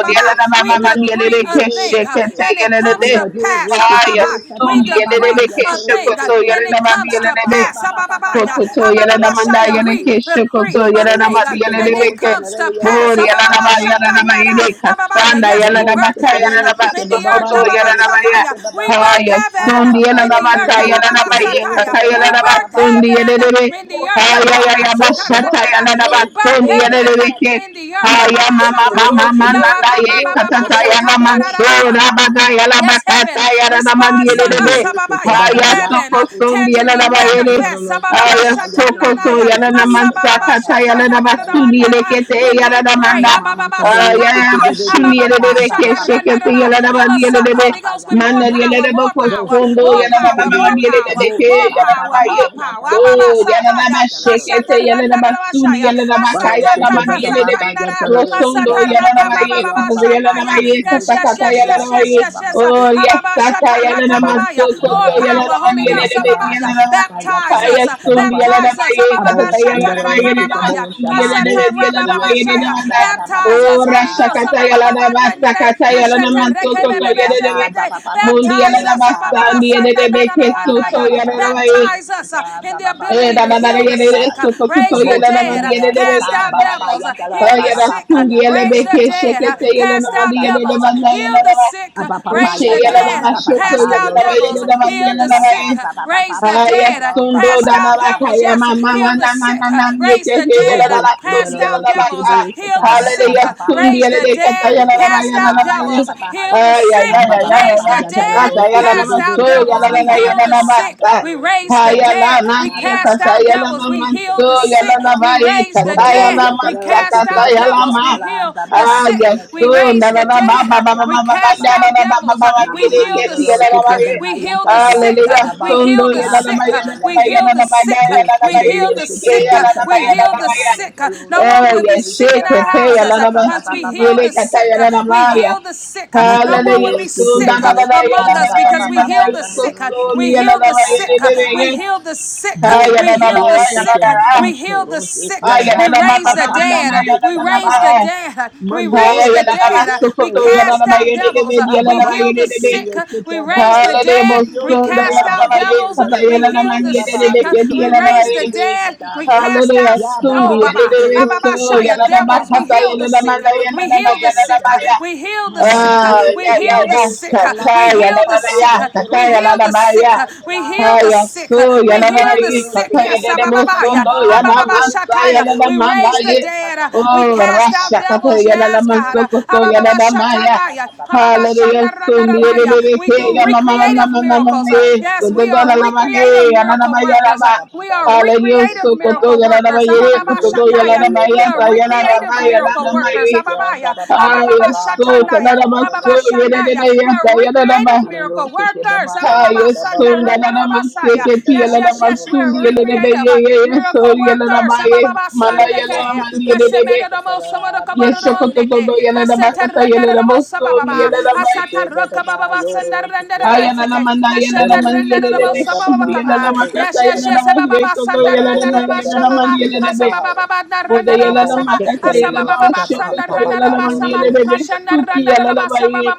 [SPEAKER 1] We
[SPEAKER 2] yadadababamandi
[SPEAKER 1] decree a
[SPEAKER 2] yadadebeke
[SPEAKER 1] thing uh,
[SPEAKER 2] shekete
[SPEAKER 1] and it
[SPEAKER 2] yarada
[SPEAKER 1] comes
[SPEAKER 2] be.
[SPEAKER 1] to pass.
[SPEAKER 2] Ah, yes,
[SPEAKER 1] We
[SPEAKER 2] kundi
[SPEAKER 1] decree
[SPEAKER 2] yadadebeke
[SPEAKER 1] a thing uh,
[SPEAKER 2] shokoto
[SPEAKER 1] and it
[SPEAKER 2] yadadamandi
[SPEAKER 1] comes to
[SPEAKER 2] be.
[SPEAKER 1] pass. Abababaya,
[SPEAKER 2] Kototo yere namanda
[SPEAKER 1] abababashaya.
[SPEAKER 2] yere
[SPEAKER 1] We
[SPEAKER 2] kesho
[SPEAKER 1] decree
[SPEAKER 2] koto
[SPEAKER 1] a
[SPEAKER 2] yere
[SPEAKER 1] thing uh,
[SPEAKER 2] namadi yere
[SPEAKER 1] and it
[SPEAKER 2] rebeke.
[SPEAKER 1] comes to pass.
[SPEAKER 2] Bohori yere nama yere nama yere
[SPEAKER 3] Baba
[SPEAKER 1] Abababashatanada, ababaya.
[SPEAKER 2] kasanda
[SPEAKER 1] Yes,
[SPEAKER 2] yere
[SPEAKER 1] we
[SPEAKER 3] Ababo,
[SPEAKER 1] birth
[SPEAKER 2] namata yere
[SPEAKER 1] heaven
[SPEAKER 3] Shekerelo,
[SPEAKER 1] uh,
[SPEAKER 2] nama
[SPEAKER 3] Sheke,
[SPEAKER 1] in the
[SPEAKER 3] Baba,
[SPEAKER 1] earth.
[SPEAKER 2] sokoto yere
[SPEAKER 3] Yaterelo,
[SPEAKER 2] nama ya.
[SPEAKER 3] Sheke, Baba,
[SPEAKER 1] We
[SPEAKER 3] Hayo.
[SPEAKER 1] birth
[SPEAKER 2] Haya
[SPEAKER 3] Abba,
[SPEAKER 1] heaven
[SPEAKER 2] sundi yere
[SPEAKER 3] Papa,
[SPEAKER 1] uh, in the earth.
[SPEAKER 2] namata
[SPEAKER 3] Yaterelo,
[SPEAKER 2] yere
[SPEAKER 3] Sheke,
[SPEAKER 2] nama ye
[SPEAKER 3] Bebe,
[SPEAKER 2] kaka yere
[SPEAKER 1] We
[SPEAKER 3] Shekera, Abba,
[SPEAKER 2] nama
[SPEAKER 1] birth
[SPEAKER 3] Papa,
[SPEAKER 2] sundi yere
[SPEAKER 3] Yaterelo,
[SPEAKER 1] heaven
[SPEAKER 2] rebe.
[SPEAKER 1] uh,
[SPEAKER 3] Sheke,
[SPEAKER 1] in the
[SPEAKER 3] Mo,
[SPEAKER 1] earth.
[SPEAKER 3] Sheke,
[SPEAKER 2] Haya
[SPEAKER 3] Ma,
[SPEAKER 2] ya ya
[SPEAKER 3] Kato,
[SPEAKER 2] bashata
[SPEAKER 3] Babo,
[SPEAKER 2] yere nama
[SPEAKER 1] We
[SPEAKER 3] Shekerelo,
[SPEAKER 1] birth
[SPEAKER 2] sundi
[SPEAKER 3] Sheke,
[SPEAKER 2] yere
[SPEAKER 3] Baba,
[SPEAKER 1] heaven
[SPEAKER 3] Yata.
[SPEAKER 2] rebeke.
[SPEAKER 1] uh, in the earth.
[SPEAKER 3] Ama, Mo,
[SPEAKER 2] Haya mama
[SPEAKER 1] Abababasataya.
[SPEAKER 2] mama
[SPEAKER 3] Shekerelo, Shemo,
[SPEAKER 2] mana na
[SPEAKER 1] Yabaka
[SPEAKER 2] ye
[SPEAKER 3] Shekero, Sheke,
[SPEAKER 2] katata
[SPEAKER 3] Bo,
[SPEAKER 2] yere
[SPEAKER 3] Shekerelo, Yata, La,
[SPEAKER 1] babababashatanaraya.
[SPEAKER 2] mansura
[SPEAKER 3] Da, Da, Da,
[SPEAKER 2] baga yere
[SPEAKER 1] Yes,
[SPEAKER 2] bakata
[SPEAKER 1] heaven
[SPEAKER 2] yere namadi
[SPEAKER 1] responds to
[SPEAKER 2] yere
[SPEAKER 3] Mando,
[SPEAKER 1] us.
[SPEAKER 2] rebe.
[SPEAKER 3] Rose,
[SPEAKER 1] Sababaya.
[SPEAKER 2] Haya
[SPEAKER 3] Kedabaya,
[SPEAKER 1] Heaven uh,
[SPEAKER 2] soko
[SPEAKER 3] Katala,
[SPEAKER 2] sundi yere
[SPEAKER 1] tangibly
[SPEAKER 2] nama
[SPEAKER 3] Papaya,
[SPEAKER 2] yele.
[SPEAKER 1] manifests.
[SPEAKER 3] Torolo,
[SPEAKER 1] Sabababa
[SPEAKER 2] Aya
[SPEAKER 3] Sekebaya,
[SPEAKER 2] soko so
[SPEAKER 3] Torolo,
[SPEAKER 1] shatandanaya.
[SPEAKER 2] yana na
[SPEAKER 1] Ah,
[SPEAKER 3] Sekebe, Katala,
[SPEAKER 1] sabababa
[SPEAKER 2] mansaka ta yana na
[SPEAKER 3] Papaya, Tala,
[SPEAKER 2] masuni
[SPEAKER 3] Papa,
[SPEAKER 1] shatadadadadamandada.
[SPEAKER 2] elekete
[SPEAKER 3] Katoro.
[SPEAKER 1] When
[SPEAKER 2] yana
[SPEAKER 1] we
[SPEAKER 2] na
[SPEAKER 1] pray,
[SPEAKER 2] manda
[SPEAKER 3] Ama mama
[SPEAKER 1] abababa
[SPEAKER 2] ah,
[SPEAKER 3] kadoro
[SPEAKER 2] yana na
[SPEAKER 3] sike
[SPEAKER 1] sakababa.
[SPEAKER 3] de de de
[SPEAKER 2] masuni
[SPEAKER 3] sata
[SPEAKER 1] Abababa
[SPEAKER 2] elelele
[SPEAKER 3] ba ba ba ba ba
[SPEAKER 2] keshekete
[SPEAKER 3] ba ya
[SPEAKER 1] shatarandadadaba.
[SPEAKER 2] yana na
[SPEAKER 1] fill
[SPEAKER 3] tala
[SPEAKER 2] mani
[SPEAKER 1] us
[SPEAKER 3] ba ba
[SPEAKER 1] up,
[SPEAKER 3] ba
[SPEAKER 2] elelele
[SPEAKER 3] ba
[SPEAKER 1] Holy
[SPEAKER 3] ba
[SPEAKER 1] Ghost,
[SPEAKER 3] ya
[SPEAKER 1] with more
[SPEAKER 2] mana
[SPEAKER 3] talo se
[SPEAKER 1] power,
[SPEAKER 2] elelele
[SPEAKER 1] more
[SPEAKER 2] boko
[SPEAKER 3] bo
[SPEAKER 1] power,
[SPEAKER 3] se
[SPEAKER 2] sondo
[SPEAKER 1] more
[SPEAKER 3] talo
[SPEAKER 2] yana na
[SPEAKER 3] sike
[SPEAKER 1] power,
[SPEAKER 2] mama
[SPEAKER 3] de
[SPEAKER 1] more
[SPEAKER 3] yo
[SPEAKER 2] mani
[SPEAKER 3] se
[SPEAKER 2] elelele
[SPEAKER 1] power,
[SPEAKER 3] tamo
[SPEAKER 2] ke
[SPEAKER 1] more
[SPEAKER 3] sata
[SPEAKER 2] yana
[SPEAKER 3] ba
[SPEAKER 2] na
[SPEAKER 1] power,
[SPEAKER 3] ba ba
[SPEAKER 2] maye
[SPEAKER 3] ba
[SPEAKER 1] more
[SPEAKER 3] ya
[SPEAKER 1] power.
[SPEAKER 3] tala ba
[SPEAKER 1] Ababa
[SPEAKER 2] oh
[SPEAKER 3] ba ba
[SPEAKER 2] yana
[SPEAKER 3] ba
[SPEAKER 2] na
[SPEAKER 1] sataya.
[SPEAKER 3] ya talo
[SPEAKER 1] Ah,
[SPEAKER 3] se
[SPEAKER 2] mashekete yana na masuni
[SPEAKER 1] shatarandadadabashaya.
[SPEAKER 2] yana na
[SPEAKER 1] Ah,
[SPEAKER 3] balo
[SPEAKER 2] makaya yana na
[SPEAKER 3] sike ba
[SPEAKER 2] mani
[SPEAKER 3] ba
[SPEAKER 1] satatakasata-
[SPEAKER 2] elelele
[SPEAKER 1] Satanara,
[SPEAKER 2] rosondo yana na maye kata yana na
[SPEAKER 1] Asatarakabababashanaya.
[SPEAKER 2] maye
[SPEAKER 1] Yes, yes,
[SPEAKER 2] kata
[SPEAKER 1] yes,
[SPEAKER 2] kata
[SPEAKER 1] yes,
[SPEAKER 2] yana na
[SPEAKER 1] yes, yes,
[SPEAKER 2] maye
[SPEAKER 1] yes, yes. Uh,
[SPEAKER 2] oh yasata yana na
[SPEAKER 3] Yatala,
[SPEAKER 1] Hababashatarakababai.
[SPEAKER 2] mansoko
[SPEAKER 1] More
[SPEAKER 2] to yana
[SPEAKER 1] power,
[SPEAKER 2] na mani
[SPEAKER 1] Holy Ghost.
[SPEAKER 2] elelele
[SPEAKER 1] Hababai.
[SPEAKER 2] yana na
[SPEAKER 1] Baptize
[SPEAKER 2] Kaya
[SPEAKER 1] us, uh,
[SPEAKER 2] sundi yala na
[SPEAKER 1] baptize us.
[SPEAKER 2] maye, katata yala na maye, ne na
[SPEAKER 1] Hababashatarakababai.
[SPEAKER 2] masundi yala na maye, yala na maye, ne na
[SPEAKER 1] Asatarabababashaya.
[SPEAKER 2] manda.
[SPEAKER 1] Baptize us,
[SPEAKER 2] Ora
[SPEAKER 1] Holy Ghost.
[SPEAKER 2] shakata yala na basa,
[SPEAKER 1] Hababababatenere.
[SPEAKER 2] kata yala na manso, soto yala na maye.
[SPEAKER 1] Asheterekebebebeshetete.
[SPEAKER 2] Mundi yala
[SPEAKER 1] Baptize
[SPEAKER 2] na
[SPEAKER 1] us.
[SPEAKER 2] basa, ndi yala na maye, kesoto
[SPEAKER 1] Habababasandananananaya.
[SPEAKER 2] yala na maye.
[SPEAKER 1] Baptize us uh, in the
[SPEAKER 2] Eh,
[SPEAKER 1] ability
[SPEAKER 2] da
[SPEAKER 1] to
[SPEAKER 2] da da
[SPEAKER 1] heal the
[SPEAKER 2] yala na
[SPEAKER 1] sick, uh,
[SPEAKER 2] soto, soto
[SPEAKER 1] raise the
[SPEAKER 2] yala na
[SPEAKER 1] dead,
[SPEAKER 2] mandi
[SPEAKER 1] uh,
[SPEAKER 2] yala na maye,
[SPEAKER 1] cast
[SPEAKER 2] yala
[SPEAKER 1] out
[SPEAKER 2] na maye.
[SPEAKER 1] devils, uh, heal
[SPEAKER 2] Ay,
[SPEAKER 1] the
[SPEAKER 2] yala
[SPEAKER 1] sick, uh,
[SPEAKER 2] sundi yala
[SPEAKER 1] raise
[SPEAKER 2] maye,
[SPEAKER 1] the dead, uh,
[SPEAKER 2] keshekete yala na
[SPEAKER 1] cast out
[SPEAKER 2] mandi yala na
[SPEAKER 1] devils, devils,
[SPEAKER 2] manda
[SPEAKER 1] heal
[SPEAKER 2] yala na
[SPEAKER 1] the
[SPEAKER 2] maye.
[SPEAKER 1] sick, raise
[SPEAKER 2] Ushe
[SPEAKER 1] the
[SPEAKER 2] yala na
[SPEAKER 1] dead,
[SPEAKER 2] mashoto
[SPEAKER 1] cast
[SPEAKER 2] yala
[SPEAKER 1] out
[SPEAKER 2] na maye, yala
[SPEAKER 1] devils,
[SPEAKER 2] na maye,
[SPEAKER 1] heal
[SPEAKER 2] yala
[SPEAKER 1] the
[SPEAKER 2] na maye.
[SPEAKER 1] sick, raise the
[SPEAKER 2] Aya
[SPEAKER 1] dead,
[SPEAKER 2] sundo
[SPEAKER 1] cast
[SPEAKER 2] da da
[SPEAKER 1] out
[SPEAKER 2] da
[SPEAKER 1] devils.
[SPEAKER 2] kaya
[SPEAKER 1] Yes,
[SPEAKER 2] mama
[SPEAKER 1] heal
[SPEAKER 2] na
[SPEAKER 1] the
[SPEAKER 2] na na na
[SPEAKER 1] sick,
[SPEAKER 2] na ni
[SPEAKER 1] raise
[SPEAKER 2] te
[SPEAKER 1] the
[SPEAKER 2] he ya la la
[SPEAKER 1] dead,
[SPEAKER 3] Bobo
[SPEAKER 2] la sundi
[SPEAKER 1] cast
[SPEAKER 2] ya la
[SPEAKER 3] Sindalo
[SPEAKER 1] out
[SPEAKER 2] la ba
[SPEAKER 1] devils,
[SPEAKER 2] ka
[SPEAKER 3] Shikibi
[SPEAKER 1] heal the
[SPEAKER 3] Sata
[SPEAKER 1] sick,
[SPEAKER 2] hallelujah
[SPEAKER 3] Baba Papa
[SPEAKER 2] sundi ya
[SPEAKER 1] raise
[SPEAKER 2] la
[SPEAKER 1] the
[SPEAKER 2] de
[SPEAKER 3] Yakalo
[SPEAKER 2] ka ta
[SPEAKER 1] dead,
[SPEAKER 2] ya la la
[SPEAKER 3] Shikibi
[SPEAKER 2] ba
[SPEAKER 1] cast
[SPEAKER 2] ya la
[SPEAKER 1] out
[SPEAKER 2] la
[SPEAKER 3] Yakala
[SPEAKER 2] ba
[SPEAKER 3] Baba
[SPEAKER 2] ye
[SPEAKER 1] devils,
[SPEAKER 3] Papa
[SPEAKER 1] heal the
[SPEAKER 2] aya ya
[SPEAKER 1] sick
[SPEAKER 2] ya
[SPEAKER 3] Baba
[SPEAKER 2] ya ya
[SPEAKER 1] Raise
[SPEAKER 3] Papa
[SPEAKER 1] the
[SPEAKER 2] ya
[SPEAKER 1] dead,
[SPEAKER 3] Yakalo
[SPEAKER 2] kata ya la la ba
[SPEAKER 1] cast out
[SPEAKER 3] Shikibi
[SPEAKER 2] so ya la
[SPEAKER 1] devils.
[SPEAKER 2] la
[SPEAKER 3] Sata
[SPEAKER 1] We
[SPEAKER 2] la ya
[SPEAKER 1] heal
[SPEAKER 3] Baba
[SPEAKER 2] la
[SPEAKER 3] Papa
[SPEAKER 1] the
[SPEAKER 2] la
[SPEAKER 3] Yakalo
[SPEAKER 2] ba
[SPEAKER 1] sick.
[SPEAKER 3] Shikibi
[SPEAKER 2] sa
[SPEAKER 1] We
[SPEAKER 2] ha
[SPEAKER 1] raise the
[SPEAKER 2] ya la
[SPEAKER 1] dead.
[SPEAKER 3] Yakala
[SPEAKER 2] na
[SPEAKER 1] We
[SPEAKER 3] Baba
[SPEAKER 2] ni
[SPEAKER 3] Papa
[SPEAKER 1] cast
[SPEAKER 2] kata
[SPEAKER 1] out
[SPEAKER 2] ya la la
[SPEAKER 1] devils.
[SPEAKER 3] Yakalo
[SPEAKER 1] We
[SPEAKER 2] ma
[SPEAKER 1] heal
[SPEAKER 2] so
[SPEAKER 1] the
[SPEAKER 3] ya
[SPEAKER 2] ya la
[SPEAKER 1] sick.
[SPEAKER 2] la
[SPEAKER 3] Yakala
[SPEAKER 2] ba
[SPEAKER 1] We
[SPEAKER 2] ye
[SPEAKER 1] raise the
[SPEAKER 2] kata
[SPEAKER 3] Bobo bo
[SPEAKER 2] ya
[SPEAKER 1] dead.
[SPEAKER 2] la
[SPEAKER 3] ya
[SPEAKER 2] ma
[SPEAKER 1] We
[SPEAKER 3] tala
[SPEAKER 2] sa
[SPEAKER 3] ro se
[SPEAKER 1] cast
[SPEAKER 3] te
[SPEAKER 2] kata
[SPEAKER 3] da
[SPEAKER 1] out
[SPEAKER 2] ya
[SPEAKER 3] da
[SPEAKER 2] la
[SPEAKER 3] ya
[SPEAKER 1] devils.
[SPEAKER 2] ma
[SPEAKER 1] We
[SPEAKER 3] tala
[SPEAKER 1] heal
[SPEAKER 3] da da
[SPEAKER 1] the
[SPEAKER 3] da da
[SPEAKER 1] sick.
[SPEAKER 2] aya
[SPEAKER 3] ya
[SPEAKER 1] We
[SPEAKER 3] tala ro
[SPEAKER 1] raise
[SPEAKER 2] sunda
[SPEAKER 3] se
[SPEAKER 2] la
[SPEAKER 3] te
[SPEAKER 1] the
[SPEAKER 2] la
[SPEAKER 3] da
[SPEAKER 2] ba
[SPEAKER 3] ya
[SPEAKER 2] ba
[SPEAKER 1] dead.
[SPEAKER 2] ba ba
[SPEAKER 3] tala
[SPEAKER 2] ba
[SPEAKER 1] We
[SPEAKER 2] ba
[SPEAKER 3] da
[SPEAKER 2] ba
[SPEAKER 3] da
[SPEAKER 1] cast
[SPEAKER 2] ya
[SPEAKER 3] da
[SPEAKER 2] la
[SPEAKER 1] out
[SPEAKER 3] ya.
[SPEAKER 2] la ba ba
[SPEAKER 1] devils.
[SPEAKER 2] ba
[SPEAKER 1] Uh,
[SPEAKER 2] ba
[SPEAKER 3] Mama
[SPEAKER 2] ni
[SPEAKER 1] We
[SPEAKER 2] te
[SPEAKER 3] man ne
[SPEAKER 1] heal the
[SPEAKER 3] ro
[SPEAKER 2] ya la
[SPEAKER 3] se
[SPEAKER 2] la
[SPEAKER 1] sick.
[SPEAKER 2] ba
[SPEAKER 3] te
[SPEAKER 1] Uh,
[SPEAKER 3] da
[SPEAKER 2] ye
[SPEAKER 3] da
[SPEAKER 1] We
[SPEAKER 3] ya
[SPEAKER 1] heal the
[SPEAKER 3] tala la
[SPEAKER 1] sick.
[SPEAKER 3] ba
[SPEAKER 1] Uh,
[SPEAKER 2] Hallelujah.
[SPEAKER 3] ba
[SPEAKER 1] We
[SPEAKER 3] ba cha
[SPEAKER 1] heal
[SPEAKER 2] Sondo
[SPEAKER 1] the
[SPEAKER 2] yala
[SPEAKER 3] cha
[SPEAKER 2] la
[SPEAKER 3] ba
[SPEAKER 2] ba
[SPEAKER 1] sick.
[SPEAKER 3] ba
[SPEAKER 1] Uh,
[SPEAKER 3] ba
[SPEAKER 2] yala la
[SPEAKER 3] ya
[SPEAKER 2] ba
[SPEAKER 1] We
[SPEAKER 3] tala
[SPEAKER 1] heal
[SPEAKER 2] yala
[SPEAKER 3] ro.
[SPEAKER 1] the
[SPEAKER 2] la ba da
[SPEAKER 1] sick.
[SPEAKER 3] Do
[SPEAKER 1] Uh,
[SPEAKER 2] yala la
[SPEAKER 3] se
[SPEAKER 2] ba
[SPEAKER 1] We
[SPEAKER 3] te
[SPEAKER 2] yala
[SPEAKER 1] heal
[SPEAKER 3] ro
[SPEAKER 2] la
[SPEAKER 1] the
[SPEAKER 3] se
[SPEAKER 2] ke
[SPEAKER 3] te
[SPEAKER 1] sick.
[SPEAKER 3] de
[SPEAKER 1] Uh,
[SPEAKER 2] yala la
[SPEAKER 3] cha
[SPEAKER 2] ba
[SPEAKER 1] We
[SPEAKER 3] cha
[SPEAKER 2] yala
[SPEAKER 3] ba
[SPEAKER 1] heal
[SPEAKER 2] la
[SPEAKER 3] ba
[SPEAKER 1] the
[SPEAKER 2] ba
[SPEAKER 3] ba
[SPEAKER 2] ya.
[SPEAKER 3] ya
[SPEAKER 1] sick. Uh,
[SPEAKER 3] tala ro
[SPEAKER 1] No
[SPEAKER 3] se te
[SPEAKER 2] Oh,
[SPEAKER 1] one will
[SPEAKER 3] de
[SPEAKER 1] be
[SPEAKER 2] yes,
[SPEAKER 3] de cha
[SPEAKER 1] sick
[SPEAKER 2] shake
[SPEAKER 1] in
[SPEAKER 3] cha
[SPEAKER 2] it,
[SPEAKER 1] our
[SPEAKER 3] la
[SPEAKER 2] hey,
[SPEAKER 3] ba ba
[SPEAKER 2] yala
[SPEAKER 1] houses.
[SPEAKER 3] ba
[SPEAKER 2] la
[SPEAKER 3] ba
[SPEAKER 2] ba
[SPEAKER 3] ba
[SPEAKER 1] Uh, us.
[SPEAKER 3] ba
[SPEAKER 2] su
[SPEAKER 1] We
[SPEAKER 3] ba ba
[SPEAKER 1] heal
[SPEAKER 3] ba
[SPEAKER 2] yele
[SPEAKER 1] the
[SPEAKER 3] ya
[SPEAKER 2] kata
[SPEAKER 3] tala
[SPEAKER 1] sick.
[SPEAKER 3] ro
[SPEAKER 2] yala
[SPEAKER 1] uh,
[SPEAKER 2] la
[SPEAKER 3] ba ba
[SPEAKER 2] ba
[SPEAKER 1] We
[SPEAKER 3] ba.
[SPEAKER 2] ya.
[SPEAKER 1] heal the sick. uh,
[SPEAKER 3] Monko
[SPEAKER 1] No
[SPEAKER 3] de
[SPEAKER 1] one
[SPEAKER 2] Hallelujah.
[SPEAKER 1] would
[SPEAKER 3] ro
[SPEAKER 1] be
[SPEAKER 3] se te de
[SPEAKER 2] Sunda
[SPEAKER 1] sick
[SPEAKER 2] la
[SPEAKER 1] uh,
[SPEAKER 2] la la
[SPEAKER 3] cha
[SPEAKER 2] yala
[SPEAKER 1] among
[SPEAKER 3] cha
[SPEAKER 2] la
[SPEAKER 1] us
[SPEAKER 3] ba
[SPEAKER 2] la
[SPEAKER 3] ba ba
[SPEAKER 1] because
[SPEAKER 2] yala
[SPEAKER 1] we
[SPEAKER 3] ba
[SPEAKER 2] la
[SPEAKER 1] heal
[SPEAKER 3] ba
[SPEAKER 2] ya
[SPEAKER 1] the
[SPEAKER 3] da
[SPEAKER 2] ko
[SPEAKER 1] sick.
[SPEAKER 3] ro
[SPEAKER 1] uh,
[SPEAKER 3] se te
[SPEAKER 1] We
[SPEAKER 2] somi
[SPEAKER 3] de
[SPEAKER 2] yala
[SPEAKER 1] heal
[SPEAKER 3] cha
[SPEAKER 2] la
[SPEAKER 1] the
[SPEAKER 2] ba
[SPEAKER 3] cha
[SPEAKER 2] yala
[SPEAKER 3] ba
[SPEAKER 2] la
[SPEAKER 1] sick.
[SPEAKER 3] ba
[SPEAKER 1] uh,
[SPEAKER 2] ba
[SPEAKER 3] ba
[SPEAKER 1] We
[SPEAKER 2] ya.
[SPEAKER 3] ya.
[SPEAKER 1] heal the sick.
[SPEAKER 3] Ya
[SPEAKER 2] Ha
[SPEAKER 1] uh, We
[SPEAKER 2] yala la la
[SPEAKER 1] heal the
[SPEAKER 2] ya yala
[SPEAKER 1] sick.
[SPEAKER 2] la
[SPEAKER 1] uh,
[SPEAKER 2] la.
[SPEAKER 1] We heal the sick.
[SPEAKER 2] Ha
[SPEAKER 1] uh,
[SPEAKER 2] yala
[SPEAKER 1] We
[SPEAKER 2] la ba ba
[SPEAKER 1] raise
[SPEAKER 2] ba
[SPEAKER 1] the
[SPEAKER 2] ba na
[SPEAKER 1] dead.
[SPEAKER 2] na
[SPEAKER 1] uh,
[SPEAKER 2] yala
[SPEAKER 1] We
[SPEAKER 2] la la ba.
[SPEAKER 1] raise the dead. uh, We
[SPEAKER 2] Ha
[SPEAKER 1] raise the
[SPEAKER 2] yala la ba
[SPEAKER 1] dead. uh,
[SPEAKER 2] su ko
[SPEAKER 1] We
[SPEAKER 2] to yala
[SPEAKER 1] cast
[SPEAKER 2] la ba
[SPEAKER 1] out
[SPEAKER 2] yala la ba
[SPEAKER 1] devils. uh,
[SPEAKER 2] yala
[SPEAKER 1] We
[SPEAKER 2] la ba
[SPEAKER 1] heal the
[SPEAKER 2] yala la ba.
[SPEAKER 1] sick. uh, We raise the
[SPEAKER 2] Hallelujah,
[SPEAKER 1] dead.
[SPEAKER 2] most
[SPEAKER 1] We
[SPEAKER 2] Sunday,
[SPEAKER 1] cast out
[SPEAKER 2] Yalalabaye,
[SPEAKER 1] devils. uh,
[SPEAKER 2] Kata
[SPEAKER 1] We heal the
[SPEAKER 2] Yalalamani,
[SPEAKER 1] sick. uh,
[SPEAKER 2] Yadebeketi,
[SPEAKER 1] We raise the
[SPEAKER 2] Yalalabaye.
[SPEAKER 1] dead. We cast out
[SPEAKER 2] Hallelujah,
[SPEAKER 1] cast, oh,
[SPEAKER 2] Sundi,
[SPEAKER 3] baba
[SPEAKER 1] Baba,
[SPEAKER 3] yo
[SPEAKER 2] Yadebe,
[SPEAKER 1] ah,
[SPEAKER 3] soruyor
[SPEAKER 1] Baba
[SPEAKER 2] so,
[SPEAKER 3] ki de
[SPEAKER 1] Shaya,
[SPEAKER 3] baba
[SPEAKER 1] devils, we
[SPEAKER 2] Yalalabakata,
[SPEAKER 3] baba
[SPEAKER 1] heal the
[SPEAKER 3] yo
[SPEAKER 1] sick.
[SPEAKER 2] Yalalamanda,
[SPEAKER 3] soruyor
[SPEAKER 1] We
[SPEAKER 3] ki de
[SPEAKER 1] heal
[SPEAKER 2] Yalalabaya,
[SPEAKER 1] the sick.
[SPEAKER 3] de
[SPEAKER 2] Yalalabaya.
[SPEAKER 1] We heal the
[SPEAKER 3] Mama
[SPEAKER 1] sick.
[SPEAKER 2] Ah,
[SPEAKER 3] Andrés,
[SPEAKER 1] We
[SPEAKER 3] que
[SPEAKER 2] ya,
[SPEAKER 3] se
[SPEAKER 2] ya,
[SPEAKER 1] heal
[SPEAKER 3] me
[SPEAKER 1] the
[SPEAKER 2] ya,
[SPEAKER 3] busque,
[SPEAKER 1] sick.
[SPEAKER 3] que la
[SPEAKER 1] We
[SPEAKER 3] da,
[SPEAKER 2] sataya, la,
[SPEAKER 3] ba,
[SPEAKER 2] la,
[SPEAKER 1] heal
[SPEAKER 3] ba,
[SPEAKER 1] the
[SPEAKER 2] la,
[SPEAKER 3] ba,
[SPEAKER 2] ya,
[SPEAKER 1] sick.
[SPEAKER 3] ya quiero
[SPEAKER 1] We
[SPEAKER 3] lo
[SPEAKER 2] sataya, la,
[SPEAKER 3] que
[SPEAKER 1] heal
[SPEAKER 2] la,
[SPEAKER 1] the
[SPEAKER 3] se
[SPEAKER 2] la,
[SPEAKER 3] me dé,
[SPEAKER 1] sick.
[SPEAKER 2] ya.
[SPEAKER 3] ya se
[SPEAKER 1] We
[SPEAKER 3] la da,
[SPEAKER 1] heal the
[SPEAKER 2] Haya,
[SPEAKER 3] ba.
[SPEAKER 1] sick.
[SPEAKER 2] so, ya,
[SPEAKER 1] We
[SPEAKER 3] Thank
[SPEAKER 2] la, la, la,
[SPEAKER 1] heal the
[SPEAKER 2] ye,
[SPEAKER 1] sick.
[SPEAKER 2] sataya,
[SPEAKER 1] Yes,
[SPEAKER 2] la,
[SPEAKER 1] ah,
[SPEAKER 2] la, mo,
[SPEAKER 1] Baba
[SPEAKER 2] so,
[SPEAKER 1] Baya,
[SPEAKER 2] no,
[SPEAKER 1] ah,
[SPEAKER 2] ya, la,
[SPEAKER 1] Baba Ba
[SPEAKER 2] man, sa, ya, la,
[SPEAKER 1] Shataya.
[SPEAKER 2] la,
[SPEAKER 1] We
[SPEAKER 2] man, la,
[SPEAKER 1] raise the
[SPEAKER 2] ye.
[SPEAKER 1] dead. We
[SPEAKER 2] Oh,
[SPEAKER 1] cast out
[SPEAKER 2] rasha, kata,
[SPEAKER 1] devils.
[SPEAKER 2] ya, la, la,
[SPEAKER 1] Yes,
[SPEAKER 2] man,
[SPEAKER 1] God.
[SPEAKER 2] so,
[SPEAKER 1] Ah,
[SPEAKER 2] ko,
[SPEAKER 1] ah,
[SPEAKER 2] so, ya,
[SPEAKER 1] Baba
[SPEAKER 2] la,
[SPEAKER 1] Ba
[SPEAKER 2] la, ma, ya.
[SPEAKER 1] Shatanaya, ah, Baba
[SPEAKER 2] Hallelujah, so, ni, re, le
[SPEAKER 1] Shandaranarabaya.
[SPEAKER 2] le
[SPEAKER 1] We
[SPEAKER 2] ke,
[SPEAKER 1] do
[SPEAKER 2] ya, ma, ma, ma, ma,
[SPEAKER 1] recreative
[SPEAKER 2] ma, ma, ma,
[SPEAKER 1] miracles. Ah,
[SPEAKER 2] ne.
[SPEAKER 1] Yes,
[SPEAKER 2] So, do,
[SPEAKER 1] we
[SPEAKER 2] do,
[SPEAKER 1] are
[SPEAKER 2] la, la, ma, ne,
[SPEAKER 1] recreating creative
[SPEAKER 2] ya, la, la,
[SPEAKER 1] miracle
[SPEAKER 2] ma, ya, la,
[SPEAKER 1] workers. Uh,
[SPEAKER 2] ma.
[SPEAKER 1] We are
[SPEAKER 2] Hallelujah, so,
[SPEAKER 1] recreative
[SPEAKER 2] ko, to,
[SPEAKER 1] miracle
[SPEAKER 2] ya, la, la, ma,
[SPEAKER 1] workers.
[SPEAKER 2] ye,
[SPEAKER 1] Ababa
[SPEAKER 2] ko, to, do, ya, la, la,
[SPEAKER 1] Shataya.
[SPEAKER 2] ma,
[SPEAKER 1] We
[SPEAKER 2] ya,
[SPEAKER 1] are
[SPEAKER 2] ta, ya, la, la,
[SPEAKER 1] recreative
[SPEAKER 2] ma, ya, la,
[SPEAKER 1] miracle
[SPEAKER 2] la, ma,
[SPEAKER 1] workers.
[SPEAKER 2] ye.
[SPEAKER 1] Ababaya. Ababa
[SPEAKER 2] Haya sota na
[SPEAKER 1] Shatanaya.
[SPEAKER 2] na maso
[SPEAKER 1] Ababa
[SPEAKER 3] you.
[SPEAKER 2] yele na
[SPEAKER 1] Shandaya.
[SPEAKER 2] na
[SPEAKER 1] We
[SPEAKER 2] yata
[SPEAKER 1] are
[SPEAKER 2] yele na ma
[SPEAKER 1] recreative
[SPEAKER 3] Marlo
[SPEAKER 1] miracle
[SPEAKER 3] shake it, baba,
[SPEAKER 1] workers.
[SPEAKER 3] baba,
[SPEAKER 1] Ababa
[SPEAKER 2] haya
[SPEAKER 3] baba, boy,
[SPEAKER 2] sonda na na
[SPEAKER 1] Sandarandarabasaya.
[SPEAKER 3] shake it,
[SPEAKER 2] manseketi
[SPEAKER 3] baba,
[SPEAKER 2] yele
[SPEAKER 1] Yes,
[SPEAKER 2] na
[SPEAKER 1] yes,
[SPEAKER 3] higher,
[SPEAKER 1] yes. We are
[SPEAKER 2] mansundi
[SPEAKER 3] baba,
[SPEAKER 2] yele
[SPEAKER 3] boy,
[SPEAKER 2] na be
[SPEAKER 1] recreative
[SPEAKER 2] ye
[SPEAKER 1] uh,
[SPEAKER 2] ye ye
[SPEAKER 1] miracle
[SPEAKER 2] sori na ma
[SPEAKER 1] workers.
[SPEAKER 2] ye
[SPEAKER 1] Ababa
[SPEAKER 2] mana yele
[SPEAKER 3] Chandalo
[SPEAKER 2] na
[SPEAKER 1] Sandeke.
[SPEAKER 3] shake it,
[SPEAKER 2] mandi yele
[SPEAKER 3] baba,
[SPEAKER 2] na be
[SPEAKER 3] boy,
[SPEAKER 1] Asemedodomo
[SPEAKER 3] Chandala,
[SPEAKER 2] ye
[SPEAKER 3] baba, boy,
[SPEAKER 2] shokoto
[SPEAKER 1] Somodokobododomoneke.
[SPEAKER 2] todo yele na
[SPEAKER 3] shake it, baba,
[SPEAKER 2] bakata
[SPEAKER 3] higher.
[SPEAKER 2] yele na
[SPEAKER 1] Aseterenedodomo
[SPEAKER 2] boso ni
[SPEAKER 3] Makandalo
[SPEAKER 2] na ma
[SPEAKER 3] shake it,
[SPEAKER 2] ye
[SPEAKER 3] baba,
[SPEAKER 1] Sabababa.
[SPEAKER 3] boy,
[SPEAKER 1] Yes,
[SPEAKER 3] Yoro shake it,
[SPEAKER 2] haya
[SPEAKER 3] baba.
[SPEAKER 2] na na mana na
[SPEAKER 3] Bololo
[SPEAKER 2] mandi
[SPEAKER 3] shake
[SPEAKER 2] yele na be
[SPEAKER 3] it, baba,
[SPEAKER 2] shundi
[SPEAKER 3] boy,
[SPEAKER 2] yele na
[SPEAKER 3] Yoro
[SPEAKER 2] makata
[SPEAKER 3] shake
[SPEAKER 2] yele
[SPEAKER 1] yes,
[SPEAKER 3] it,
[SPEAKER 2] na
[SPEAKER 3] baba,
[SPEAKER 1] yes.
[SPEAKER 2] ma
[SPEAKER 3] higher.
[SPEAKER 2] ye
[SPEAKER 1] Sababa
[SPEAKER 2] todo
[SPEAKER 1] sanda
[SPEAKER 3] Baba,
[SPEAKER 2] yele na
[SPEAKER 1] renda
[SPEAKER 3] boy,
[SPEAKER 2] ma yele na
[SPEAKER 3] Chandalo
[SPEAKER 2] mandi
[SPEAKER 3] shake
[SPEAKER 2] yele
[SPEAKER 3] it,
[SPEAKER 2] na
[SPEAKER 3] baba,
[SPEAKER 2] be
[SPEAKER 1] Asababa
[SPEAKER 3] higher.
[SPEAKER 1] baba
[SPEAKER 2] Mode
[SPEAKER 3] Baba,
[SPEAKER 2] yele na
[SPEAKER 3] boy, shake
[SPEAKER 2] makata
[SPEAKER 3] it,
[SPEAKER 2] yele na
[SPEAKER 1] Asababa
[SPEAKER 3] Yoro
[SPEAKER 2] ma
[SPEAKER 3] shake it, baba,
[SPEAKER 1] sanda
[SPEAKER 2] shokoto
[SPEAKER 3] baba,
[SPEAKER 1] renda
[SPEAKER 2] yele
[SPEAKER 3] boy,
[SPEAKER 2] na mandi yele
[SPEAKER 3] Yoro
[SPEAKER 2] na be
[SPEAKER 3] shake it,
[SPEAKER 1] Ashanda
[SPEAKER 3] baba.
[SPEAKER 2] suki
[SPEAKER 1] renda
[SPEAKER 2] yele na
[SPEAKER 1] raba
[SPEAKER 2] ma ye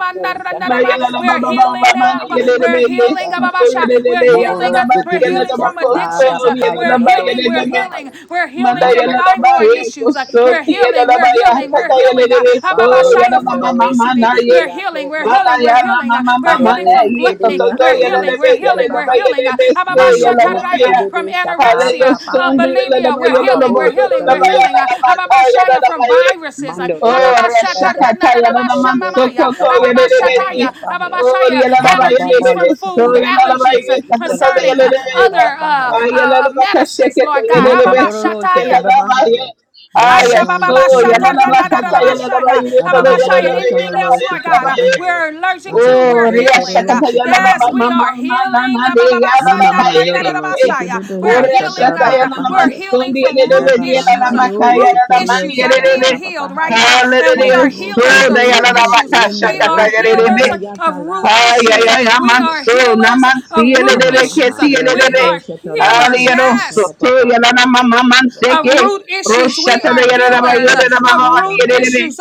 [SPEAKER 1] We are healing now. We're healing. Ababasha. We're
[SPEAKER 3] Mando
[SPEAKER 1] healing.
[SPEAKER 3] rosi
[SPEAKER 1] We're
[SPEAKER 3] kidebe
[SPEAKER 1] healing from
[SPEAKER 3] shata
[SPEAKER 1] addictions.
[SPEAKER 3] papa
[SPEAKER 1] Uh, We're
[SPEAKER 3] pahaya.
[SPEAKER 1] healing. We're healing. We're healing
[SPEAKER 2] Mandaya
[SPEAKER 1] from
[SPEAKER 2] la
[SPEAKER 1] thyroid
[SPEAKER 2] baye,
[SPEAKER 1] issues. Uh, We're
[SPEAKER 2] kosoti yada
[SPEAKER 1] healing.
[SPEAKER 2] la
[SPEAKER 1] We're
[SPEAKER 2] baya,
[SPEAKER 1] healing. We're
[SPEAKER 2] kaka yele
[SPEAKER 1] healing.
[SPEAKER 2] de
[SPEAKER 1] uh,
[SPEAKER 2] beso,
[SPEAKER 3] Baba
[SPEAKER 2] yada
[SPEAKER 1] Hababashaya
[SPEAKER 2] la
[SPEAKER 1] from
[SPEAKER 2] ba mama na
[SPEAKER 1] obesity.
[SPEAKER 2] ye,
[SPEAKER 1] We're healing, we're
[SPEAKER 2] mana
[SPEAKER 1] healing, we're
[SPEAKER 2] yala
[SPEAKER 1] healing. Uh,
[SPEAKER 2] mama
[SPEAKER 1] We're
[SPEAKER 2] mama
[SPEAKER 1] healing
[SPEAKER 2] na
[SPEAKER 1] from
[SPEAKER 2] ye,
[SPEAKER 1] gluttony.
[SPEAKER 2] kototo
[SPEAKER 1] We're
[SPEAKER 2] yele de
[SPEAKER 1] healing,
[SPEAKER 2] be,
[SPEAKER 1] we're
[SPEAKER 2] yele
[SPEAKER 1] healing,
[SPEAKER 2] de
[SPEAKER 1] we're
[SPEAKER 2] be, yele
[SPEAKER 1] healing.
[SPEAKER 2] de
[SPEAKER 1] Uh,
[SPEAKER 2] be, se yele de be
[SPEAKER 1] Hababashataraya
[SPEAKER 2] ya,
[SPEAKER 1] from
[SPEAKER 2] hale yo
[SPEAKER 1] anorexia, uh,
[SPEAKER 2] sundu yele de
[SPEAKER 1] bulimia.
[SPEAKER 2] be,
[SPEAKER 1] We're
[SPEAKER 2] yele de
[SPEAKER 1] healing,
[SPEAKER 3] bo
[SPEAKER 2] be,
[SPEAKER 1] we're
[SPEAKER 2] yele
[SPEAKER 1] healing,
[SPEAKER 2] de
[SPEAKER 3] shatara
[SPEAKER 1] we're
[SPEAKER 2] be,
[SPEAKER 3] rosi
[SPEAKER 1] healing.
[SPEAKER 2] yele
[SPEAKER 1] Uh,
[SPEAKER 2] de be,
[SPEAKER 3] kidebe
[SPEAKER 2] yele
[SPEAKER 1] Hababashaya
[SPEAKER 3] bahaya.
[SPEAKER 2] de be
[SPEAKER 1] from
[SPEAKER 2] ye.
[SPEAKER 1] viruses. Uh,
[SPEAKER 2] Oh,
[SPEAKER 3] Mandororo sike baba
[SPEAKER 2] Rashakata
[SPEAKER 3] ya
[SPEAKER 2] Yanaman
[SPEAKER 3] tororo
[SPEAKER 1] Hababashataranadarabashamamaya.
[SPEAKER 3] sike
[SPEAKER 2] Sokoto
[SPEAKER 3] baba ya baba
[SPEAKER 2] Yanabi.
[SPEAKER 1] Hababashataya.
[SPEAKER 3] ya
[SPEAKER 2] Oh,
[SPEAKER 1] Hababashaya
[SPEAKER 2] Yanaba
[SPEAKER 3] baba baba
[SPEAKER 1] allergies
[SPEAKER 2] Yanabi,
[SPEAKER 1] from
[SPEAKER 3] yo
[SPEAKER 2] so
[SPEAKER 1] food,
[SPEAKER 3] tororo
[SPEAKER 2] Yanaba
[SPEAKER 3] sike
[SPEAKER 1] allergies uh,
[SPEAKER 3] baba ya tororo
[SPEAKER 2] Yakata
[SPEAKER 1] concerning uh,
[SPEAKER 2] Yanabi.
[SPEAKER 3] sike baba
[SPEAKER 1] other
[SPEAKER 3] baba
[SPEAKER 1] uh,
[SPEAKER 2] I
[SPEAKER 1] uh,
[SPEAKER 2] Yanabaka
[SPEAKER 1] medicines,
[SPEAKER 2] Shekata
[SPEAKER 1] Lord
[SPEAKER 3] ma
[SPEAKER 1] God.
[SPEAKER 2] Yanabi,
[SPEAKER 3] kondororo sike
[SPEAKER 1] Hababashataya.
[SPEAKER 3] baba
[SPEAKER 2] Yanaba.
[SPEAKER 3] ya
[SPEAKER 2] Ah,
[SPEAKER 3] baba baba
[SPEAKER 2] yes, so
[SPEAKER 3] ya tororo sike
[SPEAKER 2] Yanabakata
[SPEAKER 3] baba ya
[SPEAKER 2] Yanaba
[SPEAKER 1] Ashababababasataranadarabashaya.
[SPEAKER 3] baba
[SPEAKER 2] Yanaba
[SPEAKER 3] baba
[SPEAKER 1] Ababashaya.
[SPEAKER 3] ya
[SPEAKER 1] Anything
[SPEAKER 3] tororo
[SPEAKER 2] Yanaba
[SPEAKER 1] else, Lord
[SPEAKER 3] sike
[SPEAKER 1] God, uh,
[SPEAKER 3] baba
[SPEAKER 2] Yanaba
[SPEAKER 3] ya
[SPEAKER 1] we're allergic
[SPEAKER 3] baba
[SPEAKER 1] to,
[SPEAKER 2] Oh,
[SPEAKER 1] we're
[SPEAKER 3] baba
[SPEAKER 2] Ria
[SPEAKER 1] healing.
[SPEAKER 3] tororo
[SPEAKER 1] Uh,
[SPEAKER 2] Shakata
[SPEAKER 3] sike baba
[SPEAKER 1] Yes,
[SPEAKER 2] Yalala
[SPEAKER 1] we
[SPEAKER 2] Mama
[SPEAKER 1] are healing.
[SPEAKER 2] Nana Yalala
[SPEAKER 3] Mama Manoro,
[SPEAKER 2] Bayrike.
[SPEAKER 1] Abababasandarandarabashaya.
[SPEAKER 3] Sikiri
[SPEAKER 2] Oh,
[SPEAKER 1] We're
[SPEAKER 3] Deha,
[SPEAKER 2] Ria
[SPEAKER 1] healing,
[SPEAKER 3] Tata,
[SPEAKER 1] God.
[SPEAKER 3] Baba
[SPEAKER 1] Uh,
[SPEAKER 2] Shatayana
[SPEAKER 1] We're
[SPEAKER 3] Pahaya.
[SPEAKER 1] healing
[SPEAKER 2] Mansundi
[SPEAKER 1] from
[SPEAKER 2] and
[SPEAKER 3] Yeah,
[SPEAKER 2] Elebe
[SPEAKER 1] root
[SPEAKER 3] Baba
[SPEAKER 2] Yalala
[SPEAKER 1] issues. Uh,
[SPEAKER 3] Hayo,
[SPEAKER 2] Bakaya
[SPEAKER 1] Root
[SPEAKER 3] Sikiri
[SPEAKER 2] Mani
[SPEAKER 1] issues are
[SPEAKER 3] Yosata,
[SPEAKER 1] being
[SPEAKER 2] Elebe.
[SPEAKER 3] Baba
[SPEAKER 1] healed right
[SPEAKER 3] Pahaya.
[SPEAKER 1] now. And we
[SPEAKER 2] Hallelujah.
[SPEAKER 1] are
[SPEAKER 3] Habalo,
[SPEAKER 2] So
[SPEAKER 1] healers
[SPEAKER 2] the
[SPEAKER 1] of
[SPEAKER 3] Kibi,
[SPEAKER 1] root
[SPEAKER 2] Yalala
[SPEAKER 3] Shihil,
[SPEAKER 1] issues. Uh,
[SPEAKER 2] Baka
[SPEAKER 1] We
[SPEAKER 3] Yenero,
[SPEAKER 1] are
[SPEAKER 2] Shakata
[SPEAKER 3] Sikiri
[SPEAKER 2] Yerebe.
[SPEAKER 1] healers
[SPEAKER 3] Baba
[SPEAKER 1] of
[SPEAKER 3] Yata, la,
[SPEAKER 1] root
[SPEAKER 2] Ay,
[SPEAKER 3] Baba
[SPEAKER 2] ay,
[SPEAKER 1] issues.
[SPEAKER 3] Bo,
[SPEAKER 1] Uh,
[SPEAKER 2] ay,
[SPEAKER 1] We
[SPEAKER 3] Sikiri
[SPEAKER 1] are
[SPEAKER 2] amanso,
[SPEAKER 3] Yosata.
[SPEAKER 1] healers
[SPEAKER 2] namansi,
[SPEAKER 1] of root
[SPEAKER 2] elelebe,
[SPEAKER 3] Hababa
[SPEAKER 1] issues.
[SPEAKER 2] keti,
[SPEAKER 1] Uh,
[SPEAKER 3] Haya,
[SPEAKER 1] We
[SPEAKER 2] elelebe.
[SPEAKER 1] are
[SPEAKER 3] Shataro,
[SPEAKER 1] healers.
[SPEAKER 2] Aliero,
[SPEAKER 3] Shika,
[SPEAKER 1] Yes
[SPEAKER 3] Baba
[SPEAKER 2] soto,
[SPEAKER 3] Papa
[SPEAKER 2] yalana,
[SPEAKER 3] Yoro,
[SPEAKER 2] mama,
[SPEAKER 3] Sikiri
[SPEAKER 1] of
[SPEAKER 3] Baba
[SPEAKER 2] manseke.
[SPEAKER 3] Haya.
[SPEAKER 1] root issues. We
[SPEAKER 2] Roshata, de
[SPEAKER 1] are
[SPEAKER 3] Baba
[SPEAKER 2] yalana, ba,
[SPEAKER 1] healers
[SPEAKER 3] Sikiri
[SPEAKER 1] uh,
[SPEAKER 2] yalana,
[SPEAKER 1] of
[SPEAKER 2] mama,
[SPEAKER 3] Yosata,
[SPEAKER 2] mani,
[SPEAKER 3] Baba
[SPEAKER 1] root
[SPEAKER 3] Haya.
[SPEAKER 2] elelebe.
[SPEAKER 1] issues.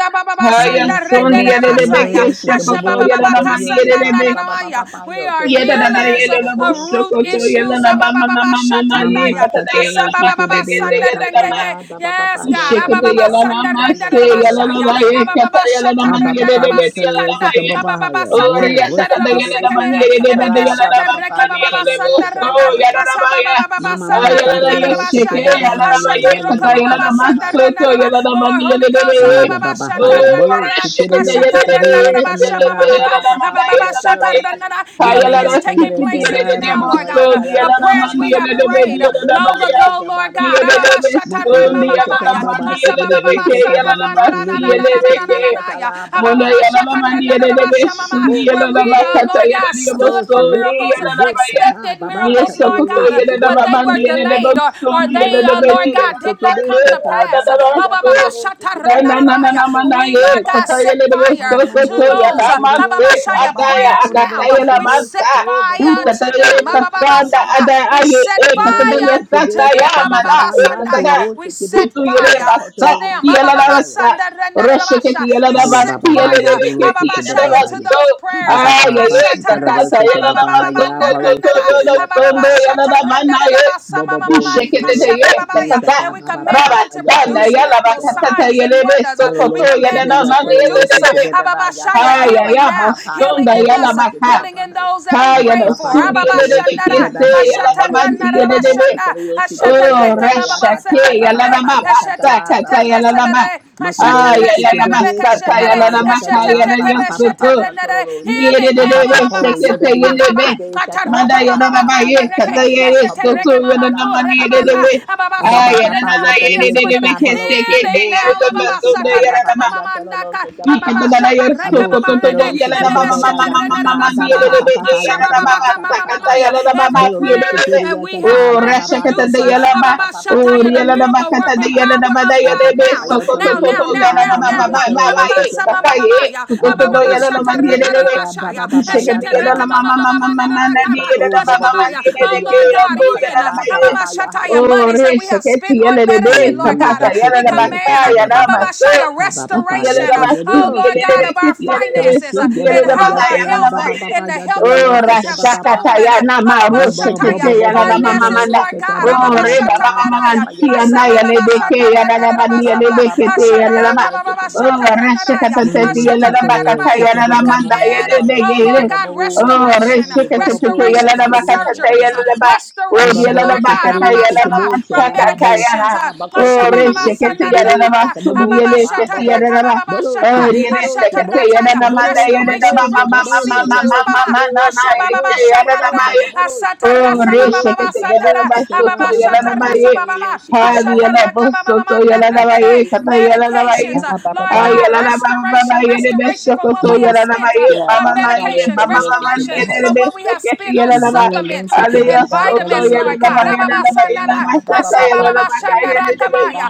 [SPEAKER 2] Ay,
[SPEAKER 3] Yes,
[SPEAKER 2] asondi,
[SPEAKER 3] Kebo,
[SPEAKER 2] elelebe,
[SPEAKER 3] Shanaro, Sikiri
[SPEAKER 2] keshakoto,
[SPEAKER 3] Bobo,
[SPEAKER 2] yalana,
[SPEAKER 3] Sikiri
[SPEAKER 2] mani, elelebe.
[SPEAKER 3] Yosata, Baba Papa
[SPEAKER 1] We
[SPEAKER 3] Yo,
[SPEAKER 1] are
[SPEAKER 3] Toro
[SPEAKER 2] Yedada, da, da,
[SPEAKER 3] Yosata,
[SPEAKER 1] healers uh,
[SPEAKER 3] Baba
[SPEAKER 2] yalana,
[SPEAKER 1] of
[SPEAKER 3] Bo,
[SPEAKER 1] root
[SPEAKER 2] boshokoto,
[SPEAKER 1] issues.
[SPEAKER 2] yalana,
[SPEAKER 3] Sikiri
[SPEAKER 2] mama, mama, mama,
[SPEAKER 3] Mama
[SPEAKER 2] ye,
[SPEAKER 1] Zababababashatanaya.
[SPEAKER 2] Kata katada,
[SPEAKER 3] makatoro
[SPEAKER 2] yalana,
[SPEAKER 3] sike
[SPEAKER 2] manseke,
[SPEAKER 3] bebe
[SPEAKER 2] de
[SPEAKER 3] ya
[SPEAKER 2] yalana, ma.
[SPEAKER 1] Asababababasandarengebe.
[SPEAKER 3] takala baba papa
[SPEAKER 1] Yes,
[SPEAKER 3] ya
[SPEAKER 1] God
[SPEAKER 2] Ushekete
[SPEAKER 3] taro
[SPEAKER 2] yala
[SPEAKER 3] baba papa ya
[SPEAKER 2] namaste
[SPEAKER 3] toro
[SPEAKER 2] yala
[SPEAKER 3] lo
[SPEAKER 2] la
[SPEAKER 3] sike
[SPEAKER 2] la ye
[SPEAKER 3] bahai.
[SPEAKER 2] kata yalana
[SPEAKER 3] Ah
[SPEAKER 2] mani
[SPEAKER 3] baba
[SPEAKER 2] yelele
[SPEAKER 3] papa ya
[SPEAKER 2] bedi
[SPEAKER 3] toro
[SPEAKER 2] yala
[SPEAKER 3] lo
[SPEAKER 2] la la
[SPEAKER 3] sike
[SPEAKER 2] ye.
[SPEAKER 3] baba hai.
[SPEAKER 2] or Ori
[SPEAKER 3] Bo roi
[SPEAKER 2] yasaka da
[SPEAKER 3] sike bebe
[SPEAKER 2] yalala
[SPEAKER 3] be
[SPEAKER 2] mani
[SPEAKER 3] ya
[SPEAKER 2] yelele bedi yala
[SPEAKER 3] takala
[SPEAKER 2] la
[SPEAKER 3] baba
[SPEAKER 2] la
[SPEAKER 3] papa
[SPEAKER 2] mani
[SPEAKER 3] ya
[SPEAKER 2] yelele
[SPEAKER 3] toro sike
[SPEAKER 2] buso
[SPEAKER 3] baba hai.
[SPEAKER 2] yalala ba ya.
[SPEAKER 3] Mama
[SPEAKER 2] Ay
[SPEAKER 3] man
[SPEAKER 2] yala la ye
[SPEAKER 3] kandelolo sike
[SPEAKER 2] sheke
[SPEAKER 1] randarabashaya,
[SPEAKER 3] baba
[SPEAKER 2] yala la
[SPEAKER 3] hai
[SPEAKER 2] ba
[SPEAKER 3] yo
[SPEAKER 2] ye
[SPEAKER 3] balo
[SPEAKER 2] kata yalala
[SPEAKER 3] baba hai.
[SPEAKER 2] yala
[SPEAKER 1] ashatarokabababasandararandaraba.
[SPEAKER 2] yalala
[SPEAKER 1] More
[SPEAKER 2] mani yele
[SPEAKER 1] Holy
[SPEAKER 2] de be.
[SPEAKER 1] Ghost,
[SPEAKER 3] Aya baba haya bolo
[SPEAKER 2] Ori
[SPEAKER 1] abababashantarandaraba,
[SPEAKER 2] shekete
[SPEAKER 3] shikiriyo
[SPEAKER 2] yele de be
[SPEAKER 3] shikabu
[SPEAKER 2] yala
[SPEAKER 3] shandalala
[SPEAKER 1] ashatarandarabasamamamaka,
[SPEAKER 3] papa
[SPEAKER 2] yalala
[SPEAKER 3] papa
[SPEAKER 2] manda
[SPEAKER 3] papa
[SPEAKER 2] yalala ba
[SPEAKER 3] yatalalo
[SPEAKER 2] ya.
[SPEAKER 3] se
[SPEAKER 1] abababashantarandaraba.
[SPEAKER 2] Ay
[SPEAKER 3] ama
[SPEAKER 1] healing
[SPEAKER 2] yala
[SPEAKER 3] mama
[SPEAKER 2] la
[SPEAKER 1] is taking
[SPEAKER 3] sandale
[SPEAKER 2] siki di
[SPEAKER 3] se
[SPEAKER 1] place
[SPEAKER 3] ba
[SPEAKER 1] even
[SPEAKER 2] yelele
[SPEAKER 3] ba
[SPEAKER 1] now,
[SPEAKER 3] ba ba
[SPEAKER 1] Lord
[SPEAKER 2] buso
[SPEAKER 1] God. Uh,
[SPEAKER 2] di
[SPEAKER 1] uh,
[SPEAKER 3] yatala
[SPEAKER 2] yala
[SPEAKER 3] se
[SPEAKER 2] yalala
[SPEAKER 1] prayers
[SPEAKER 3] ka
[SPEAKER 2] mani
[SPEAKER 3] ba
[SPEAKER 1] we
[SPEAKER 3] ba
[SPEAKER 2] yele
[SPEAKER 1] have
[SPEAKER 3] ba
[SPEAKER 2] de be di
[SPEAKER 1] prayed uh,
[SPEAKER 3] yatala
[SPEAKER 2] yala la
[SPEAKER 3] blalo
[SPEAKER 2] ba
[SPEAKER 1] long
[SPEAKER 3] ye
[SPEAKER 2] ya.
[SPEAKER 3] se
[SPEAKER 1] ago,
[SPEAKER 3] ka ba
[SPEAKER 1] Lord
[SPEAKER 3] lo
[SPEAKER 1] God.
[SPEAKER 3] se ta mon
[SPEAKER 2] Yelelelebesundi,
[SPEAKER 3] kondoro se ta
[SPEAKER 1] Abababashataranmabababaya,
[SPEAKER 3] ba ba
[SPEAKER 2] yalalamandi,
[SPEAKER 3] shikiriyo
[SPEAKER 2] yelelebeke,
[SPEAKER 3] se ta ba mama
[SPEAKER 2] yalalabasi,
[SPEAKER 3] nuru
[SPEAKER 2] yelebeke.
[SPEAKER 3] shikiriyo ta ta
[SPEAKER 1] asababababasanananananananananananaya,
[SPEAKER 3] la ba ba
[SPEAKER 2] Mona
[SPEAKER 3] ba papa papa
[SPEAKER 2] yalalamandi,
[SPEAKER 3] yatalalo
[SPEAKER 1] abababashatarandarabashamama,
[SPEAKER 2] yelelebesundi,
[SPEAKER 3] shikabu
[SPEAKER 1] Where we, uh,
[SPEAKER 3] shikiriyo
[SPEAKER 2] yalalabakata,
[SPEAKER 3] se
[SPEAKER 1] Lord God,
[SPEAKER 3] aba
[SPEAKER 1] stood for
[SPEAKER 2] yelelebosoni,
[SPEAKER 3] shandoro
[SPEAKER 1] miracles,
[SPEAKER 3] se bo
[SPEAKER 2] yalalabaya.
[SPEAKER 3] shaka
[SPEAKER 1] expected
[SPEAKER 3] ba ba
[SPEAKER 1] miracles, Lord God.
[SPEAKER 3] tatulolo
[SPEAKER 2] Miesokoto,
[SPEAKER 1] Lord God, uh,
[SPEAKER 3] shikiriyo
[SPEAKER 1] but they were
[SPEAKER 2] yelelebamandi,
[SPEAKER 3] shikiriyo se
[SPEAKER 1] delayed or, or
[SPEAKER 2] yelelebosoni,
[SPEAKER 1] they, uh,
[SPEAKER 2] yelelebeti,
[SPEAKER 1] Lord
[SPEAKER 3] Amamamandoro,
[SPEAKER 1] God, did not
[SPEAKER 3] Sekebe
[SPEAKER 2] yalalabaye,
[SPEAKER 1] come to
[SPEAKER 3] Shato,
[SPEAKER 1] pass. Uh,
[SPEAKER 3] Baba
[SPEAKER 2] yalalabaso.
[SPEAKER 3] Yatolo, Sekebe,
[SPEAKER 2] Na na na na na
[SPEAKER 3] Noro,
[SPEAKER 2] mana
[SPEAKER 1] We, Lord
[SPEAKER 2] ye,
[SPEAKER 1] God,
[SPEAKER 3] Sekebaba,
[SPEAKER 2] tata
[SPEAKER 1] set fire
[SPEAKER 3] Mama
[SPEAKER 1] to
[SPEAKER 2] yelelebesokoto,
[SPEAKER 3] Mandoro,
[SPEAKER 1] those. uh,
[SPEAKER 3] Sekerio,
[SPEAKER 2] yalamanse,
[SPEAKER 3] Sekebaba,
[SPEAKER 2] ataya,
[SPEAKER 1] Prayers
[SPEAKER 2] akata,
[SPEAKER 1] now.
[SPEAKER 3] Yotolo,
[SPEAKER 1] Uh, We
[SPEAKER 3] Sekebo,
[SPEAKER 1] set
[SPEAKER 2] yalamansa.
[SPEAKER 3] Shato,
[SPEAKER 1] fire
[SPEAKER 3] Bababo,
[SPEAKER 1] to
[SPEAKER 2] Ukataya
[SPEAKER 1] them.
[SPEAKER 3] Shatolo,
[SPEAKER 2] kasanda
[SPEAKER 3] Sekebaba,
[SPEAKER 2] ada
[SPEAKER 1] We
[SPEAKER 2] aye
[SPEAKER 1] set
[SPEAKER 2] e kasada
[SPEAKER 3] Maroro,
[SPEAKER 2] ya
[SPEAKER 1] fire
[SPEAKER 2] sasa
[SPEAKER 3] Sekebe,
[SPEAKER 1] to them.
[SPEAKER 2] ya
[SPEAKER 3] Shata,
[SPEAKER 2] mana
[SPEAKER 3] Baba,
[SPEAKER 2] e kasada
[SPEAKER 3] Yandoro,
[SPEAKER 1] We
[SPEAKER 3] Sekebe,
[SPEAKER 1] set
[SPEAKER 2] sutu yele
[SPEAKER 3] Shata,
[SPEAKER 1] fire
[SPEAKER 2] basa
[SPEAKER 1] to
[SPEAKER 3] Bakotolo,
[SPEAKER 1] them.
[SPEAKER 2] yele la
[SPEAKER 3] Sekebaba,
[SPEAKER 2] basa resheketi yele
[SPEAKER 1] We
[SPEAKER 2] la
[SPEAKER 3] Haya
[SPEAKER 1] set
[SPEAKER 2] basi
[SPEAKER 3] baba
[SPEAKER 2] yele de
[SPEAKER 3] haya
[SPEAKER 1] fire
[SPEAKER 3] rolo
[SPEAKER 2] beketi
[SPEAKER 3] seke
[SPEAKER 2] yele la
[SPEAKER 3] baba
[SPEAKER 1] to
[SPEAKER 3] haya.
[SPEAKER 2] baso
[SPEAKER 1] those
[SPEAKER 3] Baba
[SPEAKER 1] prayers.
[SPEAKER 3] papa
[SPEAKER 2] aye ye
[SPEAKER 3] bata tararo
[SPEAKER 2] sakata
[SPEAKER 3] seke
[SPEAKER 2] yele la
[SPEAKER 3] baba
[SPEAKER 2] maso
[SPEAKER 3] haya
[SPEAKER 2] koto
[SPEAKER 3] balo
[SPEAKER 2] to
[SPEAKER 3] seke
[SPEAKER 2] yele
[SPEAKER 3] riya
[SPEAKER 2] sondo
[SPEAKER 3] tala baba
[SPEAKER 2] yele la
[SPEAKER 3] papa
[SPEAKER 2] mana
[SPEAKER 3] haya.
[SPEAKER 2] ye
[SPEAKER 3] Bobo bo
[SPEAKER 2] kushekete de
[SPEAKER 3] yandoro
[SPEAKER 2] ye
[SPEAKER 3] seke be
[SPEAKER 2] sakata
[SPEAKER 3] shata
[SPEAKER 1] And we
[SPEAKER 3] baba
[SPEAKER 1] command
[SPEAKER 3] papa
[SPEAKER 1] them to
[SPEAKER 3] haya tolo
[SPEAKER 2] rabasana
[SPEAKER 1] produce
[SPEAKER 3] lo
[SPEAKER 2] yele
[SPEAKER 1] miracles,
[SPEAKER 3] baba
[SPEAKER 2] bakata
[SPEAKER 1] signs,
[SPEAKER 3] haya.
[SPEAKER 2] yele
[SPEAKER 1] and
[SPEAKER 2] be
[SPEAKER 1] wonders. Uh,
[SPEAKER 3] Balo
[SPEAKER 1] We
[SPEAKER 3] lo
[SPEAKER 2] sokoto
[SPEAKER 3] seke
[SPEAKER 2] yele
[SPEAKER 1] command
[SPEAKER 3] be
[SPEAKER 2] la
[SPEAKER 1] them
[SPEAKER 3] ya
[SPEAKER 1] to
[SPEAKER 2] mana yele de
[SPEAKER 1] produce
[SPEAKER 2] de
[SPEAKER 1] uh,
[SPEAKER 2] be
[SPEAKER 3] baba ya
[SPEAKER 1] ababashaya,
[SPEAKER 3] tala
[SPEAKER 2] aye
[SPEAKER 1] healing
[SPEAKER 3] baba
[SPEAKER 2] ya
[SPEAKER 1] now,
[SPEAKER 3] papa haya
[SPEAKER 1] healing
[SPEAKER 2] basonda
[SPEAKER 1] in
[SPEAKER 3] toro
[SPEAKER 2] yele
[SPEAKER 1] us,
[SPEAKER 3] lo
[SPEAKER 1] uh,
[SPEAKER 2] baka
[SPEAKER 1] healing
[SPEAKER 3] baba
[SPEAKER 1] in
[SPEAKER 3] haya.
[SPEAKER 1] those that we
[SPEAKER 2] Ta
[SPEAKER 3] Papa,
[SPEAKER 1] pray
[SPEAKER 2] yala
[SPEAKER 3] papa,
[SPEAKER 1] for.
[SPEAKER 3] yo
[SPEAKER 2] sundi
[SPEAKER 3] te
[SPEAKER 2] yala
[SPEAKER 3] lo
[SPEAKER 2] debe
[SPEAKER 3] que
[SPEAKER 1] Ababashandada,
[SPEAKER 3] bebe
[SPEAKER 2] kese yala
[SPEAKER 3] haya,
[SPEAKER 2] la
[SPEAKER 1] ashata
[SPEAKER 3] balo
[SPEAKER 2] banti
[SPEAKER 1] ranada,
[SPEAKER 3] que
[SPEAKER 2] yala
[SPEAKER 3] babo,
[SPEAKER 2] debe.
[SPEAKER 1] rabashanda,
[SPEAKER 3] catero que
[SPEAKER 1] ashata
[SPEAKER 3] bebe
[SPEAKER 2] Oh,
[SPEAKER 1] reka,
[SPEAKER 3] bebe
[SPEAKER 2] rasha
[SPEAKER 1] bababa,
[SPEAKER 2] ke
[SPEAKER 1] seta
[SPEAKER 3] atata, papa,
[SPEAKER 2] yala la
[SPEAKER 1] renere,
[SPEAKER 3] papa,
[SPEAKER 2] ma
[SPEAKER 3] ya
[SPEAKER 1] ashata
[SPEAKER 2] basa
[SPEAKER 3] tatala
[SPEAKER 1] tete
[SPEAKER 2] kata
[SPEAKER 3] papa,
[SPEAKER 2] yala
[SPEAKER 3] papa,
[SPEAKER 2] la
[SPEAKER 3] yo.
[SPEAKER 2] ma.
[SPEAKER 1] resebere, ashata
[SPEAKER 2] Ah,
[SPEAKER 3] Mancandero que
[SPEAKER 2] yala la
[SPEAKER 1] resebebebe,
[SPEAKER 3] bebe, seta
[SPEAKER 2] masata
[SPEAKER 1] kashandere,
[SPEAKER 3] baba,
[SPEAKER 2] yala la
[SPEAKER 3] ya
[SPEAKER 2] ma ka
[SPEAKER 1] ashata
[SPEAKER 3] talala,
[SPEAKER 2] yala
[SPEAKER 1] teke,
[SPEAKER 3] papa, papa,
[SPEAKER 1] beshete
[SPEAKER 3] papa,
[SPEAKER 2] yosoto.
[SPEAKER 3] yo te lo
[SPEAKER 1] renere.
[SPEAKER 3] que.
[SPEAKER 2] Yere
[SPEAKER 1] Healing
[SPEAKER 2] de
[SPEAKER 3] Apa,
[SPEAKER 2] debe
[SPEAKER 1] now
[SPEAKER 3] papo, yo
[SPEAKER 2] shekete
[SPEAKER 3] de Dios
[SPEAKER 2] yele
[SPEAKER 3] que
[SPEAKER 2] be.
[SPEAKER 1] sakumbakaba
[SPEAKER 3] bebe, seta,
[SPEAKER 1] ataroko
[SPEAKER 2] Manda
[SPEAKER 3] papa,
[SPEAKER 2] yala
[SPEAKER 1] mama
[SPEAKER 3] papa,
[SPEAKER 2] la ma
[SPEAKER 3] papa,
[SPEAKER 1] makande
[SPEAKER 2] ye
[SPEAKER 3] ya
[SPEAKER 2] kata
[SPEAKER 1] reke
[SPEAKER 2] yele
[SPEAKER 1] eshete
[SPEAKER 2] soto
[SPEAKER 1] reke
[SPEAKER 2] yala
[SPEAKER 1] mama
[SPEAKER 2] la
[SPEAKER 1] to
[SPEAKER 2] ma ni
[SPEAKER 1] reke
[SPEAKER 2] yele
[SPEAKER 1] mana
[SPEAKER 2] debe.
[SPEAKER 1] ababa
[SPEAKER 2] Ah,
[SPEAKER 1] soto
[SPEAKER 2] yala
[SPEAKER 1] reke
[SPEAKER 2] la la
[SPEAKER 1] mama dia
[SPEAKER 2] yele debe
[SPEAKER 1] sabana
[SPEAKER 2] kese kete
[SPEAKER 1] healing
[SPEAKER 2] yala
[SPEAKER 1] now
[SPEAKER 2] debe
[SPEAKER 1] ababa
[SPEAKER 2] sunde
[SPEAKER 1] sata
[SPEAKER 2] yala la
[SPEAKER 1] reke
[SPEAKER 2] ma.
[SPEAKER 1] mama mandaka ababa
[SPEAKER 3] Abba
[SPEAKER 1] shata renke
[SPEAKER 3] Abo
[SPEAKER 1] mama nene
[SPEAKER 3] shetero
[SPEAKER 1] ebebe
[SPEAKER 3] shetebebeba
[SPEAKER 1] shete rene
[SPEAKER 3] yatata
[SPEAKER 1] rema
[SPEAKER 3] ba ba ba
[SPEAKER 1] samama
[SPEAKER 3] ba ba ba
[SPEAKER 1] ashababa
[SPEAKER 3] yatala
[SPEAKER 1] baka
[SPEAKER 3] ba ba
[SPEAKER 1] mama
[SPEAKER 3] ba ba
[SPEAKER 1] mama
[SPEAKER 3] ya.
[SPEAKER 1] ya every
[SPEAKER 3] Bololo
[SPEAKER 1] prayer
[SPEAKER 3] shetiri
[SPEAKER 1] that we have
[SPEAKER 3] yatata
[SPEAKER 2] Oh,
[SPEAKER 3] ba
[SPEAKER 1] prayed
[SPEAKER 3] ba ba
[SPEAKER 2] Rashakata de
[SPEAKER 1] producer
[SPEAKER 3] yatala ba
[SPEAKER 2] Yalaba.
[SPEAKER 3] ba
[SPEAKER 1] ababa
[SPEAKER 3] ba ba
[SPEAKER 2] Oh,
[SPEAKER 1] shataya the
[SPEAKER 3] yatalo
[SPEAKER 2] Rialaba
[SPEAKER 1] miracle
[SPEAKER 3] shete ba
[SPEAKER 2] Kata
[SPEAKER 3] ba
[SPEAKER 1] working
[SPEAKER 2] de
[SPEAKER 3] ha ya.
[SPEAKER 1] power
[SPEAKER 2] Yalaba de
[SPEAKER 1] of
[SPEAKER 3] Ah, ba
[SPEAKER 1] God
[SPEAKER 2] Yalebe,
[SPEAKER 3] ba ba
[SPEAKER 1] now uh,
[SPEAKER 2] Sokoto
[SPEAKER 1] now
[SPEAKER 3] yatalo
[SPEAKER 1] now
[SPEAKER 2] Toto
[SPEAKER 3] shete
[SPEAKER 1] now
[SPEAKER 3] ah,
[SPEAKER 1] now
[SPEAKER 3] ba
[SPEAKER 2] Yanaba
[SPEAKER 3] ba
[SPEAKER 1] now
[SPEAKER 2] Baba
[SPEAKER 1] uh,
[SPEAKER 3] yatalo
[SPEAKER 1] ababa
[SPEAKER 2] Baba
[SPEAKER 3] shete ba
[SPEAKER 1] samama
[SPEAKER 3] ba ha
[SPEAKER 1] mama
[SPEAKER 3] ya.
[SPEAKER 2] Kakaye,
[SPEAKER 1] mama ya
[SPEAKER 3] Ah, ba
[SPEAKER 2] Sokoto
[SPEAKER 1] ababa
[SPEAKER 3] bo
[SPEAKER 2] Yanaba
[SPEAKER 1] shata
[SPEAKER 3] shetiri
[SPEAKER 1] rana
[SPEAKER 2] Yelebe.
[SPEAKER 3] yatata ba ba ba ba
[SPEAKER 2] Ushakata
[SPEAKER 3] yatala
[SPEAKER 2] Yanaba
[SPEAKER 3] ba ba
[SPEAKER 2] Mama
[SPEAKER 3] ba ha ya.
[SPEAKER 2] Mama
[SPEAKER 3] Ah, Bo
[SPEAKER 2] Nadi
[SPEAKER 3] kato ba
[SPEAKER 2] Yanaba
[SPEAKER 3] ba
[SPEAKER 2] Mama
[SPEAKER 3] bo shetiri
[SPEAKER 1] Oh Lord
[SPEAKER 2] Yelebe,
[SPEAKER 3] yatala
[SPEAKER 1] God,
[SPEAKER 3] ba
[SPEAKER 2] Ambo
[SPEAKER 1] even uh,
[SPEAKER 3] katala ba ba
[SPEAKER 2] Yanaba
[SPEAKER 3] ya ha
[SPEAKER 1] ababashataya
[SPEAKER 2] Oh,
[SPEAKER 1] monies that we have spent
[SPEAKER 2] Rashakati
[SPEAKER 1] on
[SPEAKER 2] Yelebe,
[SPEAKER 1] medicine, Lord
[SPEAKER 3] Hallelujah.
[SPEAKER 1] God, uh,
[SPEAKER 2] Sapata
[SPEAKER 1] we
[SPEAKER 2] Yanaba
[SPEAKER 3] Baketaraya
[SPEAKER 1] command uh,
[SPEAKER 3] seka
[SPEAKER 2] Kaya
[SPEAKER 3] babaya.
[SPEAKER 2] Namaso.
[SPEAKER 1] ababashaya
[SPEAKER 3] Ha ba ba ya
[SPEAKER 1] restoration.
[SPEAKER 3] da
[SPEAKER 1] uh,
[SPEAKER 3] da da
[SPEAKER 1] Oh
[SPEAKER 3] da
[SPEAKER 1] Lord God, of our
[SPEAKER 3] Yes, God,
[SPEAKER 1] finances uh,
[SPEAKER 3] shake ya ba
[SPEAKER 1] and
[SPEAKER 3] ba
[SPEAKER 1] how
[SPEAKER 3] ya
[SPEAKER 1] our
[SPEAKER 3] da la
[SPEAKER 1] health uh, and the
[SPEAKER 3] ya da
[SPEAKER 1] health
[SPEAKER 3] la
[SPEAKER 1] of
[SPEAKER 2] Oh,
[SPEAKER 3] la shake
[SPEAKER 1] others
[SPEAKER 3] ya
[SPEAKER 1] have
[SPEAKER 3] baba ba ba ha
[SPEAKER 1] stolen
[SPEAKER 2] Rashakataya
[SPEAKER 3] ya.
[SPEAKER 1] uh,
[SPEAKER 2] na
[SPEAKER 3] Ba ba ba ba
[SPEAKER 1] ababashataya
[SPEAKER 2] maroshekete ya na
[SPEAKER 3] ya da la
[SPEAKER 1] finances,
[SPEAKER 2] mamamanda.
[SPEAKER 3] la
[SPEAKER 1] Lord
[SPEAKER 3] shake ya
[SPEAKER 1] God.
[SPEAKER 3] ba
[SPEAKER 2] Oh,
[SPEAKER 3] ba ya da
[SPEAKER 2] reba baba
[SPEAKER 3] la
[SPEAKER 1] ababashatanaraya.
[SPEAKER 2] mamansi ya ya
[SPEAKER 3] shake ya ba
[SPEAKER 2] lebeke
[SPEAKER 3] ba
[SPEAKER 2] ya na
[SPEAKER 3] ba ya da
[SPEAKER 2] mamani ya
[SPEAKER 3] la
[SPEAKER 1] Asabababasandaranarabasama.
[SPEAKER 2] lebekete ya na mama.
[SPEAKER 3] shake ya ba
[SPEAKER 2] Oh,
[SPEAKER 1] Ashadarakabababashatanaraya.
[SPEAKER 3] Mama
[SPEAKER 2] rashakatatete
[SPEAKER 3] ma
[SPEAKER 2] ya na
[SPEAKER 3] katoro
[SPEAKER 2] bakata ya
[SPEAKER 3] seke
[SPEAKER 2] na
[SPEAKER 1] We
[SPEAKER 3] bebe ha
[SPEAKER 2] manda ya
[SPEAKER 3] ya
[SPEAKER 1] command,
[SPEAKER 3] balo
[SPEAKER 1] oh
[SPEAKER 3] seke
[SPEAKER 1] Lord
[SPEAKER 2] lebegere.
[SPEAKER 3] baba
[SPEAKER 1] God,
[SPEAKER 3] wo ye
[SPEAKER 2] Oh,
[SPEAKER 3] baba
[SPEAKER 1] restoration,
[SPEAKER 3] yo baba
[SPEAKER 2] reshakatatete
[SPEAKER 3] bo
[SPEAKER 2] ya
[SPEAKER 3] ye
[SPEAKER 1] restoration
[SPEAKER 2] na
[SPEAKER 1] from
[SPEAKER 3] kaderi ya
[SPEAKER 2] bakata
[SPEAKER 3] seke
[SPEAKER 2] ya
[SPEAKER 1] surgeries,
[SPEAKER 3] baba
[SPEAKER 1] uh,
[SPEAKER 2] na ba. Oh,
[SPEAKER 3] aba
[SPEAKER 2] ya
[SPEAKER 1] restoration,
[SPEAKER 3] bo
[SPEAKER 2] na
[SPEAKER 1] Lord
[SPEAKER 3] seke
[SPEAKER 1] God,
[SPEAKER 2] bakata
[SPEAKER 3] ro
[SPEAKER 2] ya
[SPEAKER 3] seke
[SPEAKER 2] na
[SPEAKER 3] bo se
[SPEAKER 1] from
[SPEAKER 3] baba bo
[SPEAKER 2] mansakata
[SPEAKER 1] medications.
[SPEAKER 3] seke
[SPEAKER 1] uh,
[SPEAKER 3] aba
[SPEAKER 2] Oh, reshe
[SPEAKER 3] kotoro
[SPEAKER 2] que te
[SPEAKER 3] seke
[SPEAKER 2] yara
[SPEAKER 3] bebe
[SPEAKER 2] na
[SPEAKER 3] seke baba
[SPEAKER 2] masundi
[SPEAKER 3] bo se
[SPEAKER 2] ele que
[SPEAKER 3] baba
[SPEAKER 2] te
[SPEAKER 3] bo
[SPEAKER 2] yara na ma.
[SPEAKER 3] bolo
[SPEAKER 2] Oh,
[SPEAKER 3] seke ro
[SPEAKER 2] Rienese, se
[SPEAKER 3] se
[SPEAKER 2] que
[SPEAKER 3] bo
[SPEAKER 2] te yara
[SPEAKER 3] seke
[SPEAKER 2] na
[SPEAKER 3] baba
[SPEAKER 2] manda
[SPEAKER 3] se
[SPEAKER 2] yara na
[SPEAKER 3] baba
[SPEAKER 1] Restoration
[SPEAKER 3] bo
[SPEAKER 2] ma ma
[SPEAKER 3] ye
[SPEAKER 1] from
[SPEAKER 3] baba bo
[SPEAKER 2] ma ma
[SPEAKER 3] ye
[SPEAKER 2] ma
[SPEAKER 1] procedures.
[SPEAKER 3] ro
[SPEAKER 2] ma ma
[SPEAKER 3] seke
[SPEAKER 2] ma ma na
[SPEAKER 3] bebe
[SPEAKER 2] na
[SPEAKER 3] seke
[SPEAKER 2] e
[SPEAKER 3] ro
[SPEAKER 2] que
[SPEAKER 3] baba
[SPEAKER 2] yara
[SPEAKER 3] baba
[SPEAKER 2] na ma e.
[SPEAKER 3] baba baba bo
[SPEAKER 2] Oh, reshe que te
[SPEAKER 3] seke
[SPEAKER 2] yara
[SPEAKER 3] bebe
[SPEAKER 2] na
[SPEAKER 3] seke
[SPEAKER 2] masuto
[SPEAKER 3] baba
[SPEAKER 2] yara na
[SPEAKER 3] baba
[SPEAKER 2] ma
[SPEAKER 3] yo
[SPEAKER 2] e.
[SPEAKER 3] toro seke
[SPEAKER 2] Hadi
[SPEAKER 3] baba ha
[SPEAKER 2] yara bosoto
[SPEAKER 3] Yes,
[SPEAKER 2] yara na ma
[SPEAKER 3] kid,
[SPEAKER 2] e
[SPEAKER 3] yes,
[SPEAKER 2] kata
[SPEAKER 3] it's
[SPEAKER 2] yara na ma e.
[SPEAKER 1] Medications, uh, Lord Lord
[SPEAKER 2] Ah,
[SPEAKER 1] God,
[SPEAKER 2] yara na ma ma ma
[SPEAKER 1] restoration,
[SPEAKER 2] yara
[SPEAKER 1] restoration
[SPEAKER 2] besho
[SPEAKER 1] from what
[SPEAKER 2] koto
[SPEAKER 1] we have
[SPEAKER 2] yara na ma
[SPEAKER 1] spent
[SPEAKER 2] e
[SPEAKER 1] uh,
[SPEAKER 2] ma
[SPEAKER 1] on
[SPEAKER 2] ma ma e
[SPEAKER 1] medications,
[SPEAKER 2] ma ma ma ma
[SPEAKER 1] restoration
[SPEAKER 2] yara
[SPEAKER 1] of what we
[SPEAKER 2] besho
[SPEAKER 1] have
[SPEAKER 2] que
[SPEAKER 1] spent
[SPEAKER 2] te
[SPEAKER 1] on
[SPEAKER 2] yara na ma.
[SPEAKER 1] supplements uh,
[SPEAKER 2] Hallelujah.
[SPEAKER 1] and
[SPEAKER 2] Soto
[SPEAKER 1] vitamins,
[SPEAKER 2] yele
[SPEAKER 1] Lord
[SPEAKER 2] lama
[SPEAKER 1] God.
[SPEAKER 2] yele lama yele
[SPEAKER 1] Ababasanana,
[SPEAKER 2] lama sata my lama ka yele lama yi.
[SPEAKER 1] asabababashandarakamaya,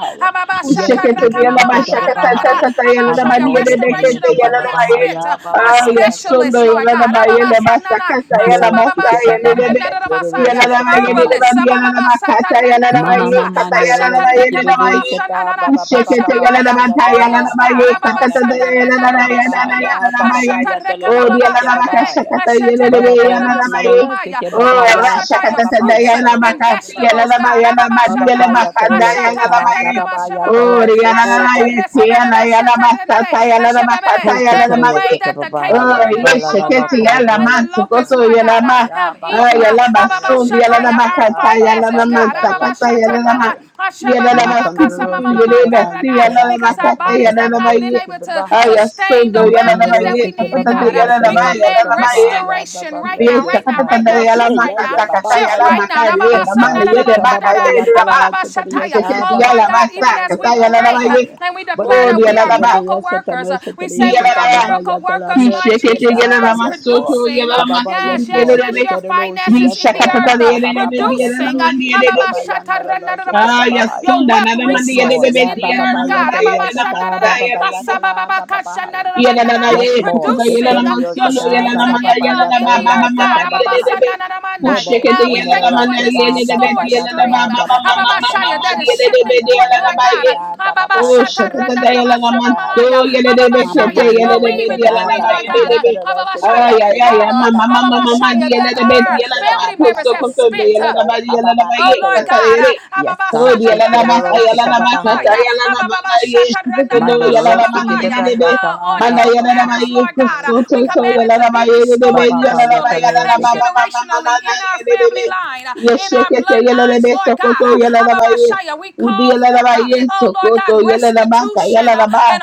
[SPEAKER 2] Ushekete yala ba
[SPEAKER 3] a baba
[SPEAKER 2] shakata ta
[SPEAKER 3] higher.
[SPEAKER 1] ababashatarakamamamanara,
[SPEAKER 2] ta ta yala na ba
[SPEAKER 1] ababashaya,
[SPEAKER 3] Ababo,
[SPEAKER 2] yele
[SPEAKER 3] yes,
[SPEAKER 2] de
[SPEAKER 3] yes,
[SPEAKER 1] Restoration
[SPEAKER 2] kete
[SPEAKER 1] of
[SPEAKER 3] it's a
[SPEAKER 1] what
[SPEAKER 2] yala
[SPEAKER 1] we
[SPEAKER 2] na
[SPEAKER 3] baba
[SPEAKER 1] have
[SPEAKER 2] ba ye.
[SPEAKER 3] higher.
[SPEAKER 1] spent uh, on
[SPEAKER 3] Baba,
[SPEAKER 2] Ah
[SPEAKER 3] yes,
[SPEAKER 2] yasundo
[SPEAKER 1] specialists,
[SPEAKER 3] yes,
[SPEAKER 1] Lord
[SPEAKER 3] it's
[SPEAKER 2] yala na
[SPEAKER 3] a
[SPEAKER 1] God.
[SPEAKER 2] ba
[SPEAKER 3] baba
[SPEAKER 2] le
[SPEAKER 3] higher.
[SPEAKER 2] ba
[SPEAKER 1] Ababasanana,
[SPEAKER 2] sakata yala
[SPEAKER 3] Manoro,
[SPEAKER 2] basa sa
[SPEAKER 3] yes,
[SPEAKER 2] yele
[SPEAKER 3] baba higher. Dororo,
[SPEAKER 2] Yala
[SPEAKER 1] asabababashanararanarabasaya,
[SPEAKER 3] yes,
[SPEAKER 2] na ba
[SPEAKER 3] baba
[SPEAKER 2] yele de
[SPEAKER 3] higher.
[SPEAKER 1] Herbalists.
[SPEAKER 2] yala na makata yala na ba
[SPEAKER 3] Mama
[SPEAKER 2] ye
[SPEAKER 1] abababasataranarabasa,
[SPEAKER 3] mama
[SPEAKER 2] kata yala na
[SPEAKER 3] norolo
[SPEAKER 2] ba
[SPEAKER 3] siki
[SPEAKER 2] yele na ba
[SPEAKER 3] bebe
[SPEAKER 2] ye.
[SPEAKER 3] sheta ba ba ba
[SPEAKER 1] ashatarekabababasa-
[SPEAKER 3] ba ba
[SPEAKER 2] Ushekete
[SPEAKER 3] ba
[SPEAKER 2] yala
[SPEAKER 3] ba
[SPEAKER 2] na
[SPEAKER 1] shababaya.
[SPEAKER 3] ba
[SPEAKER 2] ba
[SPEAKER 3] ya
[SPEAKER 2] yala
[SPEAKER 3] tala
[SPEAKER 2] na
[SPEAKER 1] Oils,
[SPEAKER 2] ba
[SPEAKER 3] ba ba
[SPEAKER 2] ye
[SPEAKER 1] God.
[SPEAKER 3] ba ba
[SPEAKER 2] tata
[SPEAKER 1] Ababa
[SPEAKER 3] ya tala
[SPEAKER 1] sanda
[SPEAKER 3] la
[SPEAKER 2] yala
[SPEAKER 1] randa
[SPEAKER 2] na na
[SPEAKER 3] siki
[SPEAKER 2] yala
[SPEAKER 3] baba
[SPEAKER 2] na
[SPEAKER 1] shamama.
[SPEAKER 2] yala
[SPEAKER 3] ya
[SPEAKER 2] na
[SPEAKER 3] ba
[SPEAKER 2] ba
[SPEAKER 3] ba ba
[SPEAKER 1] Ashata
[SPEAKER 3] ya tala
[SPEAKER 1] reka
[SPEAKER 2] Oh
[SPEAKER 3] la
[SPEAKER 1] baba
[SPEAKER 2] yala
[SPEAKER 3] siki
[SPEAKER 2] na ba ka
[SPEAKER 3] baba
[SPEAKER 1] sanane.
[SPEAKER 3] ya
[SPEAKER 2] shakata
[SPEAKER 1] Ashata
[SPEAKER 2] yele
[SPEAKER 3] ba ba
[SPEAKER 1] randa da
[SPEAKER 2] yala
[SPEAKER 3] ba ya
[SPEAKER 2] na ba
[SPEAKER 3] norolo siki
[SPEAKER 2] Oh
[SPEAKER 3] baba
[SPEAKER 1] Ababa
[SPEAKER 3] ya
[SPEAKER 2] rasha
[SPEAKER 3] ba ba
[SPEAKER 1] shataya
[SPEAKER 2] kata
[SPEAKER 3] ba
[SPEAKER 2] ta
[SPEAKER 3] ba ya
[SPEAKER 1] fruits
[SPEAKER 2] yala
[SPEAKER 3] tala la
[SPEAKER 1] and
[SPEAKER 2] makati
[SPEAKER 3] siki baba
[SPEAKER 2] yala
[SPEAKER 3] ya
[SPEAKER 1] vegetables,
[SPEAKER 2] na ba
[SPEAKER 1] God.
[SPEAKER 2] yala
[SPEAKER 1] Ababa
[SPEAKER 2] ba
[SPEAKER 3] ba ba
[SPEAKER 2] yala
[SPEAKER 3] ba
[SPEAKER 2] ba
[SPEAKER 1] shandana.
[SPEAKER 3] ya tala ya
[SPEAKER 2] yala
[SPEAKER 1] Ashata
[SPEAKER 2] na ba
[SPEAKER 3] sheta
[SPEAKER 1] reta
[SPEAKER 3] ba
[SPEAKER 1] da
[SPEAKER 3] ba ba ya
[SPEAKER 2] Oh,
[SPEAKER 3] tala
[SPEAKER 2] yana na
[SPEAKER 3] suko
[SPEAKER 2] na
[SPEAKER 1] Ashata
[SPEAKER 3] ba
[SPEAKER 2] ye yana
[SPEAKER 1] resebebebe
[SPEAKER 3] shata
[SPEAKER 2] yana
[SPEAKER 1] sheta renade.
[SPEAKER 2] basata yana na makata
[SPEAKER 3] push it
[SPEAKER 2] yana na
[SPEAKER 3] tala
[SPEAKER 1] Every
[SPEAKER 2] ma
[SPEAKER 3] ya
[SPEAKER 1] way
[SPEAKER 2] ye.
[SPEAKER 3] siki
[SPEAKER 1] that the
[SPEAKER 3] baba
[SPEAKER 2] Oh,
[SPEAKER 3] ya
[SPEAKER 1] cankerworm and
[SPEAKER 3] ba
[SPEAKER 1] the
[SPEAKER 2] ye
[SPEAKER 3] la la la
[SPEAKER 2] sheketi
[SPEAKER 1] pummelworm
[SPEAKER 3] ko ba
[SPEAKER 1] worm
[SPEAKER 2] yana
[SPEAKER 3] ba
[SPEAKER 1] and the
[SPEAKER 3] ya
[SPEAKER 2] mansu
[SPEAKER 1] locust,
[SPEAKER 3] tata
[SPEAKER 2] koto
[SPEAKER 3] ba
[SPEAKER 1] Lord
[SPEAKER 3] ba
[SPEAKER 2] yana
[SPEAKER 1] God,
[SPEAKER 3] ba
[SPEAKER 1] uh,
[SPEAKER 2] ma.
[SPEAKER 3] ya
[SPEAKER 1] have
[SPEAKER 3] ba ba
[SPEAKER 2] Ah,
[SPEAKER 1] eaten.
[SPEAKER 3] ba
[SPEAKER 1] uh,
[SPEAKER 2] yana
[SPEAKER 3] ya tala
[SPEAKER 1] Ababa
[SPEAKER 3] ya
[SPEAKER 2] basumbi
[SPEAKER 3] siki
[SPEAKER 2] yana na
[SPEAKER 1] shataya.
[SPEAKER 3] baba
[SPEAKER 1] Our
[SPEAKER 3] ya
[SPEAKER 2] makata
[SPEAKER 3] ba ba
[SPEAKER 2] yana
[SPEAKER 3] ba
[SPEAKER 2] na
[SPEAKER 1] finances,
[SPEAKER 3] ya
[SPEAKER 1] God.
[SPEAKER 3] tala la
[SPEAKER 1] Ababa
[SPEAKER 2] mansakata
[SPEAKER 3] siki
[SPEAKER 2] yana na
[SPEAKER 3] baba
[SPEAKER 1] shatanana.
[SPEAKER 2] ma.
[SPEAKER 3] ya
[SPEAKER 2] Yana
[SPEAKER 1] Ashababa
[SPEAKER 2] na
[SPEAKER 3] Makandalolo
[SPEAKER 2] basuputu
[SPEAKER 3] siki
[SPEAKER 2] yana
[SPEAKER 3] baba
[SPEAKER 2] basi yana
[SPEAKER 3] yakala
[SPEAKER 2] na
[SPEAKER 1] because our
[SPEAKER 3] baba
[SPEAKER 2] makata
[SPEAKER 1] bodies
[SPEAKER 2] yana
[SPEAKER 1] have
[SPEAKER 2] na ma
[SPEAKER 3] yakalo
[SPEAKER 1] not been
[SPEAKER 2] ye.
[SPEAKER 3] siki
[SPEAKER 1] able to
[SPEAKER 3] baba
[SPEAKER 2] Ah,
[SPEAKER 3] hai.
[SPEAKER 1] sustain the
[SPEAKER 2] yasundo yana na ma
[SPEAKER 1] wellness
[SPEAKER 3] Makandalo
[SPEAKER 1] that
[SPEAKER 2] ye.
[SPEAKER 1] we
[SPEAKER 3] seke
[SPEAKER 1] needed,
[SPEAKER 2] Kapatata
[SPEAKER 3] baba
[SPEAKER 1] God. Uh,
[SPEAKER 3] ya
[SPEAKER 2] yana na
[SPEAKER 1] we
[SPEAKER 2] ma
[SPEAKER 3] dalo
[SPEAKER 2] yana
[SPEAKER 3] seke
[SPEAKER 1] command
[SPEAKER 2] na ma ye.
[SPEAKER 3] baba ya
[SPEAKER 1] restoration
[SPEAKER 3] baba
[SPEAKER 1] right
[SPEAKER 3] ya
[SPEAKER 1] now,
[SPEAKER 2] Yes,
[SPEAKER 3] yes
[SPEAKER 1] right
[SPEAKER 2] shakata
[SPEAKER 1] now,
[SPEAKER 3] ka
[SPEAKER 1] right
[SPEAKER 2] tanda
[SPEAKER 1] now.
[SPEAKER 3] yes
[SPEAKER 2] yala
[SPEAKER 3] yeah
[SPEAKER 1] Shift right
[SPEAKER 3] yeah
[SPEAKER 2] maka
[SPEAKER 1] now,
[SPEAKER 3] yeah baba
[SPEAKER 2] sakata
[SPEAKER 1] shift
[SPEAKER 3] ha
[SPEAKER 2] yala
[SPEAKER 1] right
[SPEAKER 3] ya
[SPEAKER 1] now.
[SPEAKER 2] maka ye
[SPEAKER 3] yes
[SPEAKER 2] dama
[SPEAKER 3] ka
[SPEAKER 2] ne
[SPEAKER 3] shake
[SPEAKER 2] yele
[SPEAKER 3] ta
[SPEAKER 2] baka
[SPEAKER 3] baba ba
[SPEAKER 2] ye
[SPEAKER 3] ya
[SPEAKER 2] le
[SPEAKER 1] Ah
[SPEAKER 2] dama.
[SPEAKER 3] Tala seke ya ta
[SPEAKER 2] Usheketi
[SPEAKER 1] Oh
[SPEAKER 3] baba
[SPEAKER 1] Lord
[SPEAKER 2] yala
[SPEAKER 3] ba ya
[SPEAKER 1] God,
[SPEAKER 3] dalo
[SPEAKER 1] even
[SPEAKER 2] masa
[SPEAKER 1] as
[SPEAKER 3] ya
[SPEAKER 2] kata
[SPEAKER 1] we
[SPEAKER 3] ta
[SPEAKER 2] yala
[SPEAKER 3] baba
[SPEAKER 2] dama
[SPEAKER 1] pray uh,
[SPEAKER 3] ba
[SPEAKER 2] ye.
[SPEAKER 3] ya
[SPEAKER 1] and we declare
[SPEAKER 2] Oh,
[SPEAKER 3] barolo
[SPEAKER 1] that we
[SPEAKER 2] yala
[SPEAKER 1] are
[SPEAKER 3] seke
[SPEAKER 2] dama.
[SPEAKER 3] baba
[SPEAKER 1] miracle
[SPEAKER 3] ya seke
[SPEAKER 1] workers,
[SPEAKER 3] mer
[SPEAKER 1] uh,
[SPEAKER 3] seke
[SPEAKER 1] we
[SPEAKER 3] tala ya
[SPEAKER 2] The
[SPEAKER 1] say
[SPEAKER 2] yala
[SPEAKER 1] we
[SPEAKER 3] seke
[SPEAKER 1] are
[SPEAKER 2] dama.
[SPEAKER 3] baba ya
[SPEAKER 1] miracle
[SPEAKER 3] Tala
[SPEAKER 1] workers, Lord
[SPEAKER 3] miracles ya
[SPEAKER 2] Kisheketi
[SPEAKER 1] Jesus
[SPEAKER 3] ta
[SPEAKER 2] yala
[SPEAKER 3] ba
[SPEAKER 1] Christ,
[SPEAKER 2] dama
[SPEAKER 3] yes lord
[SPEAKER 2] soto
[SPEAKER 1] producing,
[SPEAKER 2] yala
[SPEAKER 1] uh,
[SPEAKER 3] ha
[SPEAKER 2] dama
[SPEAKER 3] baba
[SPEAKER 2] sun
[SPEAKER 1] yes,
[SPEAKER 3] yes
[SPEAKER 2] yele
[SPEAKER 1] yes,
[SPEAKER 3] lord
[SPEAKER 1] yes,
[SPEAKER 3] shake
[SPEAKER 2] lebe.
[SPEAKER 1] your
[SPEAKER 3] it lo she
[SPEAKER 2] The
[SPEAKER 1] finances
[SPEAKER 3] yes
[SPEAKER 1] in the
[SPEAKER 2] shakata
[SPEAKER 3] lord
[SPEAKER 1] earth,
[SPEAKER 3] ba
[SPEAKER 2] tanda
[SPEAKER 1] uh,
[SPEAKER 3] ba
[SPEAKER 2] yele
[SPEAKER 3] ba ba
[SPEAKER 2] debe.
[SPEAKER 3] ba
[SPEAKER 2] The
[SPEAKER 3] ya
[SPEAKER 2] yala
[SPEAKER 1] producing.
[SPEAKER 2] dama
[SPEAKER 3] dalo
[SPEAKER 2] ne
[SPEAKER 3] seke
[SPEAKER 2] yele
[SPEAKER 3] baba
[SPEAKER 2] debe.
[SPEAKER 3] ya
[SPEAKER 1] Uh,
[SPEAKER 3] dalo seke
[SPEAKER 2] Ah,
[SPEAKER 3] baba ha ya
[SPEAKER 1] your
[SPEAKER 2] yasunda na
[SPEAKER 1] wealth
[SPEAKER 2] dama
[SPEAKER 3] yes
[SPEAKER 2] ne yele
[SPEAKER 3] lord
[SPEAKER 1] resources
[SPEAKER 2] debe.
[SPEAKER 3] ya
[SPEAKER 1] in
[SPEAKER 2] The
[SPEAKER 1] the
[SPEAKER 3] baba
[SPEAKER 2] yala
[SPEAKER 1] earth,
[SPEAKER 3] ba
[SPEAKER 2] dama
[SPEAKER 3] ya
[SPEAKER 1] God.
[SPEAKER 2] ne
[SPEAKER 3] dalo ya
[SPEAKER 2] yele
[SPEAKER 3] seke
[SPEAKER 2] dama
[SPEAKER 3] baba ba ya
[SPEAKER 2] sa
[SPEAKER 3] Tala baba ba ya
[SPEAKER 2] Yelana
[SPEAKER 3] Yes,
[SPEAKER 2] ye,
[SPEAKER 3] Lord.
[SPEAKER 2] kusuda yelana
[SPEAKER 1] Producing uh,
[SPEAKER 3] Sheterio
[SPEAKER 1] your
[SPEAKER 2] mansono,
[SPEAKER 3] seta
[SPEAKER 2] yelana
[SPEAKER 1] streams of
[SPEAKER 3] baba
[SPEAKER 2] manda
[SPEAKER 3] baba
[SPEAKER 1] income
[SPEAKER 2] yelana
[SPEAKER 1] in
[SPEAKER 2] ba
[SPEAKER 1] the
[SPEAKER 2] ba ba
[SPEAKER 3] yatala
[SPEAKER 1] earth,
[SPEAKER 2] mama
[SPEAKER 1] God.
[SPEAKER 3] seta
[SPEAKER 2] ni
[SPEAKER 3] baba
[SPEAKER 2] yelele
[SPEAKER 3] haya.
[SPEAKER 2] be.
[SPEAKER 3] Bobo
[SPEAKER 2] Kusheke de
[SPEAKER 1] Uh, we
[SPEAKER 2] yelana
[SPEAKER 1] thank you
[SPEAKER 3] shanela
[SPEAKER 1] for
[SPEAKER 2] manda
[SPEAKER 1] this
[SPEAKER 3] seta
[SPEAKER 2] yelele be,
[SPEAKER 3] baba
[SPEAKER 2] de
[SPEAKER 3] baba
[SPEAKER 1] restored
[SPEAKER 2] yelana ba
[SPEAKER 1] stream
[SPEAKER 3] yatala
[SPEAKER 2] ba
[SPEAKER 1] uh,
[SPEAKER 3] baba
[SPEAKER 2] ba
[SPEAKER 3] baba
[SPEAKER 2] mama mama mama
[SPEAKER 3] yatala
[SPEAKER 1] that
[SPEAKER 2] ni
[SPEAKER 1] is
[SPEAKER 3] baba
[SPEAKER 2] yelele
[SPEAKER 3] baba
[SPEAKER 2] be,
[SPEAKER 1] shifting
[SPEAKER 2] de
[SPEAKER 1] forth,
[SPEAKER 2] yelana
[SPEAKER 1] Lord
[SPEAKER 2] ba
[SPEAKER 3] yanela
[SPEAKER 1] God.
[SPEAKER 2] ye.
[SPEAKER 1] Uh,
[SPEAKER 3] seta baba baba
[SPEAKER 2] Oh, shatata da
[SPEAKER 3] yatoro seta
[SPEAKER 2] yelana
[SPEAKER 3] baba haya.
[SPEAKER 2] manso, yelele be
[SPEAKER 3] Mama
[SPEAKER 2] kete,
[SPEAKER 1] Uh,
[SPEAKER 2] yelele
[SPEAKER 1] we
[SPEAKER 3] manela
[SPEAKER 2] be, de
[SPEAKER 1] even
[SPEAKER 3] seta
[SPEAKER 2] yelana
[SPEAKER 1] decree,
[SPEAKER 3] baba
[SPEAKER 2] ba
[SPEAKER 1] Lord
[SPEAKER 3] baba
[SPEAKER 1] God,
[SPEAKER 2] yelele
[SPEAKER 1] uh,
[SPEAKER 2] be.
[SPEAKER 3] yatala
[SPEAKER 2] Ay,
[SPEAKER 3] seta
[SPEAKER 1] every
[SPEAKER 2] ay, ay,
[SPEAKER 3] seta
[SPEAKER 2] ay,
[SPEAKER 1] dollar
[SPEAKER 3] baba
[SPEAKER 2] mama
[SPEAKER 3] baba
[SPEAKER 2] mama mama
[SPEAKER 3] yatala
[SPEAKER 1] Ababashaya,
[SPEAKER 2] ni
[SPEAKER 3] seta
[SPEAKER 1] that
[SPEAKER 2] yelele be, de
[SPEAKER 1] our
[SPEAKER 3] balala
[SPEAKER 2] yelana ba
[SPEAKER 3] seta
[SPEAKER 1] family
[SPEAKER 3] baba
[SPEAKER 1] members
[SPEAKER 2] kuso
[SPEAKER 3] baba
[SPEAKER 1] have
[SPEAKER 2] kuso, de
[SPEAKER 3] yatala
[SPEAKER 1] spent. uh,
[SPEAKER 3] seta
[SPEAKER 2] yelana ba, de
[SPEAKER 3] okaba
[SPEAKER 2] yelana
[SPEAKER 3] baba
[SPEAKER 2] ba
[SPEAKER 1] Oh
[SPEAKER 2] ye,
[SPEAKER 1] Lord
[SPEAKER 3] katoro.
[SPEAKER 2] kata
[SPEAKER 1] God, uh,
[SPEAKER 2] yele.
[SPEAKER 3] Yes,
[SPEAKER 1] Ababa
[SPEAKER 2] Oh,
[SPEAKER 3] God.
[SPEAKER 2] de
[SPEAKER 1] Sata
[SPEAKER 2] yelana
[SPEAKER 1] Randa
[SPEAKER 2] ba,
[SPEAKER 3] Sheterio
[SPEAKER 2] ay,
[SPEAKER 1] Raba
[SPEAKER 3] shika
[SPEAKER 2] yelana
[SPEAKER 1] Shama
[SPEAKER 2] ba,
[SPEAKER 3] baba
[SPEAKER 2] kata
[SPEAKER 3] haya.
[SPEAKER 1] Mamaya,
[SPEAKER 2] yelana
[SPEAKER 1] Ababa
[SPEAKER 2] manda ye,
[SPEAKER 1] Shata Randa
[SPEAKER 2] kuso do
[SPEAKER 1] Raba
[SPEAKER 3] Mandorolo
[SPEAKER 2] yelana
[SPEAKER 1] Shaba
[SPEAKER 2] manda
[SPEAKER 3] sike
[SPEAKER 1] Babaya.
[SPEAKER 3] beba
[SPEAKER 2] yelele be.
[SPEAKER 1] Uh,
[SPEAKER 3] yatala
[SPEAKER 1] on
[SPEAKER 2] Manda
[SPEAKER 3] baba
[SPEAKER 1] health
[SPEAKER 2] yala la
[SPEAKER 3] baba
[SPEAKER 1] matters,
[SPEAKER 2] maye
[SPEAKER 3] baba
[SPEAKER 1] Lord God,
[SPEAKER 3] dorolo
[SPEAKER 1] uh,
[SPEAKER 2] kusoto
[SPEAKER 1] we
[SPEAKER 3] sike
[SPEAKER 2] to
[SPEAKER 3] baha
[SPEAKER 1] command it
[SPEAKER 2] yala
[SPEAKER 1] to
[SPEAKER 2] la
[SPEAKER 1] be
[SPEAKER 2] maye de de be
[SPEAKER 3] baba
[SPEAKER 1] restored
[SPEAKER 3] baba
[SPEAKER 2] yala la
[SPEAKER 1] personally
[SPEAKER 2] maye la
[SPEAKER 3] yatala
[SPEAKER 2] la
[SPEAKER 1] and
[SPEAKER 2] ba ba ba ba ba ba
[SPEAKER 1] generationally
[SPEAKER 2] na
[SPEAKER 1] in our
[SPEAKER 2] yele de
[SPEAKER 1] family
[SPEAKER 2] be
[SPEAKER 1] line, uh, in our
[SPEAKER 2] yesheke yala la
[SPEAKER 1] bloodlines,
[SPEAKER 2] be
[SPEAKER 1] Lord God.
[SPEAKER 2] sokoto
[SPEAKER 1] Uh,
[SPEAKER 2] yala la
[SPEAKER 1] Ababa
[SPEAKER 2] maye
[SPEAKER 1] Shaya, we
[SPEAKER 2] udi
[SPEAKER 1] call
[SPEAKER 2] yala la
[SPEAKER 1] forth, uh,
[SPEAKER 2] maye
[SPEAKER 1] oh Lord
[SPEAKER 2] sokoto
[SPEAKER 1] God,
[SPEAKER 2] yala la ba ta yala
[SPEAKER 1] restitution uh,
[SPEAKER 2] la ba
[SPEAKER 1] and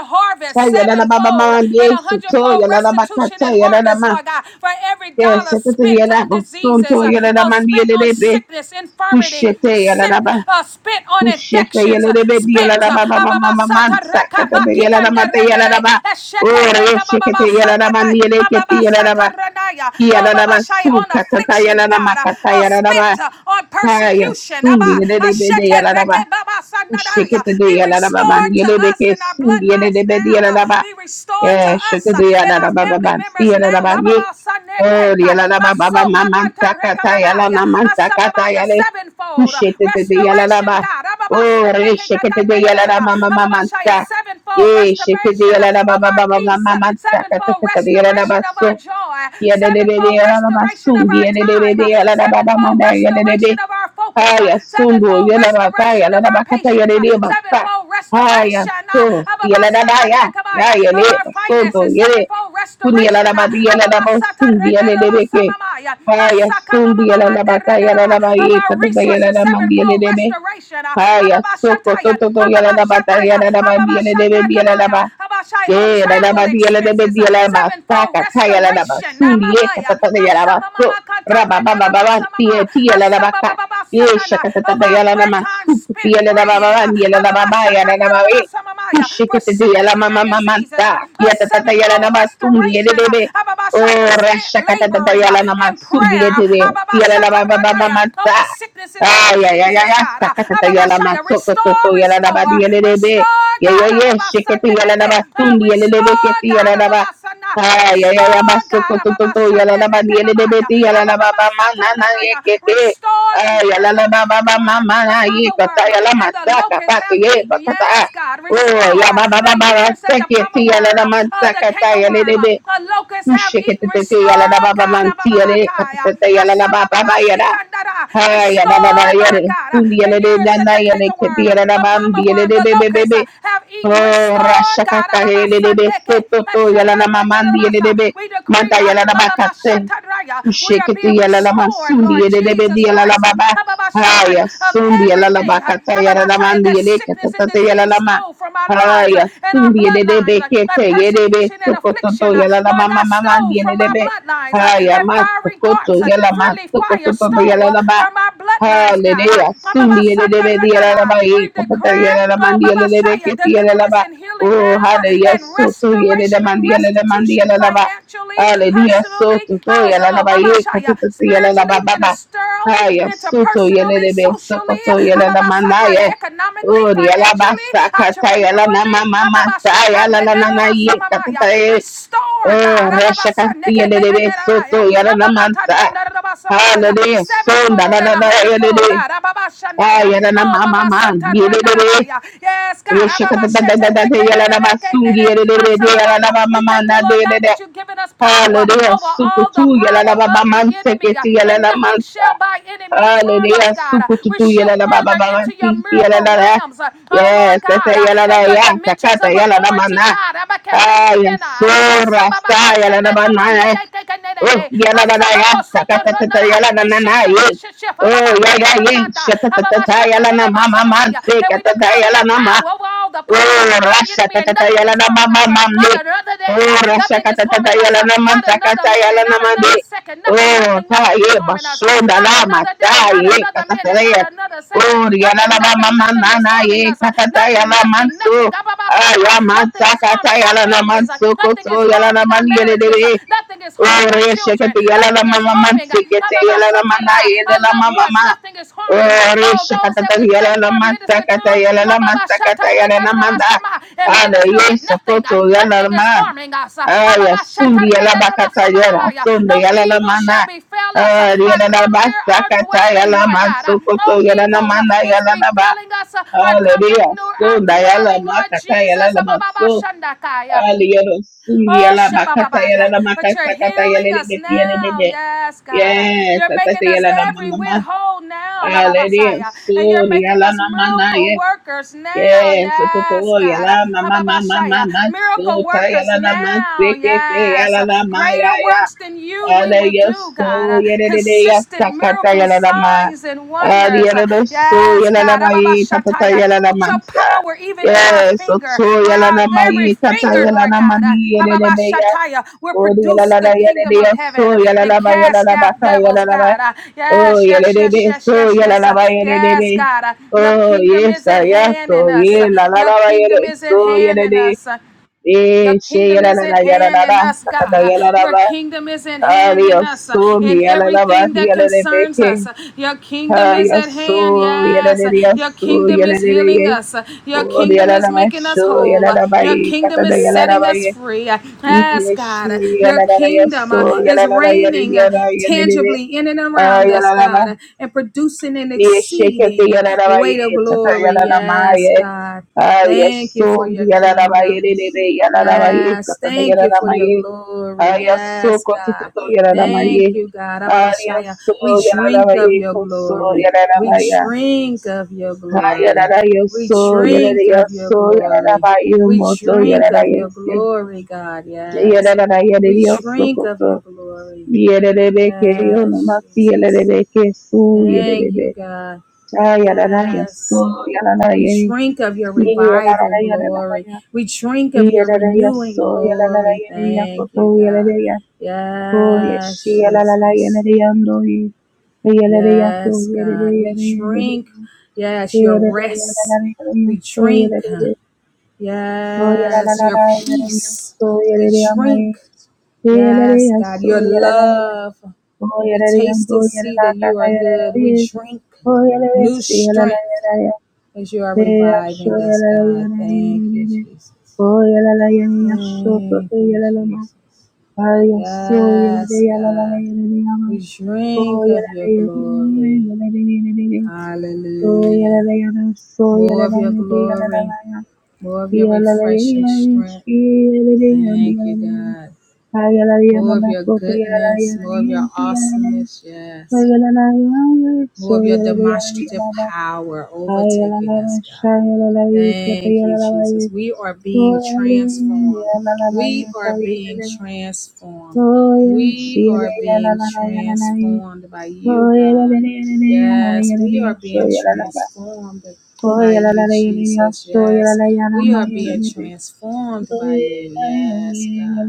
[SPEAKER 2] ta
[SPEAKER 1] harvest
[SPEAKER 2] yala la ba ba ma
[SPEAKER 1] sevenfold
[SPEAKER 2] de
[SPEAKER 1] and a
[SPEAKER 2] soto
[SPEAKER 1] hundredfold
[SPEAKER 2] yala la ba ka
[SPEAKER 1] restitution
[SPEAKER 2] ta
[SPEAKER 1] and
[SPEAKER 2] yala la
[SPEAKER 1] harvest,
[SPEAKER 2] ma
[SPEAKER 1] Lord God, for every
[SPEAKER 2] yes
[SPEAKER 1] dollar
[SPEAKER 2] te te
[SPEAKER 1] spent
[SPEAKER 2] yala
[SPEAKER 1] on
[SPEAKER 2] soto
[SPEAKER 1] diseases, uh,
[SPEAKER 2] yala la
[SPEAKER 1] oh,
[SPEAKER 2] ma de
[SPEAKER 1] spent
[SPEAKER 2] yele
[SPEAKER 1] on
[SPEAKER 2] de be
[SPEAKER 1] sickness sickness, infirmity,
[SPEAKER 2] kushete yala
[SPEAKER 1] sit,
[SPEAKER 2] la ba
[SPEAKER 1] uh, spit on
[SPEAKER 2] Kushete
[SPEAKER 1] infections, uh,
[SPEAKER 2] yelele bedi yala
[SPEAKER 1] spit.
[SPEAKER 2] ba
[SPEAKER 1] uh,
[SPEAKER 2] ba ba ma ma ma sa kata be te yala ba. Ora yeshe kete yelala ma niyele kete yelala ba. Ki yelala ba su
[SPEAKER 1] On
[SPEAKER 2] kata ta
[SPEAKER 1] afflictions,
[SPEAKER 2] yelala ma
[SPEAKER 1] God, uh,
[SPEAKER 2] kata
[SPEAKER 1] uh,
[SPEAKER 2] yala ba.
[SPEAKER 1] spit uh, on
[SPEAKER 2] Kaya
[SPEAKER 1] persecution.
[SPEAKER 2] sundi yelele bedi yelala ba. Kushete kete de
[SPEAKER 1] Be
[SPEAKER 2] yelala ba ma
[SPEAKER 1] restored to
[SPEAKER 2] niyele
[SPEAKER 1] us
[SPEAKER 2] beke
[SPEAKER 1] in our
[SPEAKER 2] sundi yelele
[SPEAKER 1] bloodlines
[SPEAKER 2] bedi
[SPEAKER 1] now. uh,
[SPEAKER 2] yelala ba.
[SPEAKER 1] Be restored to
[SPEAKER 2] Yes,
[SPEAKER 1] us uh,
[SPEAKER 2] shukudi
[SPEAKER 1] and
[SPEAKER 2] yada
[SPEAKER 1] our
[SPEAKER 2] baba
[SPEAKER 1] family
[SPEAKER 2] ban si
[SPEAKER 1] members
[SPEAKER 2] yada da
[SPEAKER 1] now.
[SPEAKER 2] ba
[SPEAKER 1] Abba,
[SPEAKER 2] ye. Oh,
[SPEAKER 1] basaneke,
[SPEAKER 2] yalababa, maman sakata, yalana man sakata,
[SPEAKER 1] Asababaya,
[SPEAKER 2] yale.
[SPEAKER 1] sevenfold uh,
[SPEAKER 2] Kushetede
[SPEAKER 1] restoration,
[SPEAKER 2] ba.
[SPEAKER 1] God.
[SPEAKER 2] Oh, re sheketede yalala
[SPEAKER 1] Ababasendekekakanedadea,
[SPEAKER 2] mama maman sa.
[SPEAKER 1] sevenfold
[SPEAKER 2] Ye shete de shetede
[SPEAKER 1] restoration uh,
[SPEAKER 2] yalala
[SPEAKER 1] of
[SPEAKER 2] baba
[SPEAKER 1] our
[SPEAKER 2] baba mama
[SPEAKER 1] peace, uh,
[SPEAKER 2] maman sakata
[SPEAKER 1] sevenfold
[SPEAKER 2] katade yalala
[SPEAKER 1] restoration of our
[SPEAKER 2] baso.
[SPEAKER 1] joy,
[SPEAKER 2] Yadedebe
[SPEAKER 1] sevenfold
[SPEAKER 2] yalala
[SPEAKER 1] restoration of
[SPEAKER 2] basungi,
[SPEAKER 1] our time,
[SPEAKER 2] yadedebe
[SPEAKER 1] uh,
[SPEAKER 2] yalala baba
[SPEAKER 1] sevenfold
[SPEAKER 2] manda yala de. de.
[SPEAKER 1] restoration of our focus, uh,
[SPEAKER 2] Haya sundo
[SPEAKER 1] sevenfold
[SPEAKER 2] yala
[SPEAKER 1] restoration
[SPEAKER 2] rataya la
[SPEAKER 1] of
[SPEAKER 2] da
[SPEAKER 1] our
[SPEAKER 2] bakata
[SPEAKER 1] patience,
[SPEAKER 2] yele
[SPEAKER 1] uh,
[SPEAKER 2] de basa.
[SPEAKER 1] sevenfold
[SPEAKER 2] Haya
[SPEAKER 1] restoration uh,
[SPEAKER 2] so yala da da ya la yale
[SPEAKER 1] of our
[SPEAKER 2] soto
[SPEAKER 1] finances,
[SPEAKER 2] yale
[SPEAKER 1] sevenfold
[SPEAKER 2] kuni yela la
[SPEAKER 1] restoration. uh,
[SPEAKER 2] badi yala la bosungi yele de beke. Haya
[SPEAKER 1] Ababasatarenerabasamamaya,
[SPEAKER 2] sundi yala la bata yala la
[SPEAKER 1] of
[SPEAKER 2] baye
[SPEAKER 1] our
[SPEAKER 2] kata da yala
[SPEAKER 1] resources,
[SPEAKER 2] la mandi yele
[SPEAKER 1] sevenfold
[SPEAKER 2] de be.
[SPEAKER 1] restoration. uh,
[SPEAKER 2] Haya soko
[SPEAKER 1] Ababashataya,
[SPEAKER 2] toto to yala la bata
[SPEAKER 1] Ababashataya,
[SPEAKER 2] yala la mandi yele de be
[SPEAKER 1] Ababashadakamaya,
[SPEAKER 2] yela
[SPEAKER 1] Abashai on
[SPEAKER 2] yeah, da da
[SPEAKER 1] travel
[SPEAKER 2] ba dia la de ba
[SPEAKER 1] expenses, uh,
[SPEAKER 2] dia la ba sa
[SPEAKER 1] sevenfold
[SPEAKER 2] ka ya la da ba
[SPEAKER 1] restoration.
[SPEAKER 2] su
[SPEAKER 1] uh,
[SPEAKER 2] li ye ka ta
[SPEAKER 1] Mamaya,
[SPEAKER 2] ta ya la ba so ra ba ba ba ba ba
[SPEAKER 1] Asamamamakatarenarabasa,
[SPEAKER 2] ti ye ti la ba ka ye sha
[SPEAKER 1] Asababababasanana,
[SPEAKER 2] ka ta ta
[SPEAKER 1] Of our
[SPEAKER 2] ya la la
[SPEAKER 1] prayer
[SPEAKER 2] ma
[SPEAKER 1] time
[SPEAKER 2] su ku ti
[SPEAKER 1] spent
[SPEAKER 2] la ba ba
[SPEAKER 1] praying
[SPEAKER 2] ba
[SPEAKER 1] uh,
[SPEAKER 2] dia ya la ba ba ya la da ba we ku
[SPEAKER 1] for
[SPEAKER 2] ke te de ya la
[SPEAKER 1] sicknesses
[SPEAKER 2] ma ma
[SPEAKER 1] and
[SPEAKER 2] ma ma
[SPEAKER 1] diseases, uh,
[SPEAKER 2] sa ya
[SPEAKER 1] a
[SPEAKER 2] ta ta da ya la na
[SPEAKER 1] sevenfold
[SPEAKER 2] ma su ni de
[SPEAKER 1] restoration.
[SPEAKER 2] de
[SPEAKER 1] uh,
[SPEAKER 2] de o
[SPEAKER 1] Ababashaya
[SPEAKER 2] ra
[SPEAKER 1] spent
[SPEAKER 2] sha ka ta ta
[SPEAKER 1] laboring
[SPEAKER 2] ya
[SPEAKER 1] uh,
[SPEAKER 2] la na
[SPEAKER 1] in
[SPEAKER 2] ma su ni
[SPEAKER 1] prayer ah,
[SPEAKER 2] de de ya la la ba ba ba ma ma sa
[SPEAKER 1] over sicknesses and
[SPEAKER 2] ay ay ay
[SPEAKER 1] diseases,
[SPEAKER 2] ay
[SPEAKER 1] God.
[SPEAKER 2] sa
[SPEAKER 1] ah,
[SPEAKER 2] ka ta ta ya la ma so ko to
[SPEAKER 1] Restore,
[SPEAKER 2] to ya la da ba
[SPEAKER 1] restore, ah,
[SPEAKER 2] dia ya de de
[SPEAKER 1] restore,
[SPEAKER 2] yeah, yeah,
[SPEAKER 1] God.
[SPEAKER 2] yeah. Shekete yalanaba
[SPEAKER 1] ah,
[SPEAKER 2] sundi
[SPEAKER 1] Restore,
[SPEAKER 2] yelelebeketi
[SPEAKER 1] God.
[SPEAKER 2] yalanaba. Ah, yeah, yeah, yeah.
[SPEAKER 1] Restore, God.
[SPEAKER 2] Basoko tototo yalanaba yelelebeti yalanaba mama na na yekete.
[SPEAKER 1] Restore the
[SPEAKER 2] Ah,
[SPEAKER 1] years that the
[SPEAKER 2] yalanaba baba
[SPEAKER 1] cankerworm,
[SPEAKER 2] mama
[SPEAKER 1] the
[SPEAKER 2] na
[SPEAKER 1] pommel
[SPEAKER 2] yekata
[SPEAKER 1] worm, ah,
[SPEAKER 2] yalama
[SPEAKER 1] and the
[SPEAKER 2] saka
[SPEAKER 1] locusts
[SPEAKER 2] patu
[SPEAKER 1] have
[SPEAKER 2] ye
[SPEAKER 1] eaten.
[SPEAKER 2] bakata. ah.
[SPEAKER 1] Yes, God.
[SPEAKER 2] Oh, yeah,
[SPEAKER 1] Restore
[SPEAKER 2] baba
[SPEAKER 1] the
[SPEAKER 2] baba
[SPEAKER 1] years that the pommel
[SPEAKER 2] seketi
[SPEAKER 1] worm, ah,
[SPEAKER 2] yalanama
[SPEAKER 1] oh, the
[SPEAKER 2] sakata
[SPEAKER 1] cankerworm, ah,
[SPEAKER 2] yelelebe.
[SPEAKER 1] the locusts have eaten.
[SPEAKER 2] Ushekete tete
[SPEAKER 1] Restore,
[SPEAKER 2] yalanaba
[SPEAKER 1] God.
[SPEAKER 2] mama tiere katata yalanaba baba yara. Ah,
[SPEAKER 1] Restore,
[SPEAKER 2] yalanaba
[SPEAKER 1] Lord
[SPEAKER 2] yere
[SPEAKER 1] God, uh,
[SPEAKER 2] sundi
[SPEAKER 1] the
[SPEAKER 2] yelele
[SPEAKER 1] years that
[SPEAKER 2] dana
[SPEAKER 1] the
[SPEAKER 2] yeleketi
[SPEAKER 1] cankerworm, the
[SPEAKER 2] yalanaba
[SPEAKER 1] palmer worm, the locust
[SPEAKER 2] yelelebebebe.
[SPEAKER 1] uh, have eaten.
[SPEAKER 2] Oh,
[SPEAKER 1] Restore, God. uh,
[SPEAKER 2] rashakaka helelebe sototo yalana mamandi yelelebe
[SPEAKER 1] We decree,
[SPEAKER 2] manta
[SPEAKER 1] uh, uh,
[SPEAKER 2] yalana bakase
[SPEAKER 1] we are
[SPEAKER 2] ushekete
[SPEAKER 1] being
[SPEAKER 2] yalala
[SPEAKER 1] restored,
[SPEAKER 2] masundi
[SPEAKER 1] Lord
[SPEAKER 2] yelelebe di
[SPEAKER 1] Jesus
[SPEAKER 2] yalala
[SPEAKER 1] Christ, uh,
[SPEAKER 2] baba
[SPEAKER 1] uh,
[SPEAKER 2] haya
[SPEAKER 1] of
[SPEAKER 2] sundi yalala
[SPEAKER 1] everything uh,
[SPEAKER 2] bakata
[SPEAKER 1] uh,
[SPEAKER 2] yalala mandi
[SPEAKER 1] that
[SPEAKER 2] yeleke
[SPEAKER 1] sickness and
[SPEAKER 2] totate
[SPEAKER 1] disease
[SPEAKER 2] yalala ma
[SPEAKER 1] stole from our lives uh,
[SPEAKER 2] haya
[SPEAKER 1] and our
[SPEAKER 2] sundi
[SPEAKER 1] bloodlines,
[SPEAKER 2] yelelebe
[SPEAKER 1] uh, that
[SPEAKER 2] kete yelebe
[SPEAKER 1] persecution and affliction,
[SPEAKER 2] sokototo
[SPEAKER 1] uh,
[SPEAKER 2] yalala
[SPEAKER 1] Lord
[SPEAKER 2] mama
[SPEAKER 1] God, stole
[SPEAKER 2] mamandi
[SPEAKER 1] from our
[SPEAKER 2] yelelebe
[SPEAKER 1] bloodline bloodlines, uh,
[SPEAKER 2] haya
[SPEAKER 1] uh, fiery
[SPEAKER 2] masokoto
[SPEAKER 1] darts, uh,
[SPEAKER 2] yalama
[SPEAKER 1] friendly fire
[SPEAKER 2] sokototo
[SPEAKER 1] stole uh,
[SPEAKER 2] yalala ba
[SPEAKER 1] from my bloodlines, God. Uh,
[SPEAKER 2] Hallelujah.
[SPEAKER 1] uh, Baba
[SPEAKER 2] Sundi
[SPEAKER 1] Sanda
[SPEAKER 2] elelebe
[SPEAKER 1] Ranada,
[SPEAKER 2] diaraba
[SPEAKER 1] we
[SPEAKER 2] e kapataria
[SPEAKER 1] declare,
[SPEAKER 2] la elele
[SPEAKER 1] well,
[SPEAKER 2] mandi
[SPEAKER 1] Baba
[SPEAKER 2] elelebe
[SPEAKER 1] Shaya,
[SPEAKER 2] ke tiara la
[SPEAKER 1] deliverance
[SPEAKER 2] ba.
[SPEAKER 1] and healing
[SPEAKER 2] Oh,
[SPEAKER 1] now, uh,
[SPEAKER 2] hallelujah.
[SPEAKER 1] and
[SPEAKER 2] Soto la
[SPEAKER 1] restoration and
[SPEAKER 2] mandi elele mandi
[SPEAKER 1] restitution
[SPEAKER 2] elelaba.
[SPEAKER 1] financially,
[SPEAKER 2] Hallelujah.
[SPEAKER 1] personally,
[SPEAKER 2] Soto to
[SPEAKER 1] oh, so, oh,
[SPEAKER 2] elelaba
[SPEAKER 1] Baba
[SPEAKER 2] e
[SPEAKER 1] Shaya,
[SPEAKER 2] katatati
[SPEAKER 1] spiritually,
[SPEAKER 2] elelaba ba. ba ba.
[SPEAKER 1] ministerially,
[SPEAKER 2] Haya soto
[SPEAKER 1] interpersonally,
[SPEAKER 2] elelebe
[SPEAKER 1] socially,
[SPEAKER 2] sokoto
[SPEAKER 1] uh,
[SPEAKER 2] elele
[SPEAKER 1] Baba
[SPEAKER 2] mandaye.
[SPEAKER 1] Sataya, economically,
[SPEAKER 2] Oh, elelaba
[SPEAKER 1] financially,
[SPEAKER 2] sakata elele mama
[SPEAKER 1] entrepreneurially, uh, Baba
[SPEAKER 2] masa
[SPEAKER 1] Shata
[SPEAKER 2] elele
[SPEAKER 1] Renada
[SPEAKER 2] nana
[SPEAKER 1] Baba
[SPEAKER 2] e
[SPEAKER 1] Samamaya.
[SPEAKER 2] katatari.
[SPEAKER 1] restore,
[SPEAKER 2] Oh,
[SPEAKER 1] God. Uh, Baba
[SPEAKER 2] rasha
[SPEAKER 1] Sevenfold
[SPEAKER 2] rashakati elelebe soto elele mansa. Hallelujah. Sonda la
[SPEAKER 1] and
[SPEAKER 2] la
[SPEAKER 1] a
[SPEAKER 2] la
[SPEAKER 1] hundredfold,
[SPEAKER 2] elele.
[SPEAKER 1] God.
[SPEAKER 2] Hallelujah,
[SPEAKER 1] Oh, Baba Santa Randarabaya. Yes, God. Ababa Shete Reke Mebebeke Nene Asababaya. We thank you, Lord God, that you've given us power over all the
[SPEAKER 2] sukutu yala
[SPEAKER 1] power
[SPEAKER 2] baba
[SPEAKER 1] of the
[SPEAKER 2] man
[SPEAKER 1] enemy,
[SPEAKER 2] seketi
[SPEAKER 1] and
[SPEAKER 2] yala
[SPEAKER 1] nothing
[SPEAKER 2] mansa.
[SPEAKER 1] shall by any means harm
[SPEAKER 2] Hallelujah,
[SPEAKER 1] us, God. Uh, We
[SPEAKER 2] sukutu
[SPEAKER 1] shift
[SPEAKER 2] yala baba
[SPEAKER 1] further
[SPEAKER 2] man
[SPEAKER 1] into your
[SPEAKER 2] seketi
[SPEAKER 1] miracle
[SPEAKER 2] yala
[SPEAKER 1] realms, uh, oh Lord
[SPEAKER 2] Yes,
[SPEAKER 1] God,
[SPEAKER 2] tete
[SPEAKER 1] uh,
[SPEAKER 2] yala
[SPEAKER 1] and your
[SPEAKER 2] ya
[SPEAKER 1] dimensions
[SPEAKER 2] sakata
[SPEAKER 1] of
[SPEAKER 2] yala
[SPEAKER 1] authority,
[SPEAKER 2] mana.
[SPEAKER 1] God. Abba
[SPEAKER 2] Ah,
[SPEAKER 1] Kentenking and I.
[SPEAKER 2] yasura
[SPEAKER 1] We
[SPEAKER 2] sta yala mana. Oh, yala la la ya, kaka ta ta ta yala na na na
[SPEAKER 1] shift, shift,
[SPEAKER 2] ye.
[SPEAKER 1] shift, shift, shift.
[SPEAKER 2] Oh, ya ya ye, shata ta ta ta yala na ma ma ma se,
[SPEAKER 1] And we
[SPEAKER 2] kata ta
[SPEAKER 1] declare we
[SPEAKER 2] yala
[SPEAKER 1] have
[SPEAKER 2] na ma.
[SPEAKER 1] power over all the power
[SPEAKER 2] Oh,
[SPEAKER 1] of the
[SPEAKER 2] rasha
[SPEAKER 1] enemy, and
[SPEAKER 2] tatata
[SPEAKER 1] nothing
[SPEAKER 2] yala
[SPEAKER 1] is
[SPEAKER 2] na
[SPEAKER 1] harming us.
[SPEAKER 2] mama
[SPEAKER 1] Not
[SPEAKER 2] mande.
[SPEAKER 1] another day,
[SPEAKER 2] Oh, rasha
[SPEAKER 1] nothing is
[SPEAKER 2] katatata
[SPEAKER 1] harming us.
[SPEAKER 2] yala na
[SPEAKER 1] Not another
[SPEAKER 2] manzakata
[SPEAKER 1] minute,
[SPEAKER 2] yala na
[SPEAKER 1] not
[SPEAKER 2] mande.
[SPEAKER 1] another second, nothing,
[SPEAKER 2] Oh,
[SPEAKER 1] nothing,
[SPEAKER 2] ta
[SPEAKER 1] nothing
[SPEAKER 2] ye
[SPEAKER 1] is harming us.
[SPEAKER 2] basonda
[SPEAKER 1] Not
[SPEAKER 2] la
[SPEAKER 1] another day,
[SPEAKER 2] mata
[SPEAKER 1] not
[SPEAKER 2] ye
[SPEAKER 1] another minute, not
[SPEAKER 2] katataya.
[SPEAKER 1] another second,
[SPEAKER 2] Oh, yala
[SPEAKER 1] nothing,
[SPEAKER 2] na mama
[SPEAKER 1] nothing, nothing is
[SPEAKER 2] manana
[SPEAKER 1] harming
[SPEAKER 2] ye
[SPEAKER 1] us.
[SPEAKER 2] katata
[SPEAKER 1] Nothing,
[SPEAKER 2] yala
[SPEAKER 1] nothing, nothing.
[SPEAKER 2] manso.
[SPEAKER 1] Ababasana.
[SPEAKER 2] Aya
[SPEAKER 1] Nothing is
[SPEAKER 2] manzakata
[SPEAKER 1] harming our
[SPEAKER 2] yala na
[SPEAKER 1] families.
[SPEAKER 2] manso
[SPEAKER 1] Nothing. Nothing is
[SPEAKER 2] koto yala na
[SPEAKER 1] harming our
[SPEAKER 2] mali yele
[SPEAKER 1] marriages. Uh, Nothing is
[SPEAKER 2] Oh,
[SPEAKER 1] harming our
[SPEAKER 2] resha
[SPEAKER 1] children.
[SPEAKER 2] kete yala na
[SPEAKER 1] Nothing is
[SPEAKER 2] mama
[SPEAKER 1] harming
[SPEAKER 2] manse
[SPEAKER 1] uh,
[SPEAKER 2] kete yala na mana yele
[SPEAKER 1] our
[SPEAKER 2] la
[SPEAKER 1] loved ones.
[SPEAKER 2] mama.
[SPEAKER 1] Nothing is harming uh,
[SPEAKER 2] Yes,
[SPEAKER 1] oh, those that we pray for, minister to, and minister with nothing. uh, Nothing is harming us. Uh, No evil shall befell us uh, or come near our dwelling, Lord God. Uh, No evil uh, is befalling us uh, or coming near our dwelling, Lord Jesus. Ababashandakaya. Oh, Shabababaya. But you're healing us now. Yes, God. You're making us every whit whole now,
[SPEAKER 2] Hallelujah.
[SPEAKER 1] Lababasaya.
[SPEAKER 2] So,
[SPEAKER 1] And you're making
[SPEAKER 2] yala
[SPEAKER 1] us
[SPEAKER 2] mama na mana
[SPEAKER 1] miracle
[SPEAKER 2] ye.
[SPEAKER 1] workers now.
[SPEAKER 2] Yes, to
[SPEAKER 1] Yes, God.
[SPEAKER 2] yala mama mama mama
[SPEAKER 1] Hababashaya.
[SPEAKER 2] so
[SPEAKER 1] Miracle
[SPEAKER 2] ta
[SPEAKER 1] workers
[SPEAKER 2] yala na ma
[SPEAKER 1] now.
[SPEAKER 2] seke te
[SPEAKER 1] Yes.
[SPEAKER 2] yala na ma ya
[SPEAKER 1] Greater
[SPEAKER 2] ya.
[SPEAKER 1] works than you we will
[SPEAKER 2] Hallelujah.
[SPEAKER 1] do,
[SPEAKER 2] So,
[SPEAKER 1] God.
[SPEAKER 2] yere de de ya
[SPEAKER 1] Consistent
[SPEAKER 2] sakata
[SPEAKER 1] miracles,
[SPEAKER 2] yala na ma.
[SPEAKER 1] signs, signs and wonders. Uh,
[SPEAKER 2] Hallelujah. So,
[SPEAKER 1] Yes,
[SPEAKER 2] yala na
[SPEAKER 1] God.
[SPEAKER 2] ma ye katata
[SPEAKER 1] Ababashataya.
[SPEAKER 2] yala na
[SPEAKER 1] Put
[SPEAKER 2] ma
[SPEAKER 1] your
[SPEAKER 2] sa.
[SPEAKER 1] power even in our
[SPEAKER 2] Yes, so
[SPEAKER 1] finger, where
[SPEAKER 2] yala
[SPEAKER 1] our
[SPEAKER 2] na ma
[SPEAKER 1] very
[SPEAKER 2] ye kata
[SPEAKER 1] finger,
[SPEAKER 2] yala
[SPEAKER 1] Lord
[SPEAKER 2] na ma
[SPEAKER 1] God, uh,
[SPEAKER 2] ni yere de de ya.
[SPEAKER 1] Ababashataya, will
[SPEAKER 2] Oh, yala
[SPEAKER 1] produce
[SPEAKER 2] na
[SPEAKER 1] the
[SPEAKER 2] yere de
[SPEAKER 1] kingdom of
[SPEAKER 2] ya so
[SPEAKER 1] heaven
[SPEAKER 2] yala
[SPEAKER 1] and
[SPEAKER 2] na ma yala
[SPEAKER 1] cast
[SPEAKER 2] na ma
[SPEAKER 1] out
[SPEAKER 2] ta
[SPEAKER 1] devils,
[SPEAKER 2] yala na ma.
[SPEAKER 1] God. Uh,
[SPEAKER 2] Oh,
[SPEAKER 1] Yes, yes, yes,
[SPEAKER 2] yelelebe,
[SPEAKER 1] yes,
[SPEAKER 2] so
[SPEAKER 1] yes, yes. uh,
[SPEAKER 2] yelalaba
[SPEAKER 1] Yes,
[SPEAKER 2] yelelebe.
[SPEAKER 1] God. Uh, Your
[SPEAKER 2] Oh,
[SPEAKER 1] kingdom
[SPEAKER 2] yes,
[SPEAKER 1] is
[SPEAKER 2] ah,
[SPEAKER 1] at
[SPEAKER 2] yes,
[SPEAKER 1] hand in
[SPEAKER 2] so
[SPEAKER 1] us. Uh, Your
[SPEAKER 2] yelalalaba yele,
[SPEAKER 1] kingdom is
[SPEAKER 2] so
[SPEAKER 1] at hand in
[SPEAKER 2] yelele.
[SPEAKER 1] us. Your
[SPEAKER 2] Eh, she
[SPEAKER 1] kingdom is at
[SPEAKER 2] yelalala
[SPEAKER 1] hand in
[SPEAKER 2] yelalala,
[SPEAKER 1] us, God.
[SPEAKER 2] sakada
[SPEAKER 1] Uh, Your
[SPEAKER 2] yelalaba.
[SPEAKER 1] kingdom is at
[SPEAKER 2] Ah,
[SPEAKER 1] hand in us
[SPEAKER 2] yes,
[SPEAKER 1] uh,
[SPEAKER 2] so
[SPEAKER 1] in
[SPEAKER 2] mi yelalaba
[SPEAKER 1] everything that
[SPEAKER 2] yelelebe
[SPEAKER 1] concerns
[SPEAKER 2] ke.
[SPEAKER 1] us. Uh, Your kingdom
[SPEAKER 2] Ah,
[SPEAKER 1] is
[SPEAKER 2] yes,
[SPEAKER 1] at hand,
[SPEAKER 2] so
[SPEAKER 1] yes. Uh,
[SPEAKER 2] yelelele,
[SPEAKER 1] Your
[SPEAKER 2] yes, so
[SPEAKER 1] kingdom is
[SPEAKER 2] yelelebe
[SPEAKER 1] healing
[SPEAKER 2] ye.
[SPEAKER 1] us. Uh, Your
[SPEAKER 2] Oh,
[SPEAKER 1] kingdom is
[SPEAKER 2] yelalaba,
[SPEAKER 1] making us
[SPEAKER 2] so
[SPEAKER 1] whole. Uh,
[SPEAKER 2] yelalaba
[SPEAKER 1] Your
[SPEAKER 2] ye,
[SPEAKER 1] kingdom
[SPEAKER 2] sakada
[SPEAKER 1] is setting
[SPEAKER 2] yelalaba
[SPEAKER 1] us
[SPEAKER 2] ye.
[SPEAKER 1] free. Uh,
[SPEAKER 2] Mm,
[SPEAKER 1] Yes,
[SPEAKER 2] yes,
[SPEAKER 1] God. Uh,
[SPEAKER 2] she
[SPEAKER 1] Your
[SPEAKER 2] yelalala, yes,
[SPEAKER 1] kingdom
[SPEAKER 2] so
[SPEAKER 1] uh, is
[SPEAKER 2] yelalala yele-
[SPEAKER 1] reigning uh,
[SPEAKER 2] yela- yelelebe.
[SPEAKER 1] tangibly in and
[SPEAKER 2] Ah,
[SPEAKER 1] around us,
[SPEAKER 2] yelalaba.
[SPEAKER 1] God, uh, and producing an
[SPEAKER 2] Yeshekete
[SPEAKER 1] exceeding uh,
[SPEAKER 2] yararabaye,
[SPEAKER 1] weight of
[SPEAKER 2] tata
[SPEAKER 1] glory. Yes,
[SPEAKER 2] yararamaye,
[SPEAKER 1] God.
[SPEAKER 2] ah,
[SPEAKER 1] Thank you for
[SPEAKER 2] yasombi
[SPEAKER 1] your
[SPEAKER 2] yararabaye,
[SPEAKER 1] kingdom.
[SPEAKER 2] rerere yararabaye,
[SPEAKER 1] Yes,
[SPEAKER 2] katata
[SPEAKER 1] thank you for your
[SPEAKER 2] yararamaye,
[SPEAKER 1] glory.
[SPEAKER 2] ah,
[SPEAKER 1] Yes,
[SPEAKER 2] yasoko
[SPEAKER 1] God.
[SPEAKER 2] tututu
[SPEAKER 1] Thank
[SPEAKER 2] yararamaye,
[SPEAKER 1] you, God.
[SPEAKER 2] ah,
[SPEAKER 1] Ababashaya.
[SPEAKER 2] yaso
[SPEAKER 1] We drink of
[SPEAKER 2] yararabaye,
[SPEAKER 1] your
[SPEAKER 2] koso
[SPEAKER 1] glory. We
[SPEAKER 2] yararabaya,
[SPEAKER 1] drink of your
[SPEAKER 2] ah,
[SPEAKER 1] glory. We
[SPEAKER 2] yararayoso,
[SPEAKER 1] drink of your
[SPEAKER 2] yararayaso,
[SPEAKER 1] glory.
[SPEAKER 2] yararabaye,
[SPEAKER 1] We
[SPEAKER 2] moto
[SPEAKER 1] drink of your
[SPEAKER 2] yararayese,
[SPEAKER 1] glory, God. Yes. We
[SPEAKER 2] yararayarariyoso
[SPEAKER 1] drink of your
[SPEAKER 2] koto,
[SPEAKER 1] glory.
[SPEAKER 2] yererebeke,
[SPEAKER 1] Yes,
[SPEAKER 2] yonumasi,
[SPEAKER 1] Jesus.
[SPEAKER 2] yererebeke, su,
[SPEAKER 1] Thank you,
[SPEAKER 2] yererebe.
[SPEAKER 1] God.
[SPEAKER 2] Oh,
[SPEAKER 1] Yes. We drink of your revival glory. We drink of
[SPEAKER 2] yeah,
[SPEAKER 1] your renewing glory. Thank you, God. Yes, Jesus. Yes, God. We drink, yes, your rest. We drink, yes, your peace. We drink, yes, God, your love. We taste and see that you are good. We drink new strength as you are
[SPEAKER 2] Yasho
[SPEAKER 1] reviving us,
[SPEAKER 2] yalala
[SPEAKER 1] God.
[SPEAKER 2] yala
[SPEAKER 1] Thank you,
[SPEAKER 2] yala
[SPEAKER 1] Jesus.
[SPEAKER 2] Oh yalala yala yasho
[SPEAKER 1] Thank
[SPEAKER 2] toto
[SPEAKER 1] you,
[SPEAKER 2] yalala ma.
[SPEAKER 1] Jesus.
[SPEAKER 2] Ah yasho yalala
[SPEAKER 1] Yes,
[SPEAKER 2] yala
[SPEAKER 1] God.
[SPEAKER 2] yala yala
[SPEAKER 1] We drink
[SPEAKER 2] Oh
[SPEAKER 1] of
[SPEAKER 2] yalala
[SPEAKER 1] your
[SPEAKER 2] yala
[SPEAKER 1] glory.
[SPEAKER 2] yala yala Oh
[SPEAKER 1] Hallelujah.
[SPEAKER 2] yalala yala so
[SPEAKER 1] More of
[SPEAKER 2] yalala
[SPEAKER 1] your
[SPEAKER 2] yala yala
[SPEAKER 1] glory,
[SPEAKER 2] yala
[SPEAKER 1] more of your
[SPEAKER 2] Yalala
[SPEAKER 1] refreshing
[SPEAKER 2] yala
[SPEAKER 1] strength.
[SPEAKER 2] shi yala yala
[SPEAKER 1] Thank you,
[SPEAKER 2] yala
[SPEAKER 1] God.
[SPEAKER 2] Ah yalala yala
[SPEAKER 1] More of
[SPEAKER 2] ma
[SPEAKER 1] your
[SPEAKER 2] toto yalala
[SPEAKER 1] goodness,
[SPEAKER 2] yala
[SPEAKER 1] more of
[SPEAKER 2] yala
[SPEAKER 1] your
[SPEAKER 2] yala
[SPEAKER 1] awesomeness.
[SPEAKER 2] Oh
[SPEAKER 1] Yes.
[SPEAKER 2] yalala yala so
[SPEAKER 1] More of your
[SPEAKER 2] yalala yala
[SPEAKER 1] demonstrative
[SPEAKER 2] yala
[SPEAKER 1] power
[SPEAKER 2] Oh,
[SPEAKER 1] overtaking us, God. Thank you, Jesus. We are being transformed. We are being transformed. We are being transformed by you, God. Yes, we are being transformed by you, Jesus. Yes, we are being transformed by you. Yes, God.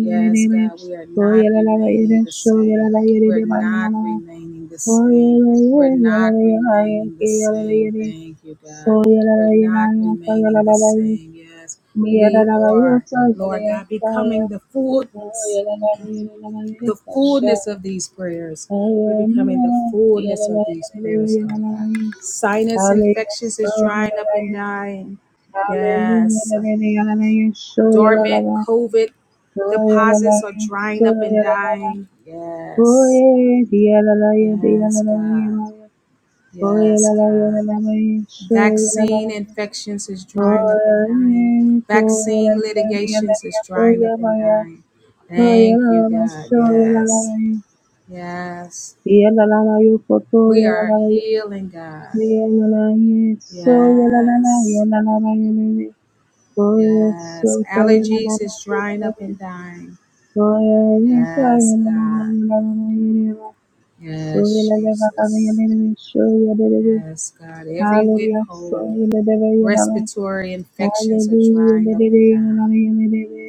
[SPEAKER 1] Yes, God, we are not remaining the same. We're not remaining the
[SPEAKER 2] Hallelujah.
[SPEAKER 1] same. We're not remaining the same. Thank you, God. We're not remaining the same. Yes, we are, Lord God, becoming the full, the fullness of these prayers. We're becoming the fullness of these prayers, Lord God. Sinus infections is drying up and dying. Yes, dormant COVID Deposits are drying up and dying. Yes. Yes, God. Yes, God.
[SPEAKER 2] Hallelujah. so you
[SPEAKER 1] Vaccine infections is drying up and dying. Vaccine litigations is drying up and dying. Thank you, God. Yes. Yes. We are healing, God. Yes. Yes. Allergies is drying up and dying. Yes, God. Yes, Jesus. Yes, God. Every withhold.
[SPEAKER 2] never, you know.
[SPEAKER 1] respiratory infections are
[SPEAKER 2] Hallelujah.
[SPEAKER 1] drying up
[SPEAKER 2] Medede,
[SPEAKER 1] and dying.
[SPEAKER 2] hallelujah, medede.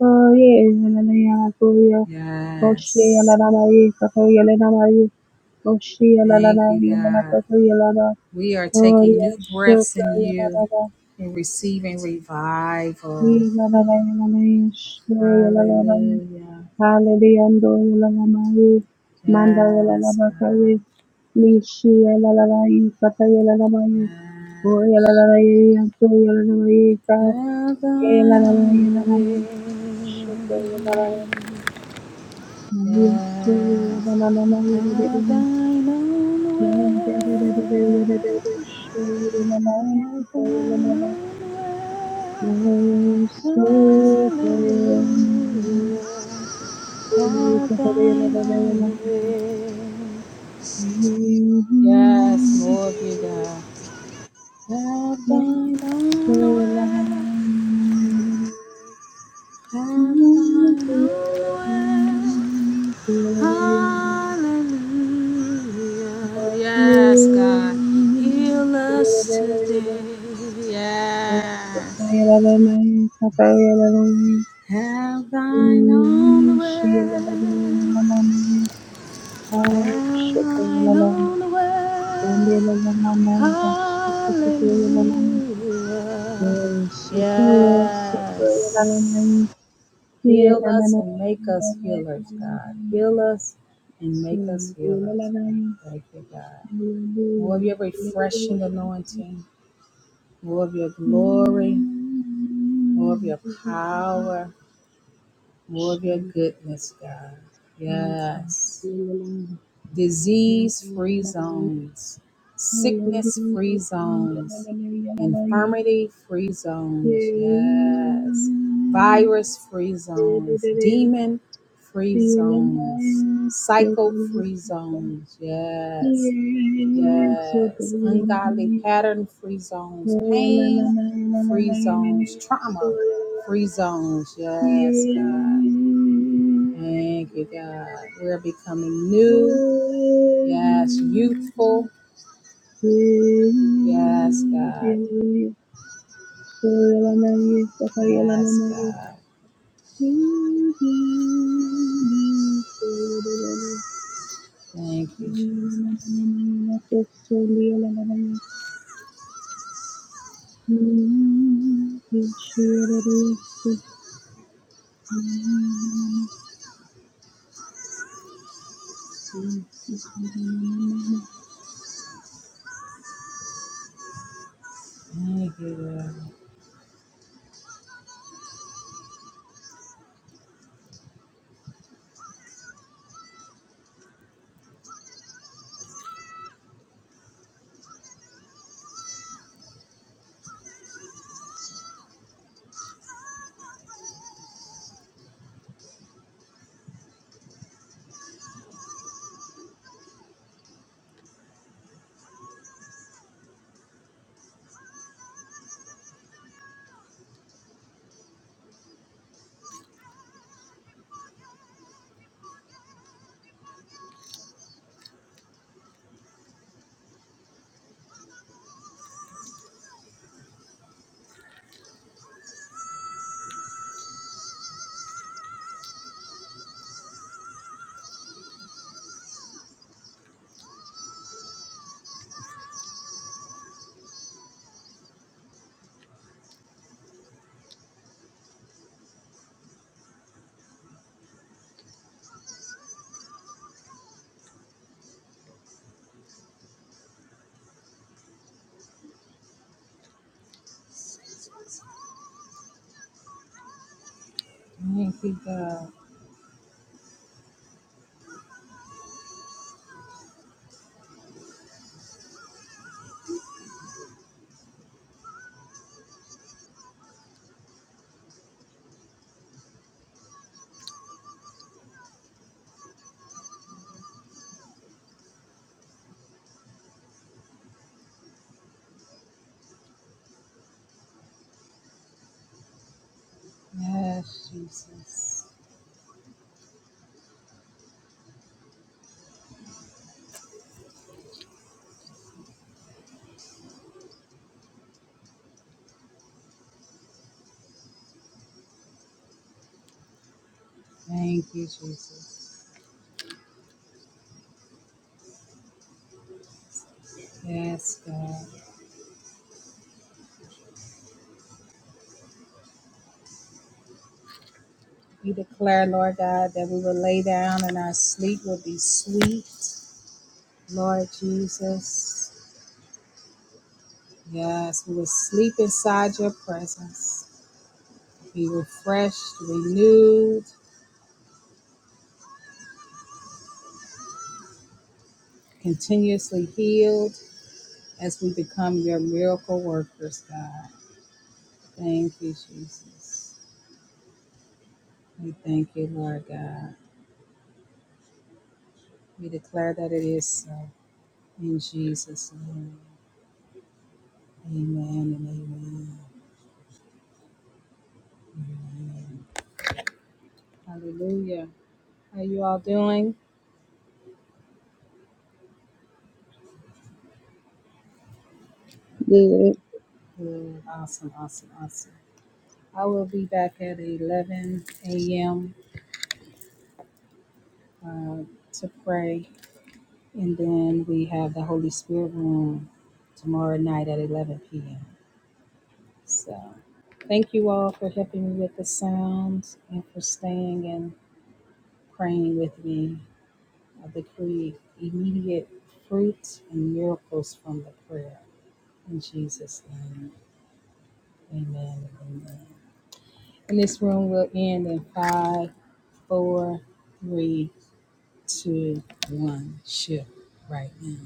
[SPEAKER 2] Oh, yeah, hallelujah, hallelujah. Oh, shea, la,
[SPEAKER 1] Yes.
[SPEAKER 2] la, la, yeah, kato, yeah, la, la, la, yeah. Oh, shea, la, la,
[SPEAKER 1] Thank
[SPEAKER 2] la,
[SPEAKER 1] you,
[SPEAKER 2] yeah, la, la,
[SPEAKER 1] God.
[SPEAKER 2] kato, yeah, la, la.
[SPEAKER 1] We are
[SPEAKER 2] Oh,
[SPEAKER 1] taking
[SPEAKER 2] yeah,
[SPEAKER 1] new breaths
[SPEAKER 2] shoto,
[SPEAKER 1] in
[SPEAKER 2] yeah, la, la,
[SPEAKER 1] you
[SPEAKER 2] la.
[SPEAKER 1] and receiving revival.
[SPEAKER 2] Yeah, la, la, la, yeah, la, la, yeah. Sho, yeah, la, la, la, yeah.
[SPEAKER 1] Hallelujah.
[SPEAKER 2] Hallelujah, ando, yeah, la, la, la, yeah. Manda, yeah, la, la,
[SPEAKER 1] Yes,
[SPEAKER 2] la, ka,
[SPEAKER 1] God.
[SPEAKER 2] yeah. Mishi, yeah, la, la, la, yeah, kato, yeah, la, la, la, yeah. Oh, yeah, la,
[SPEAKER 1] Yes.
[SPEAKER 2] la, la, yeah, yeah, ando, yeah, la, la, la, yeah, ka.
[SPEAKER 1] Have
[SPEAKER 2] Yela
[SPEAKER 1] thine
[SPEAKER 2] la la
[SPEAKER 1] own
[SPEAKER 2] yela la la
[SPEAKER 1] way.
[SPEAKER 2] shoto la la la yesu la
[SPEAKER 1] Yes.
[SPEAKER 2] la la la la la
[SPEAKER 1] Have
[SPEAKER 2] la
[SPEAKER 1] thine own
[SPEAKER 2] de de de de de de de de de de
[SPEAKER 1] way.
[SPEAKER 2] la yela la la
[SPEAKER 1] Have
[SPEAKER 2] yela la
[SPEAKER 1] thine own way.
[SPEAKER 2] la yesu
[SPEAKER 1] Hallelujah,
[SPEAKER 2] la la la yela
[SPEAKER 1] have thine
[SPEAKER 2] la la
[SPEAKER 1] own
[SPEAKER 2] yela la la
[SPEAKER 1] way. Yes, more of you, God. Have thine
[SPEAKER 2] so
[SPEAKER 1] own
[SPEAKER 2] la la la
[SPEAKER 1] way. Have thine own
[SPEAKER 2] la
[SPEAKER 1] way.
[SPEAKER 2] la la
[SPEAKER 1] Hallelujah.
[SPEAKER 2] Hallelujah.
[SPEAKER 1] Yes, God. Heal us today. Yes. Have thine own way. Align on the word. Hallelujah. Yes. Heal us and make us healers, God. Heal us and make us healers, God. Thank you, God. More of your refreshing anointing, more of your glory, more of your power, more of your goodness, God. Yes. disease free zones, sickness free zones, infirmity free zones, yes, virus free zones, demon free zones, cycle free zones, yes, yes, ungodly
[SPEAKER 2] Hallelujah.
[SPEAKER 1] pattern free zones, pain free zones, trauma free zones,
[SPEAKER 2] Thank
[SPEAKER 1] yes, God. Thank you, God. We're becoming new. Yes, youthful. Yes, God. Yes, God. Thank you, Jesus. Thank you, Lord. Thank you, God. Yes, Jesus. Thank you, Jesus. Yes, God. We declare, Lord God, that we will lay down and our sleep will be sweet. Lord Jesus. Yes, we will sleep inside your presence. Be refreshed, renewed, continuously healed as we become your miracle workers, God. Thank you, Jesus. We thank you, Lord God. We declare that it is so. In Jesus' name, amen and amen. Hallelujah. How you all doing?
[SPEAKER 2] you.
[SPEAKER 1] Good. Awesome, awesome, awesome. I will be back at 11 a.m. Uh, to pray. And then we have the Holy Spirit room tomorrow night at 11 p.m. So thank you all for helping me with the sounds and for staying and praying with me. I decree immediate fruit and miracles from the prayer. In Jesus' name, amen. and Amen. And this room will end in five, four, three, two, one. Shift right now.